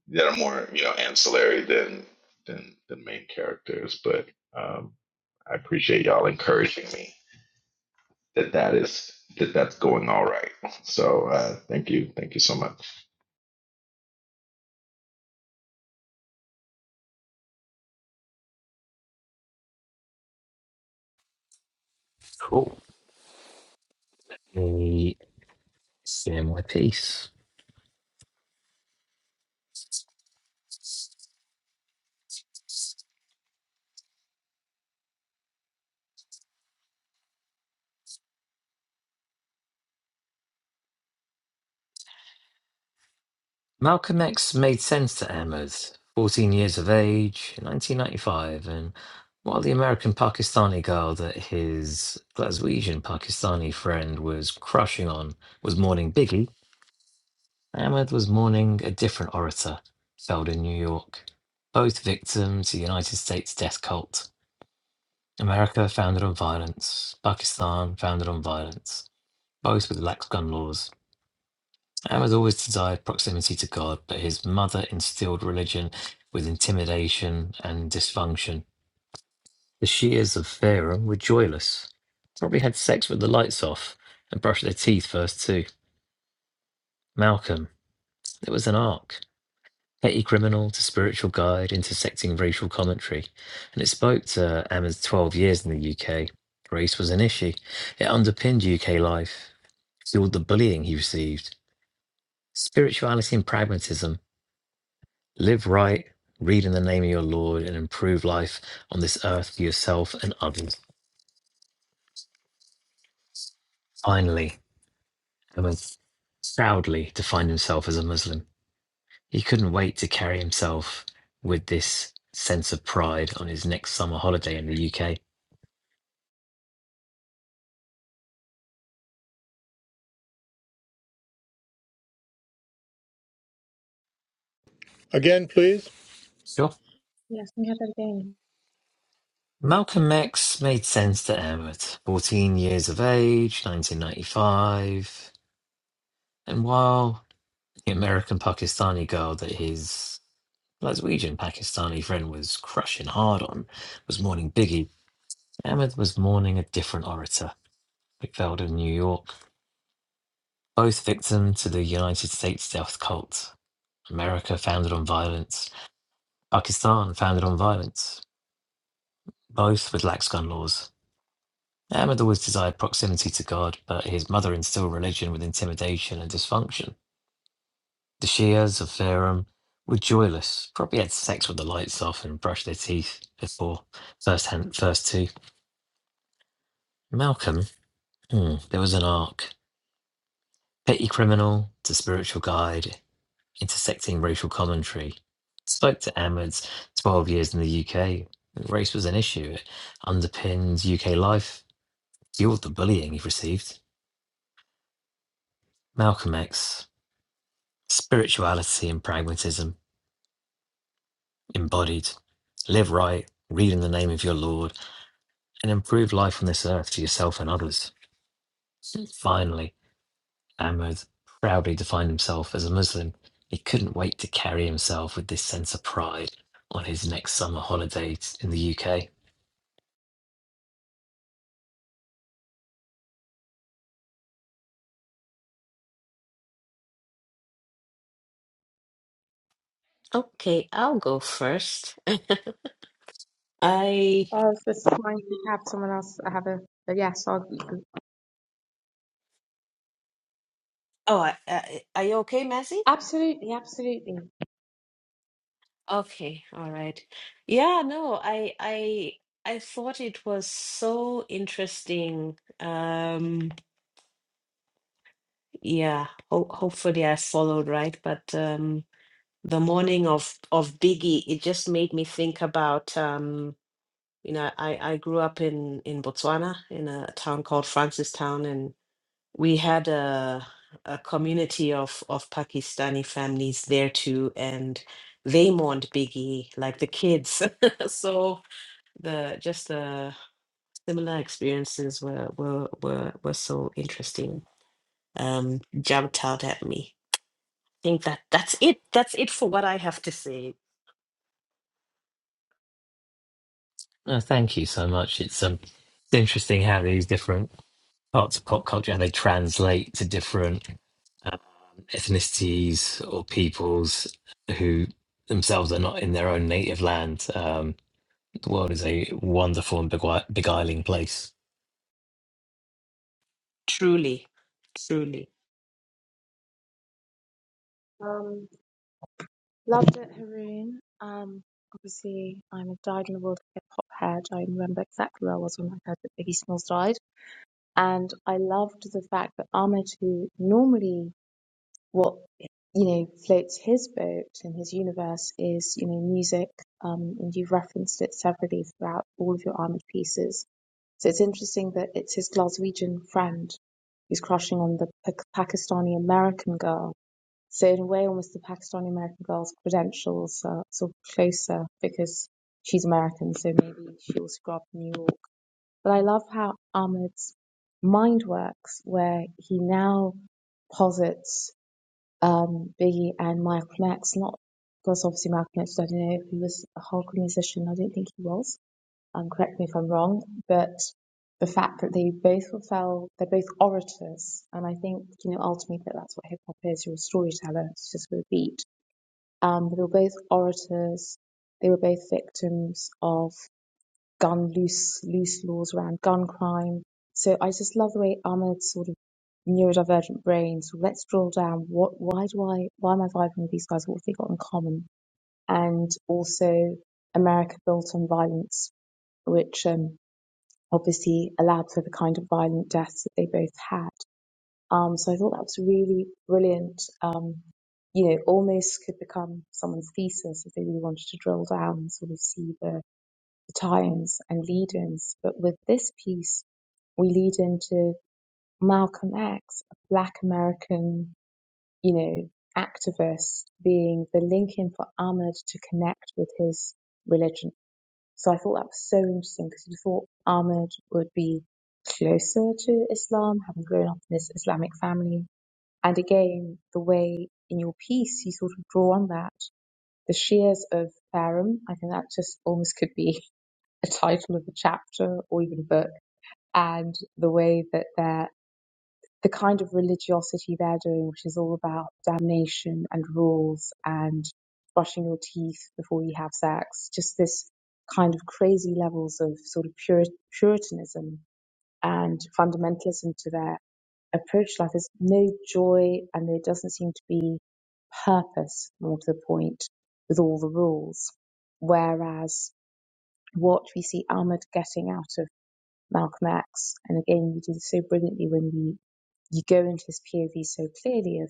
Speaker 4: that are more you know ancillary than than the main characters but um i appreciate y'all encouraging me that that is that that's going all right so uh thank you thank you so much
Speaker 1: Cool. Hey, seeing my piece. Malcolm X made sense to Ahmed, 14 years of age, 1995, and while the American Pakistani girl that his Glaswegian Pakistani friend was crushing on was mourning Biggie, Ahmed was mourning a different orator, felled in New York. Both victims of the United States death cult. America founded on violence, Pakistan founded on violence, both with lax gun laws. Ahmed always desired proximity to God, but his mother instilled religion with intimidation and dysfunction. The Shias of Pharaoh were joyless, probably had sex with the lights off and brushed their teeth first, too. Malcolm, it was an arc. Petty criminal to spiritual guide, intersecting racial commentary. And it spoke to Ahmed's 12 years in the UK. Race was an issue. It underpinned UK life, fueled the bullying he received. Spirituality and pragmatism Live right, read in the name of your Lord, and improve life on this earth for yourself and others. Finally, Ahmed proudly defined himself as a Muslim. He couldn't wait to carry himself with this sense of pride on his next summer holiday in the UK.
Speaker 3: Again, please.
Speaker 1: Sure.
Speaker 5: Yes, we had that again.
Speaker 1: Malcolm X made sense to Ahmed. 14 years of age, 1995. And while the American Pakistani girl that his Glaswegian Pakistani friend was crushing hard on, was mourning Biggie. Ahmed was mourning a different orator, McFeld of New York, both victim to the United States death cult. America founded on violence, Pakistan founded on violence, both with lax gun laws. Ahmed always desired proximity to God, but his mother instilled religion with intimidation and dysfunction. The Shias of Fairham were joyless, probably had sex with the lights off and brushed their teeth before first, hand, first two. Malcolm Hmm. There was an arc. Petty criminal to spiritual guide, intersecting racial commentary. Spoke to Ahmed's 12 years in the UK. Race was an issue. It underpinned UK life, fueled the bullying he received. Malcolm X, spirituality and pragmatism, embodied. Live right, read in the name of your Lord, and improve life on this earth for yourself and others. Finally, Ahmed proudly defined himself as a Muslim. He couldn't wait to carry himself with this sense of pride on his next summer holiday in the UK.
Speaker 2: Okay, I'll go first. *laughs* I
Speaker 5: I was just trying to have someone else have a, but yes, I'll,
Speaker 2: oh, I, I, are you okay, Messi?
Speaker 5: absolutely, absolutely.
Speaker 2: Okay, all right. Yeah, no, I I I thought it was so interesting. Um, yeah, ho hopefully I followed right, but um, the morning of of Biggie, it just made me think about um, you know, I I grew up in in Botswana in a town called Francistown we had a a community of of Pakistani families there too, and they mourned Biggie like the kids. *laughs* so the just the similar experiences were were were were so interesting. Um, jumped out at me. I think that that's it. That's it for what I have to say.
Speaker 1: Oh, thank you so much. It's um, it's interesting how these different parts of pop culture how they translate to different ethnicities or peoples who themselves are not in their own native land. Um, the world is a wonderful and begui- beguiling place.
Speaker 2: Truly, truly.
Speaker 5: Um, loved it, Haroon. Um, obviously, I'm a dyed in the world hip hop head. I remember exactly where I was when I heard that Biggie Smalls died. And I loved the fact that Ahmed, who normally what you know floats his boat and his universe is you know music, um, and you've referenced it severally throughout all of your Ahmed pieces. So it's interesting that it's his Glaswegian friend who's crushing on the Pa- Pakistani American girl. So in a way, almost the Pakistani American girl's credentials are sort of closer because she's American, so maybe she also grew up in New York but I love how Ahmed's mind works, where he now posits um, Biggie and Malcolm X, not because obviously Malcolm X, I don't know if he was a hardcore musician, I don't think he was, um, correct me if I'm wrong, but the fact that they both were fell, they're both orators, and I think, you know, ultimately that that's what hip hop is, you're a storyteller, it's just with a beat. Um, but they were both orators, they were both victims of gun loose loose laws around gun crime. So I just love the way Ahmed's sort of neurodivergent brain. So let's drill down. What? Why do I? Why am I vibing with these guys? What have they got in common? And also America built on violence, which um, obviously allowed for the kind of violent deaths that they both had. Um, so I thought that was really brilliant. Um, you know, almost could become someone's thesis if they really wanted to drill down and sort of see the tie-ins and lead-ins. But with this piece, we lead into Malcolm X, a black American, you know, activist being the link-in for Ahmed to connect with his religion. So I thought that was so interesting because you thought Ahmed would be closer to Islam, having grown up in this Islamic family. And again, the way in your piece you sort of draw on that, the shears of Farum, I think that just almost could be a title of a chapter or even a book and the way that they're the kind of religiosity they're doing, which is all about damnation and rules and brushing your teeth before you have sex, just this kind of crazy levels of sort of Puri- puritanism and fundamentalism to their approach to life. There's no joy and there doesn't seem to be purpose, more to the point, with all the rules. Whereas what we see Ahmed getting out of Malcolm X. And again, you do so brilliantly when you, you go into his POV so clearly of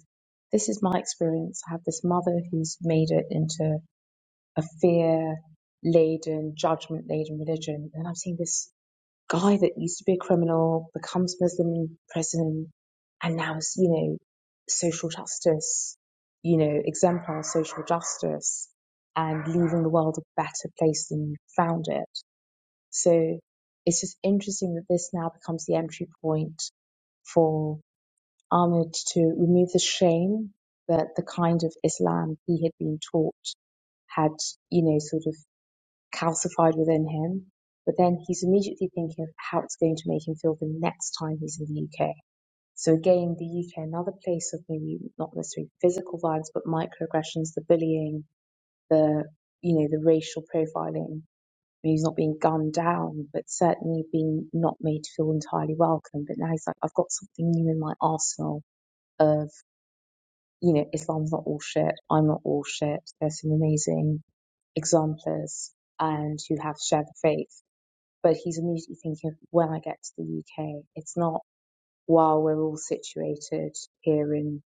Speaker 5: this is my experience. I have this mother who's made it into a fear laden, judgment laden religion. And I'm seeing this guy that used to be a criminal, becomes Muslim in prison, and now is, you know, social justice, you know, exemplar of social justice and leaving the world a better place than you found it so it's just interesting that this now becomes the entry point for Ahmed to remove the shame that the kind of Islam he had been taught had, you know, sort of calcified within him. But then he's immediately thinking of how it's going to make him feel the next time he's in the UK. So again, the UK, another place of maybe not necessarily physical violence, but microaggressions, the bullying, the, you know, the racial profiling he's not being gunned down, but certainly being not made to feel entirely welcome. But now he's like, I've got something new in my arsenal of, you know, Islam's not all shit. I'm not all shit. There's some amazing exemplars and who have shared the faith. But he's immediately thinking of when I get to the UK, it's not while we're all situated here in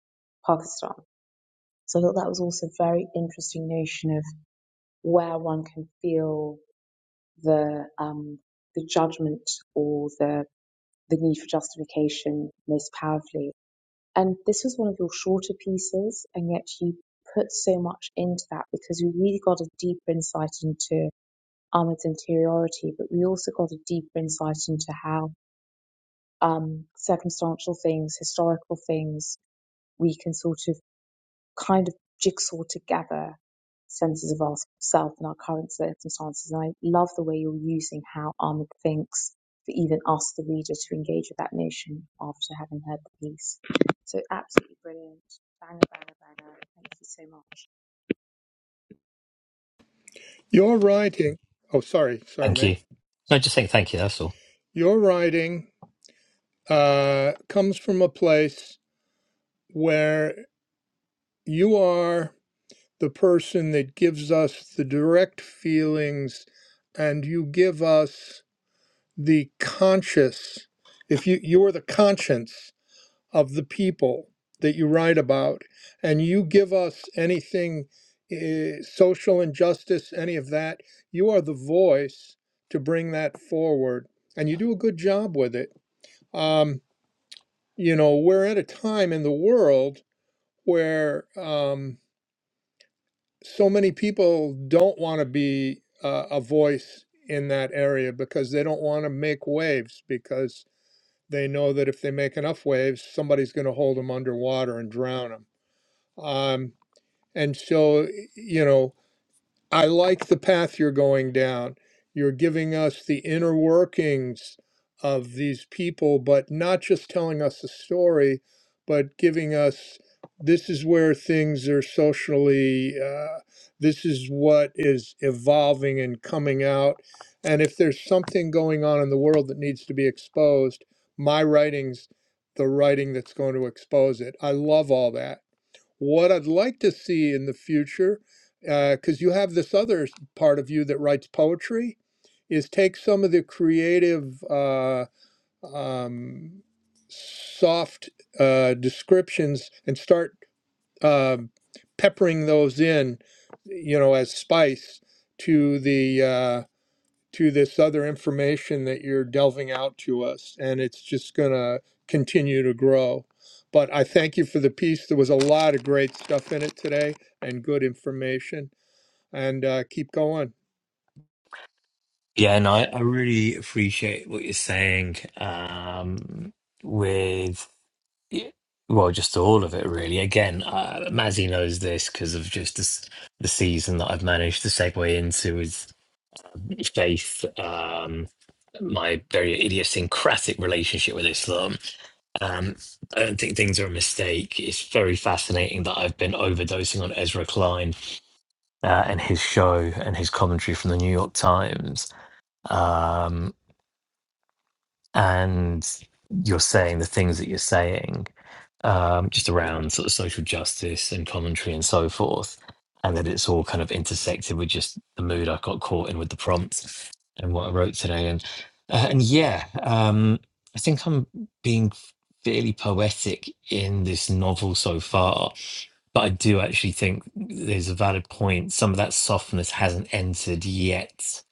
Speaker 5: Pakistan. So I thought that was also a very interesting notion of where one can feel the um, the judgment or the the need for justification most powerfully. And this was one of your shorter pieces, and yet you put so much into that because we really got a deeper insight into Ahmed's interiority, but we also got a deeper insight into how um, circumstantial things, historical things, we can sort of kind of jigsaw together senses of ourselves and our current circumstances. And I love the way you're using how Ahmed thinks for even us, the reader, to engage with that notion after having heard the piece. So absolutely brilliant. Banger, banger, banger. Thank you so much.
Speaker 3: Your writing, oh, sorry, sorry,
Speaker 1: Thank
Speaker 3: mate.
Speaker 1: you. No, just saying thank you. That's all.
Speaker 3: Your writing uh, comes from a place where you are the person that gives us the direct feelings and you give us the conscious. If you, you're the conscience of the people that you write about, and you give us anything eh, social injustice, any of that, you are the voice to bring that forward, and you do a good job with it. Um, you know, we're at a time in the world where um, so many people don't want to be uh, a voice in that area because they don't want to make waves because they know that if they make enough waves, somebody's going to hold them underwater and drown them Um, and so, you know, I like the path you're going down. You're giving us the inner workings of these people, but not just telling us a story, but giving us this is where things are socially, uh, this is what is evolving and coming out. And if there's something going on in the world that needs to be exposed, my writing's the writing that's going to expose it. I love all that what I'd like to see in the future, because uh, you have this other part of you that writes poetry, is take some of the creative, uh, um, soft uh, descriptions and start um peppering those in, you know, as spice to the. uh, to this other information that you're delving out to us, and it's just going to continue to grow. But I thank you for the piece. There was a lot of great stuff in it today and good information. And uh, keep going.
Speaker 1: Yeah, and I, I really appreciate what you're saying um, with, y- well, just all of it, really. Again, uh, Mazzy knows this because of just this, the season that I've managed to segue into with faith, um, my very idiosyncratic relationship with Islam. Um, I don't think things are a mistake. It's very fascinating that I've been overdosing on Ezra Klein uh, and his show and his commentary from the New York Times. Um, and you're saying the things that you're saying um, just around sort of social justice and commentary and so forth, and that it's all kind of intersected with just the mood I got caught in with the prompt and what I wrote today, and uh, and yeah, um, I think I'm being fairly poetic in this novel so far. But I do actually think there's a valid point. Some of that softness hasn't entered yet.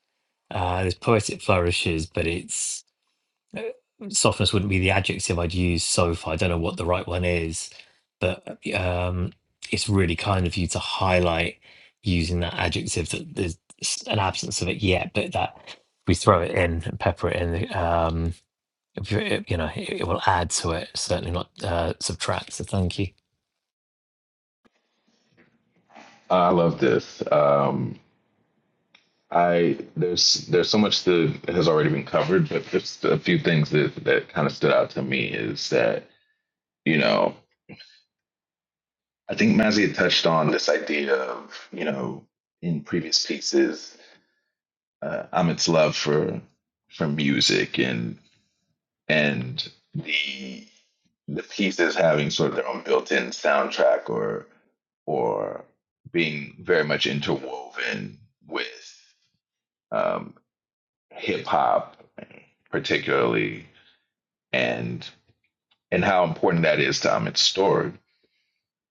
Speaker 1: Uh, there's poetic flourishes, but it's uh, softness wouldn't be the adjective I'd use so far. I don't know what the right one is, but um, it's really kind of you to highlight using that adjective that there's s- an absence of it yet, but that we throw it in and pepper it in. Um, if you you know, it, it will add to it, certainly not uh, subtract. So thank you.
Speaker 4: i love this um i there's there's so much that has already been covered but just a few things that that kind of stood out to me is that you know i think mazzy had touched on this idea of you know in previous pieces uh, amit's love for for music and and the the pieces having sort of their own built-in soundtrack or or being very much interwoven with um, hip hop, particularly, and and how important that is to Amit's story.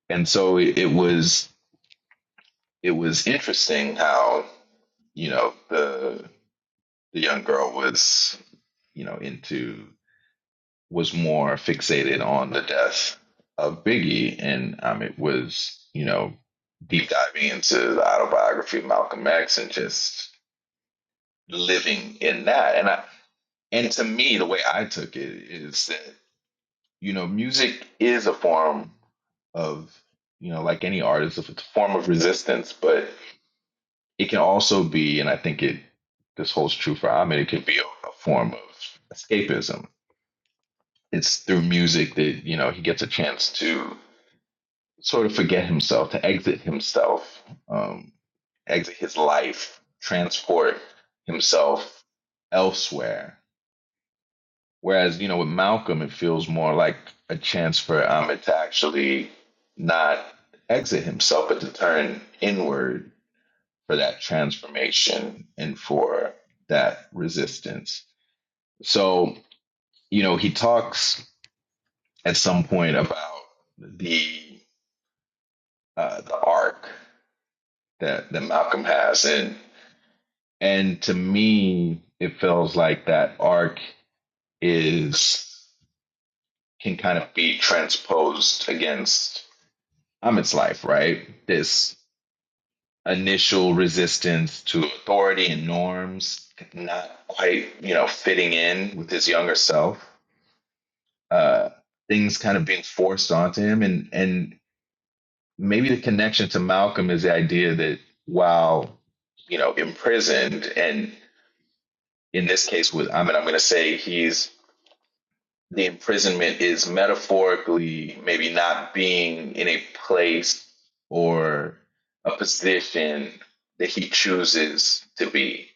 Speaker 4: And so it, it was it was interesting how you know the the young girl was you know into was more fixated on the death of Biggie, and um, it was you know deep diving into the autobiography of Malcolm X and just living in that. And I and to me, the way I took it is that you know music is a form of you know like any artist, it's a form of resistance, but it can also be, and I think it this holds true for Ahmed, it can be a, a form of escapism. It's through music that you know he gets a chance to sort of forget himself, to exit himself, um, exit his life, transport himself elsewhere. Whereas, you know, with Malcolm, it feels more like a chance for Amit to actually not exit himself, but to turn inward for that transformation and for that resistance. So, you know, he talks at some point about the uh, the arc that, that Malcolm has. and. And to me, it feels like that arc is can kind of be transposed against Amit's life, right? This initial resistance to authority and norms, not quite, you know, fitting in with his younger self. Uh, things kind of being forced onto him, and and maybe the connection to Malcolm is the idea that while you know imprisoned, and in this case with Amit, I'm going to say he's the imprisonment is metaphorically maybe not being in a place or a position that he chooses to be.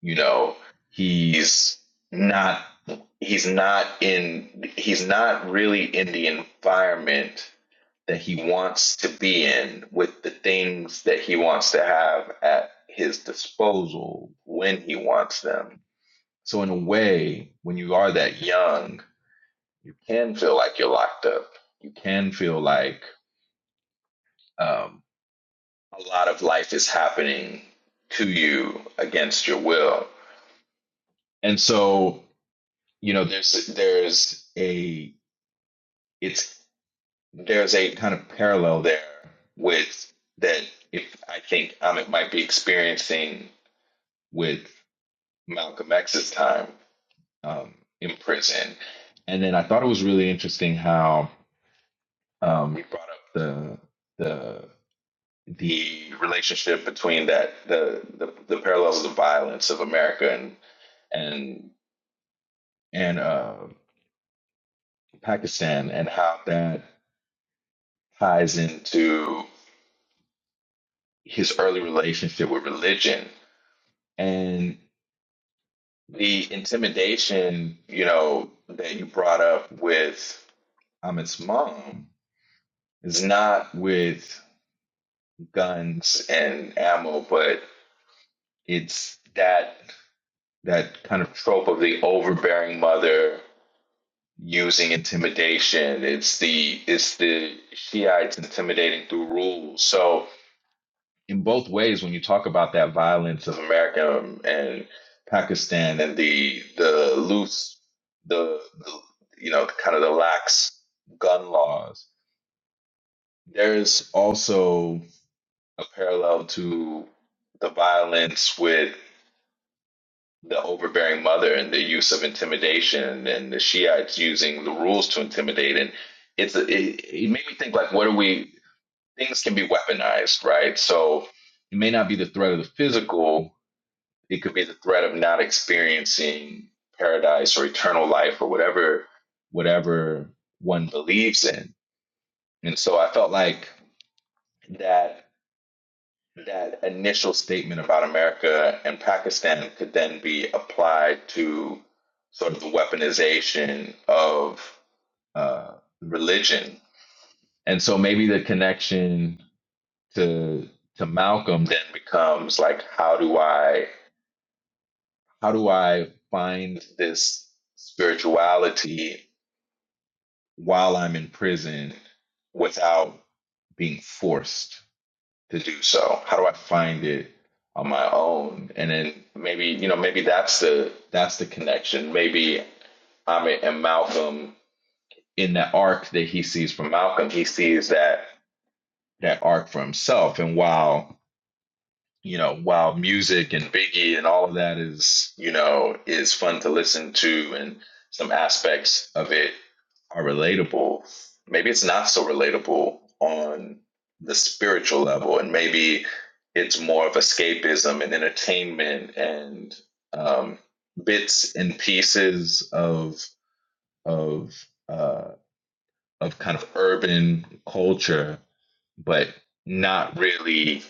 Speaker 4: You know, he's not he's not in he's not really in the environment that he wants to be in with the things that he wants to have at his disposal when he wants them. So in a way, when you are that young, you can feel like you're locked up. You can feel like um, a lot of life is happening to you against your will. And so, you know, there's there's a it's there's a kind of parallel there with that if I think um it might be experiencing with Malcolm X's time um, in prison. And then I thought it was really interesting how um, you brought up the the the relationship between that the the, the parallels of violence of America and and and uh, Pakistan and how that ties into his early relationship with religion and the intimidation you know that you brought up with Ahmed's mom is not with guns and ammo but it's that that kind of trope of the overbearing mother using intimidation. It's the it's the Shiites intimidating through rules. So in both ways, when you talk about that violence of America and Pakistan and the the loose the, the you know kind of the lax gun laws, there is also a parallel to the violence with the overbearing mother and the use of intimidation and the Shiites using the rules to intimidate. And it's a, it, it made me think like, what are we? Things can be weaponized, right? So it may not be the threat of the physical. It could be the threat of not experiencing paradise or eternal life or whatever whatever one believes in. And so I felt like that that initial statement about America and Pakistan could then be applied to sort of the weaponization of uh, religion. And so maybe the connection to to Malcolm then becomes like how do I how do I find this spirituality while I'm in prison without being forced? to do so? How do I find it on my own? And then maybe, you know, maybe that's the that's the connection. Maybe I'm and Malcolm in the arc that he sees from Malcolm, he sees that that arc for himself. And while you know, while music and Biggie and all of that is, you know, is fun to listen to and some aspects of it are relatable, maybe it's not so relatable on the spiritual level. And maybe it's more of escapism and entertainment and um, bits and pieces of, of, uh, of kind of urban culture, but not really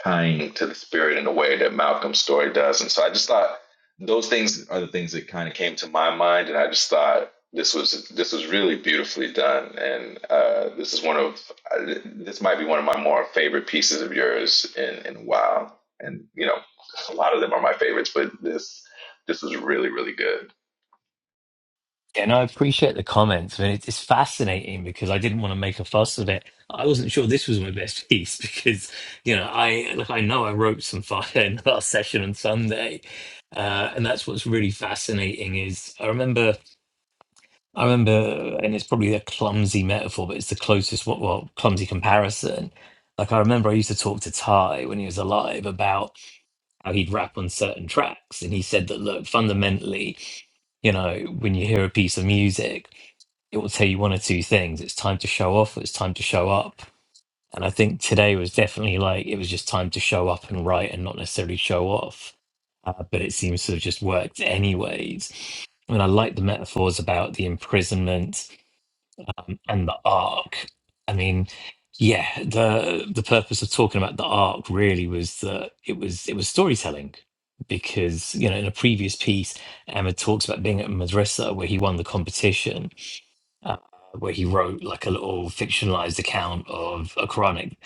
Speaker 4: tying to the spirit in a way that Malcolm's story does. And so I just thought those things are the things that kind of came to my mind, and I just thought this was this was really beautifully done, and uh, this is one of uh, this might be one of my more favorite pieces of yours in in a while. And you know, a lot of them are my favorites, but this this was really really good.
Speaker 1: Yeah, And I appreciate the comments. I mean, it- it's fascinating because I didn't want to make a fuss of it. I wasn't sure this was my best piece *laughs* because, you know, I like I know I wrote some fire *laughs* in the last session on Sunday, uh, and that's what's really fascinating. Is I remember, I remember, and it's probably a clumsy metaphor, but it's the closest what well clumsy comparison. Like I remember, I used to talk to Ty when he was alive about how he'd rap on certain tracks. And he said that, look, fundamentally, you know, when you hear a piece of music, it will tell you one or two things. It's time to show off, or it's time to show up. And I think today was definitely like it was just time to show up and write and not necessarily show off. Uh, but it seems to have just worked anyways. I mean, I like the metaphors about the imprisonment and the arc. I mean, yeah, the the purpose of talking about the arc really was that it was it was storytelling because you know in a previous piece, Emma talks about being at Madrasa where he won the competition. Uh, where he wrote like a little fictionalized account of a Quranic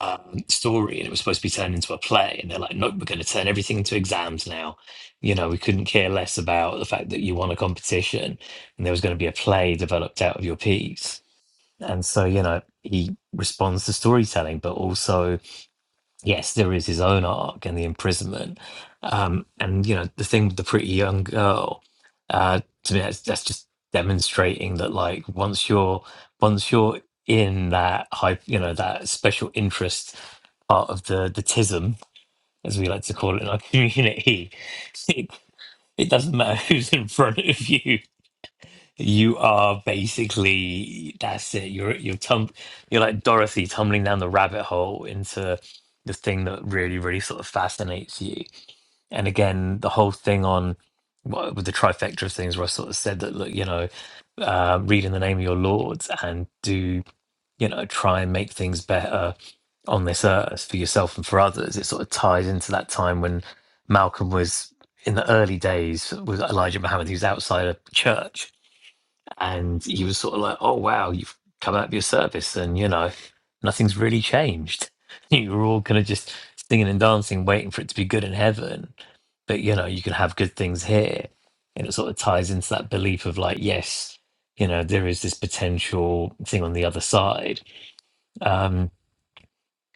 Speaker 1: um, story, and it was supposed to be turned into a play. And they're like, "Nope, we're going to turn everything into exams now." You know, we couldn't care less about the fact that you won a competition, and there was going to be a play developed out of your piece and so you know he responds to storytelling but also yes there is his own arc and the imprisonment um and you know the thing with the pretty young girl uh to me that's, that's just demonstrating that like once you're once you're in that hype you know that special interest part of the the tism as we like to call it in our *laughs* community it, it doesn't matter who's in front of you you are basically that's it. You're you're tum you're like Dorothy tumbling down the rabbit hole into the thing that really, really sort of fascinates you. And again, the whole thing on what with the trifecta of things where I sort of said that look, you know, uh, read in the name of your lords and do, you know, try and make things better on this earth for yourself and for others. It sort of ties into that time when Malcolm was in the early days with Elijah Muhammad, he was outside a church and he was sort of like, "Oh wow, you've come out of your service, and you know, nothing's really changed. *laughs* You were all kind of just singing and dancing, waiting for it to be good in heaven, but you know, you can have good things here." And it sort of ties into that belief of like, yes, you know, there is this potential thing on the other side. Um,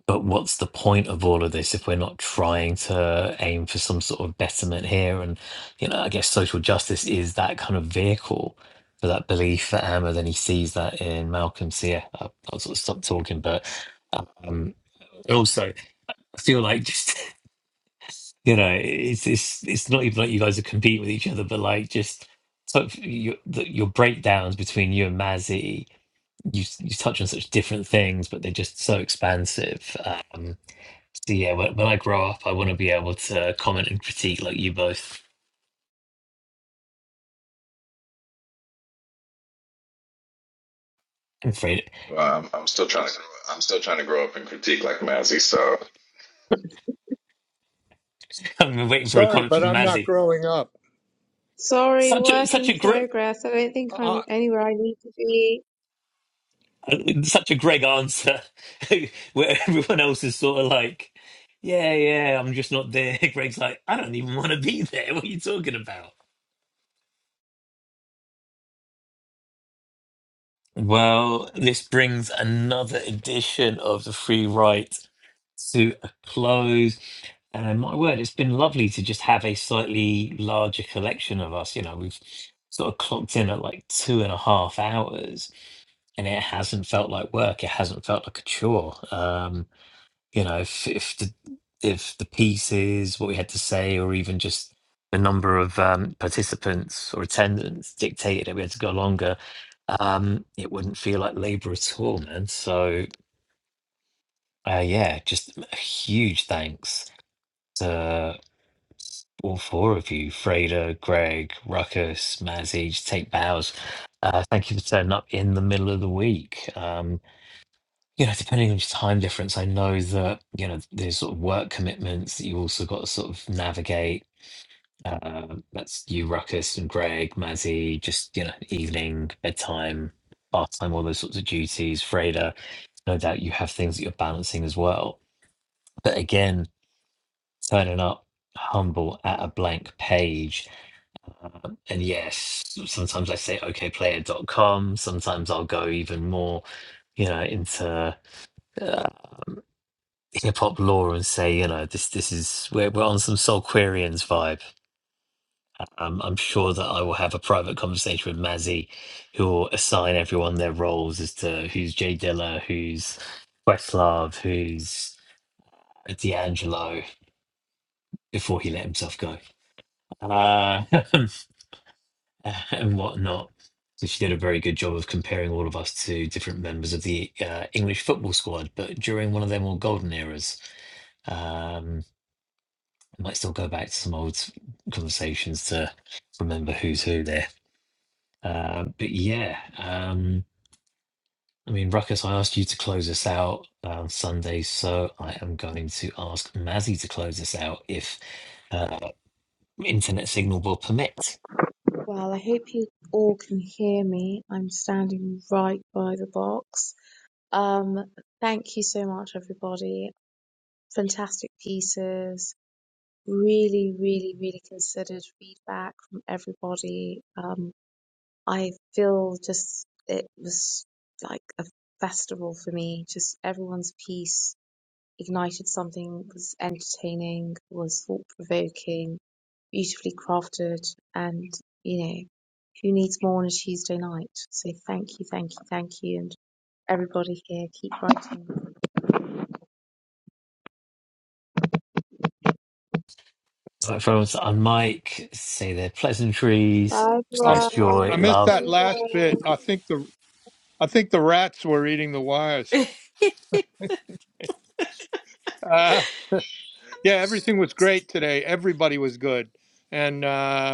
Speaker 1: but what's the point of all of this if we're not trying to aim for some sort of betterment here? And, you know, I guess social justice is that kind of vehicle for that belief for Ahmed, and he sees that in Malcolm. So, yeah, I- I'll sort of stop talking. But um, also, I feel like just, *laughs* you know, it's, it's, it's not even like you guys are competing with each other, but like just sort of your, the, your breakdowns between you and Mazzy. You, you touch on such different things, but they're just so expansive. Um, so yeah, when, when I grow up, I want to be able to comment and critique like you both. I'm afraid
Speaker 4: Well, I'm, I'm still trying to grow. I'm still trying to grow up and critique like Mazzy. So a
Speaker 1: *laughs* I'm waiting for a
Speaker 3: Sorry,
Speaker 1: comment
Speaker 3: but
Speaker 1: from
Speaker 3: I'm not
Speaker 1: Mazzy.
Speaker 3: growing up.
Speaker 5: Sorry,
Speaker 1: Such a
Speaker 5: work
Speaker 1: such
Speaker 5: in
Speaker 1: a great
Speaker 5: progress. I don't think I'm
Speaker 3: I,
Speaker 5: anywhere I need to be.
Speaker 1: such a Greg answer, *laughs* where everyone else is sort of like, yeah, yeah, I'm just not there. *laughs* Greg's like, I don't even want to be there. What are you talking about? Well, this brings another edition of the Free write to a close. And my word, it's been lovely to just have a slightly larger collection of us. You know, we've sort of clocked in at like two and a half hours, and it hasn't felt like work. It hasn't felt like a chore. Um, you know if if the if the pieces what we had to say or even just the number of um, participants or attendants dictated that we had to go longer um it wouldn't feel like labor at all man so uh yeah just a huge thanks to all four of you freda greg ruckus mazzy just take bows uh thank you for turning up in the middle of the week um you know, depending on your time difference, I know that, you know, there's sort of work commitments that you also got to sort of navigate. Um, that's you, Ruckus, and Greg, Mazzy, just, you know, evening, bedtime, bath time, all those sorts of duties. Freda, no doubt you have things that you're balancing as well. But again, turning up humble at a blank page. Um, and yes, sometimes I say okayplayer.com, sometimes I'll go even more, you know, into. uh, hip hop lore and say, you know, this this is we're we're on some Soulquarians vibe. Um, I'm sure that I will have a private conversation with Mazzy, who will assign everyone their roles as to who's Jay Dilla, who's Questlove, who's D'Angelo, before he let himself go, uh, *laughs* and whatnot. So she did a very good job of comparing all of us to different members of the uh, English football squad, but during one of their more golden eras. Um, I might still go back to some old conversations to remember who's who there. Um, but yeah, um, I mean, Ruckus, I asked you to close us out on Sunday, so I am going to ask Mazzy to close us out if uh, internet signal will permit.
Speaker 5: Well, I hope you all can hear me. I'm standing right by the box. Um, thank you so much, everybody. fantastic pieces, really, really, really considered feedback from everybody. Um, I feel just it was like a festival for me. Just everyone's piece ignited something, was entertaining, was thought provoking, beautifully crafted, and you know, who needs more on a Tuesday night? So thank you, thank you, thank you, and everybody here, keep writing.
Speaker 1: All right, for everyone to unmic, say their pleasantries,
Speaker 5: Bye
Speaker 3: um,
Speaker 1: express
Speaker 3: I
Speaker 1: joy,
Speaker 5: everyone.
Speaker 3: I missed
Speaker 1: love,
Speaker 3: that
Speaker 5: See you
Speaker 3: last
Speaker 5: guys.
Speaker 3: bit. I think the I think the rats were eating the wires.
Speaker 2: *laughs*
Speaker 3: Uh, yeah, everything was great today. Everybody was good, and uh,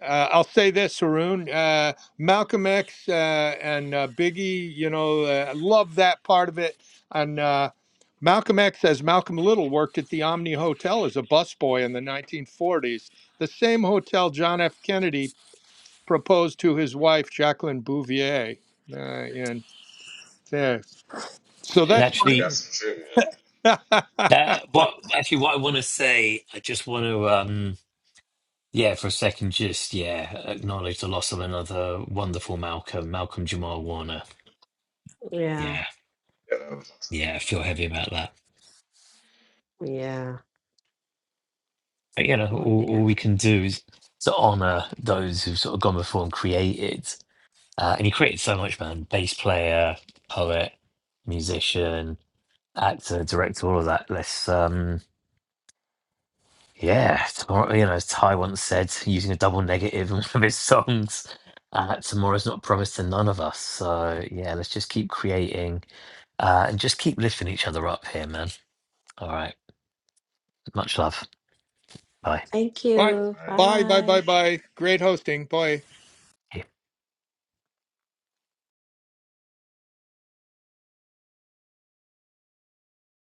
Speaker 3: Uh, I'll say this, Haroon. Uh, Malcolm X uh, and uh, Biggie, you know, uh, I love that part of it. And uh, Malcolm X, as Malcolm Little, worked at the Omni Hotel as a busboy in the 1940s, the same hotel John F. Kennedy proposed to his wife, Jacqueline Bouvier. Uh, and yeah, so
Speaker 1: and
Speaker 3: that's
Speaker 4: little, I
Speaker 3: my.
Speaker 4: got
Speaker 1: actually,
Speaker 2: Mm.
Speaker 4: some trivia.
Speaker 3: *laughs*
Speaker 1: that what actually what I want to say, I just want to. um, Yeah, for a second, just yeah, acknowledge the loss of another wonderful Malcolm, Malcolm Jamal Warner.
Speaker 2: Yeah,
Speaker 1: Yeah,
Speaker 4: You
Speaker 1: yeah, I feel heavy about that.
Speaker 2: yeah.
Speaker 1: But you know,
Speaker 2: Oh
Speaker 1: all,
Speaker 2: dear.
Speaker 1: all we can do is to honor those who've sort of gone before and created. Uh, and he created so much, man. Bass player, poet, musician, actor, director, all of that. Let's um, Yeah, tomorrow, you know, as Ty once said, using a double negative in *laughs* one of his songs, uh, tomorrow's not promised to none of us. So, yeah, let's just keep creating uh, and just keep lifting each other up here, man. All right. Much love. Bye.
Speaker 2: Thank
Speaker 3: bye,
Speaker 2: you.
Speaker 4: know,
Speaker 3: bye, bye,
Speaker 2: Bye.
Speaker 3: bye, bye. Great hosting. Bye.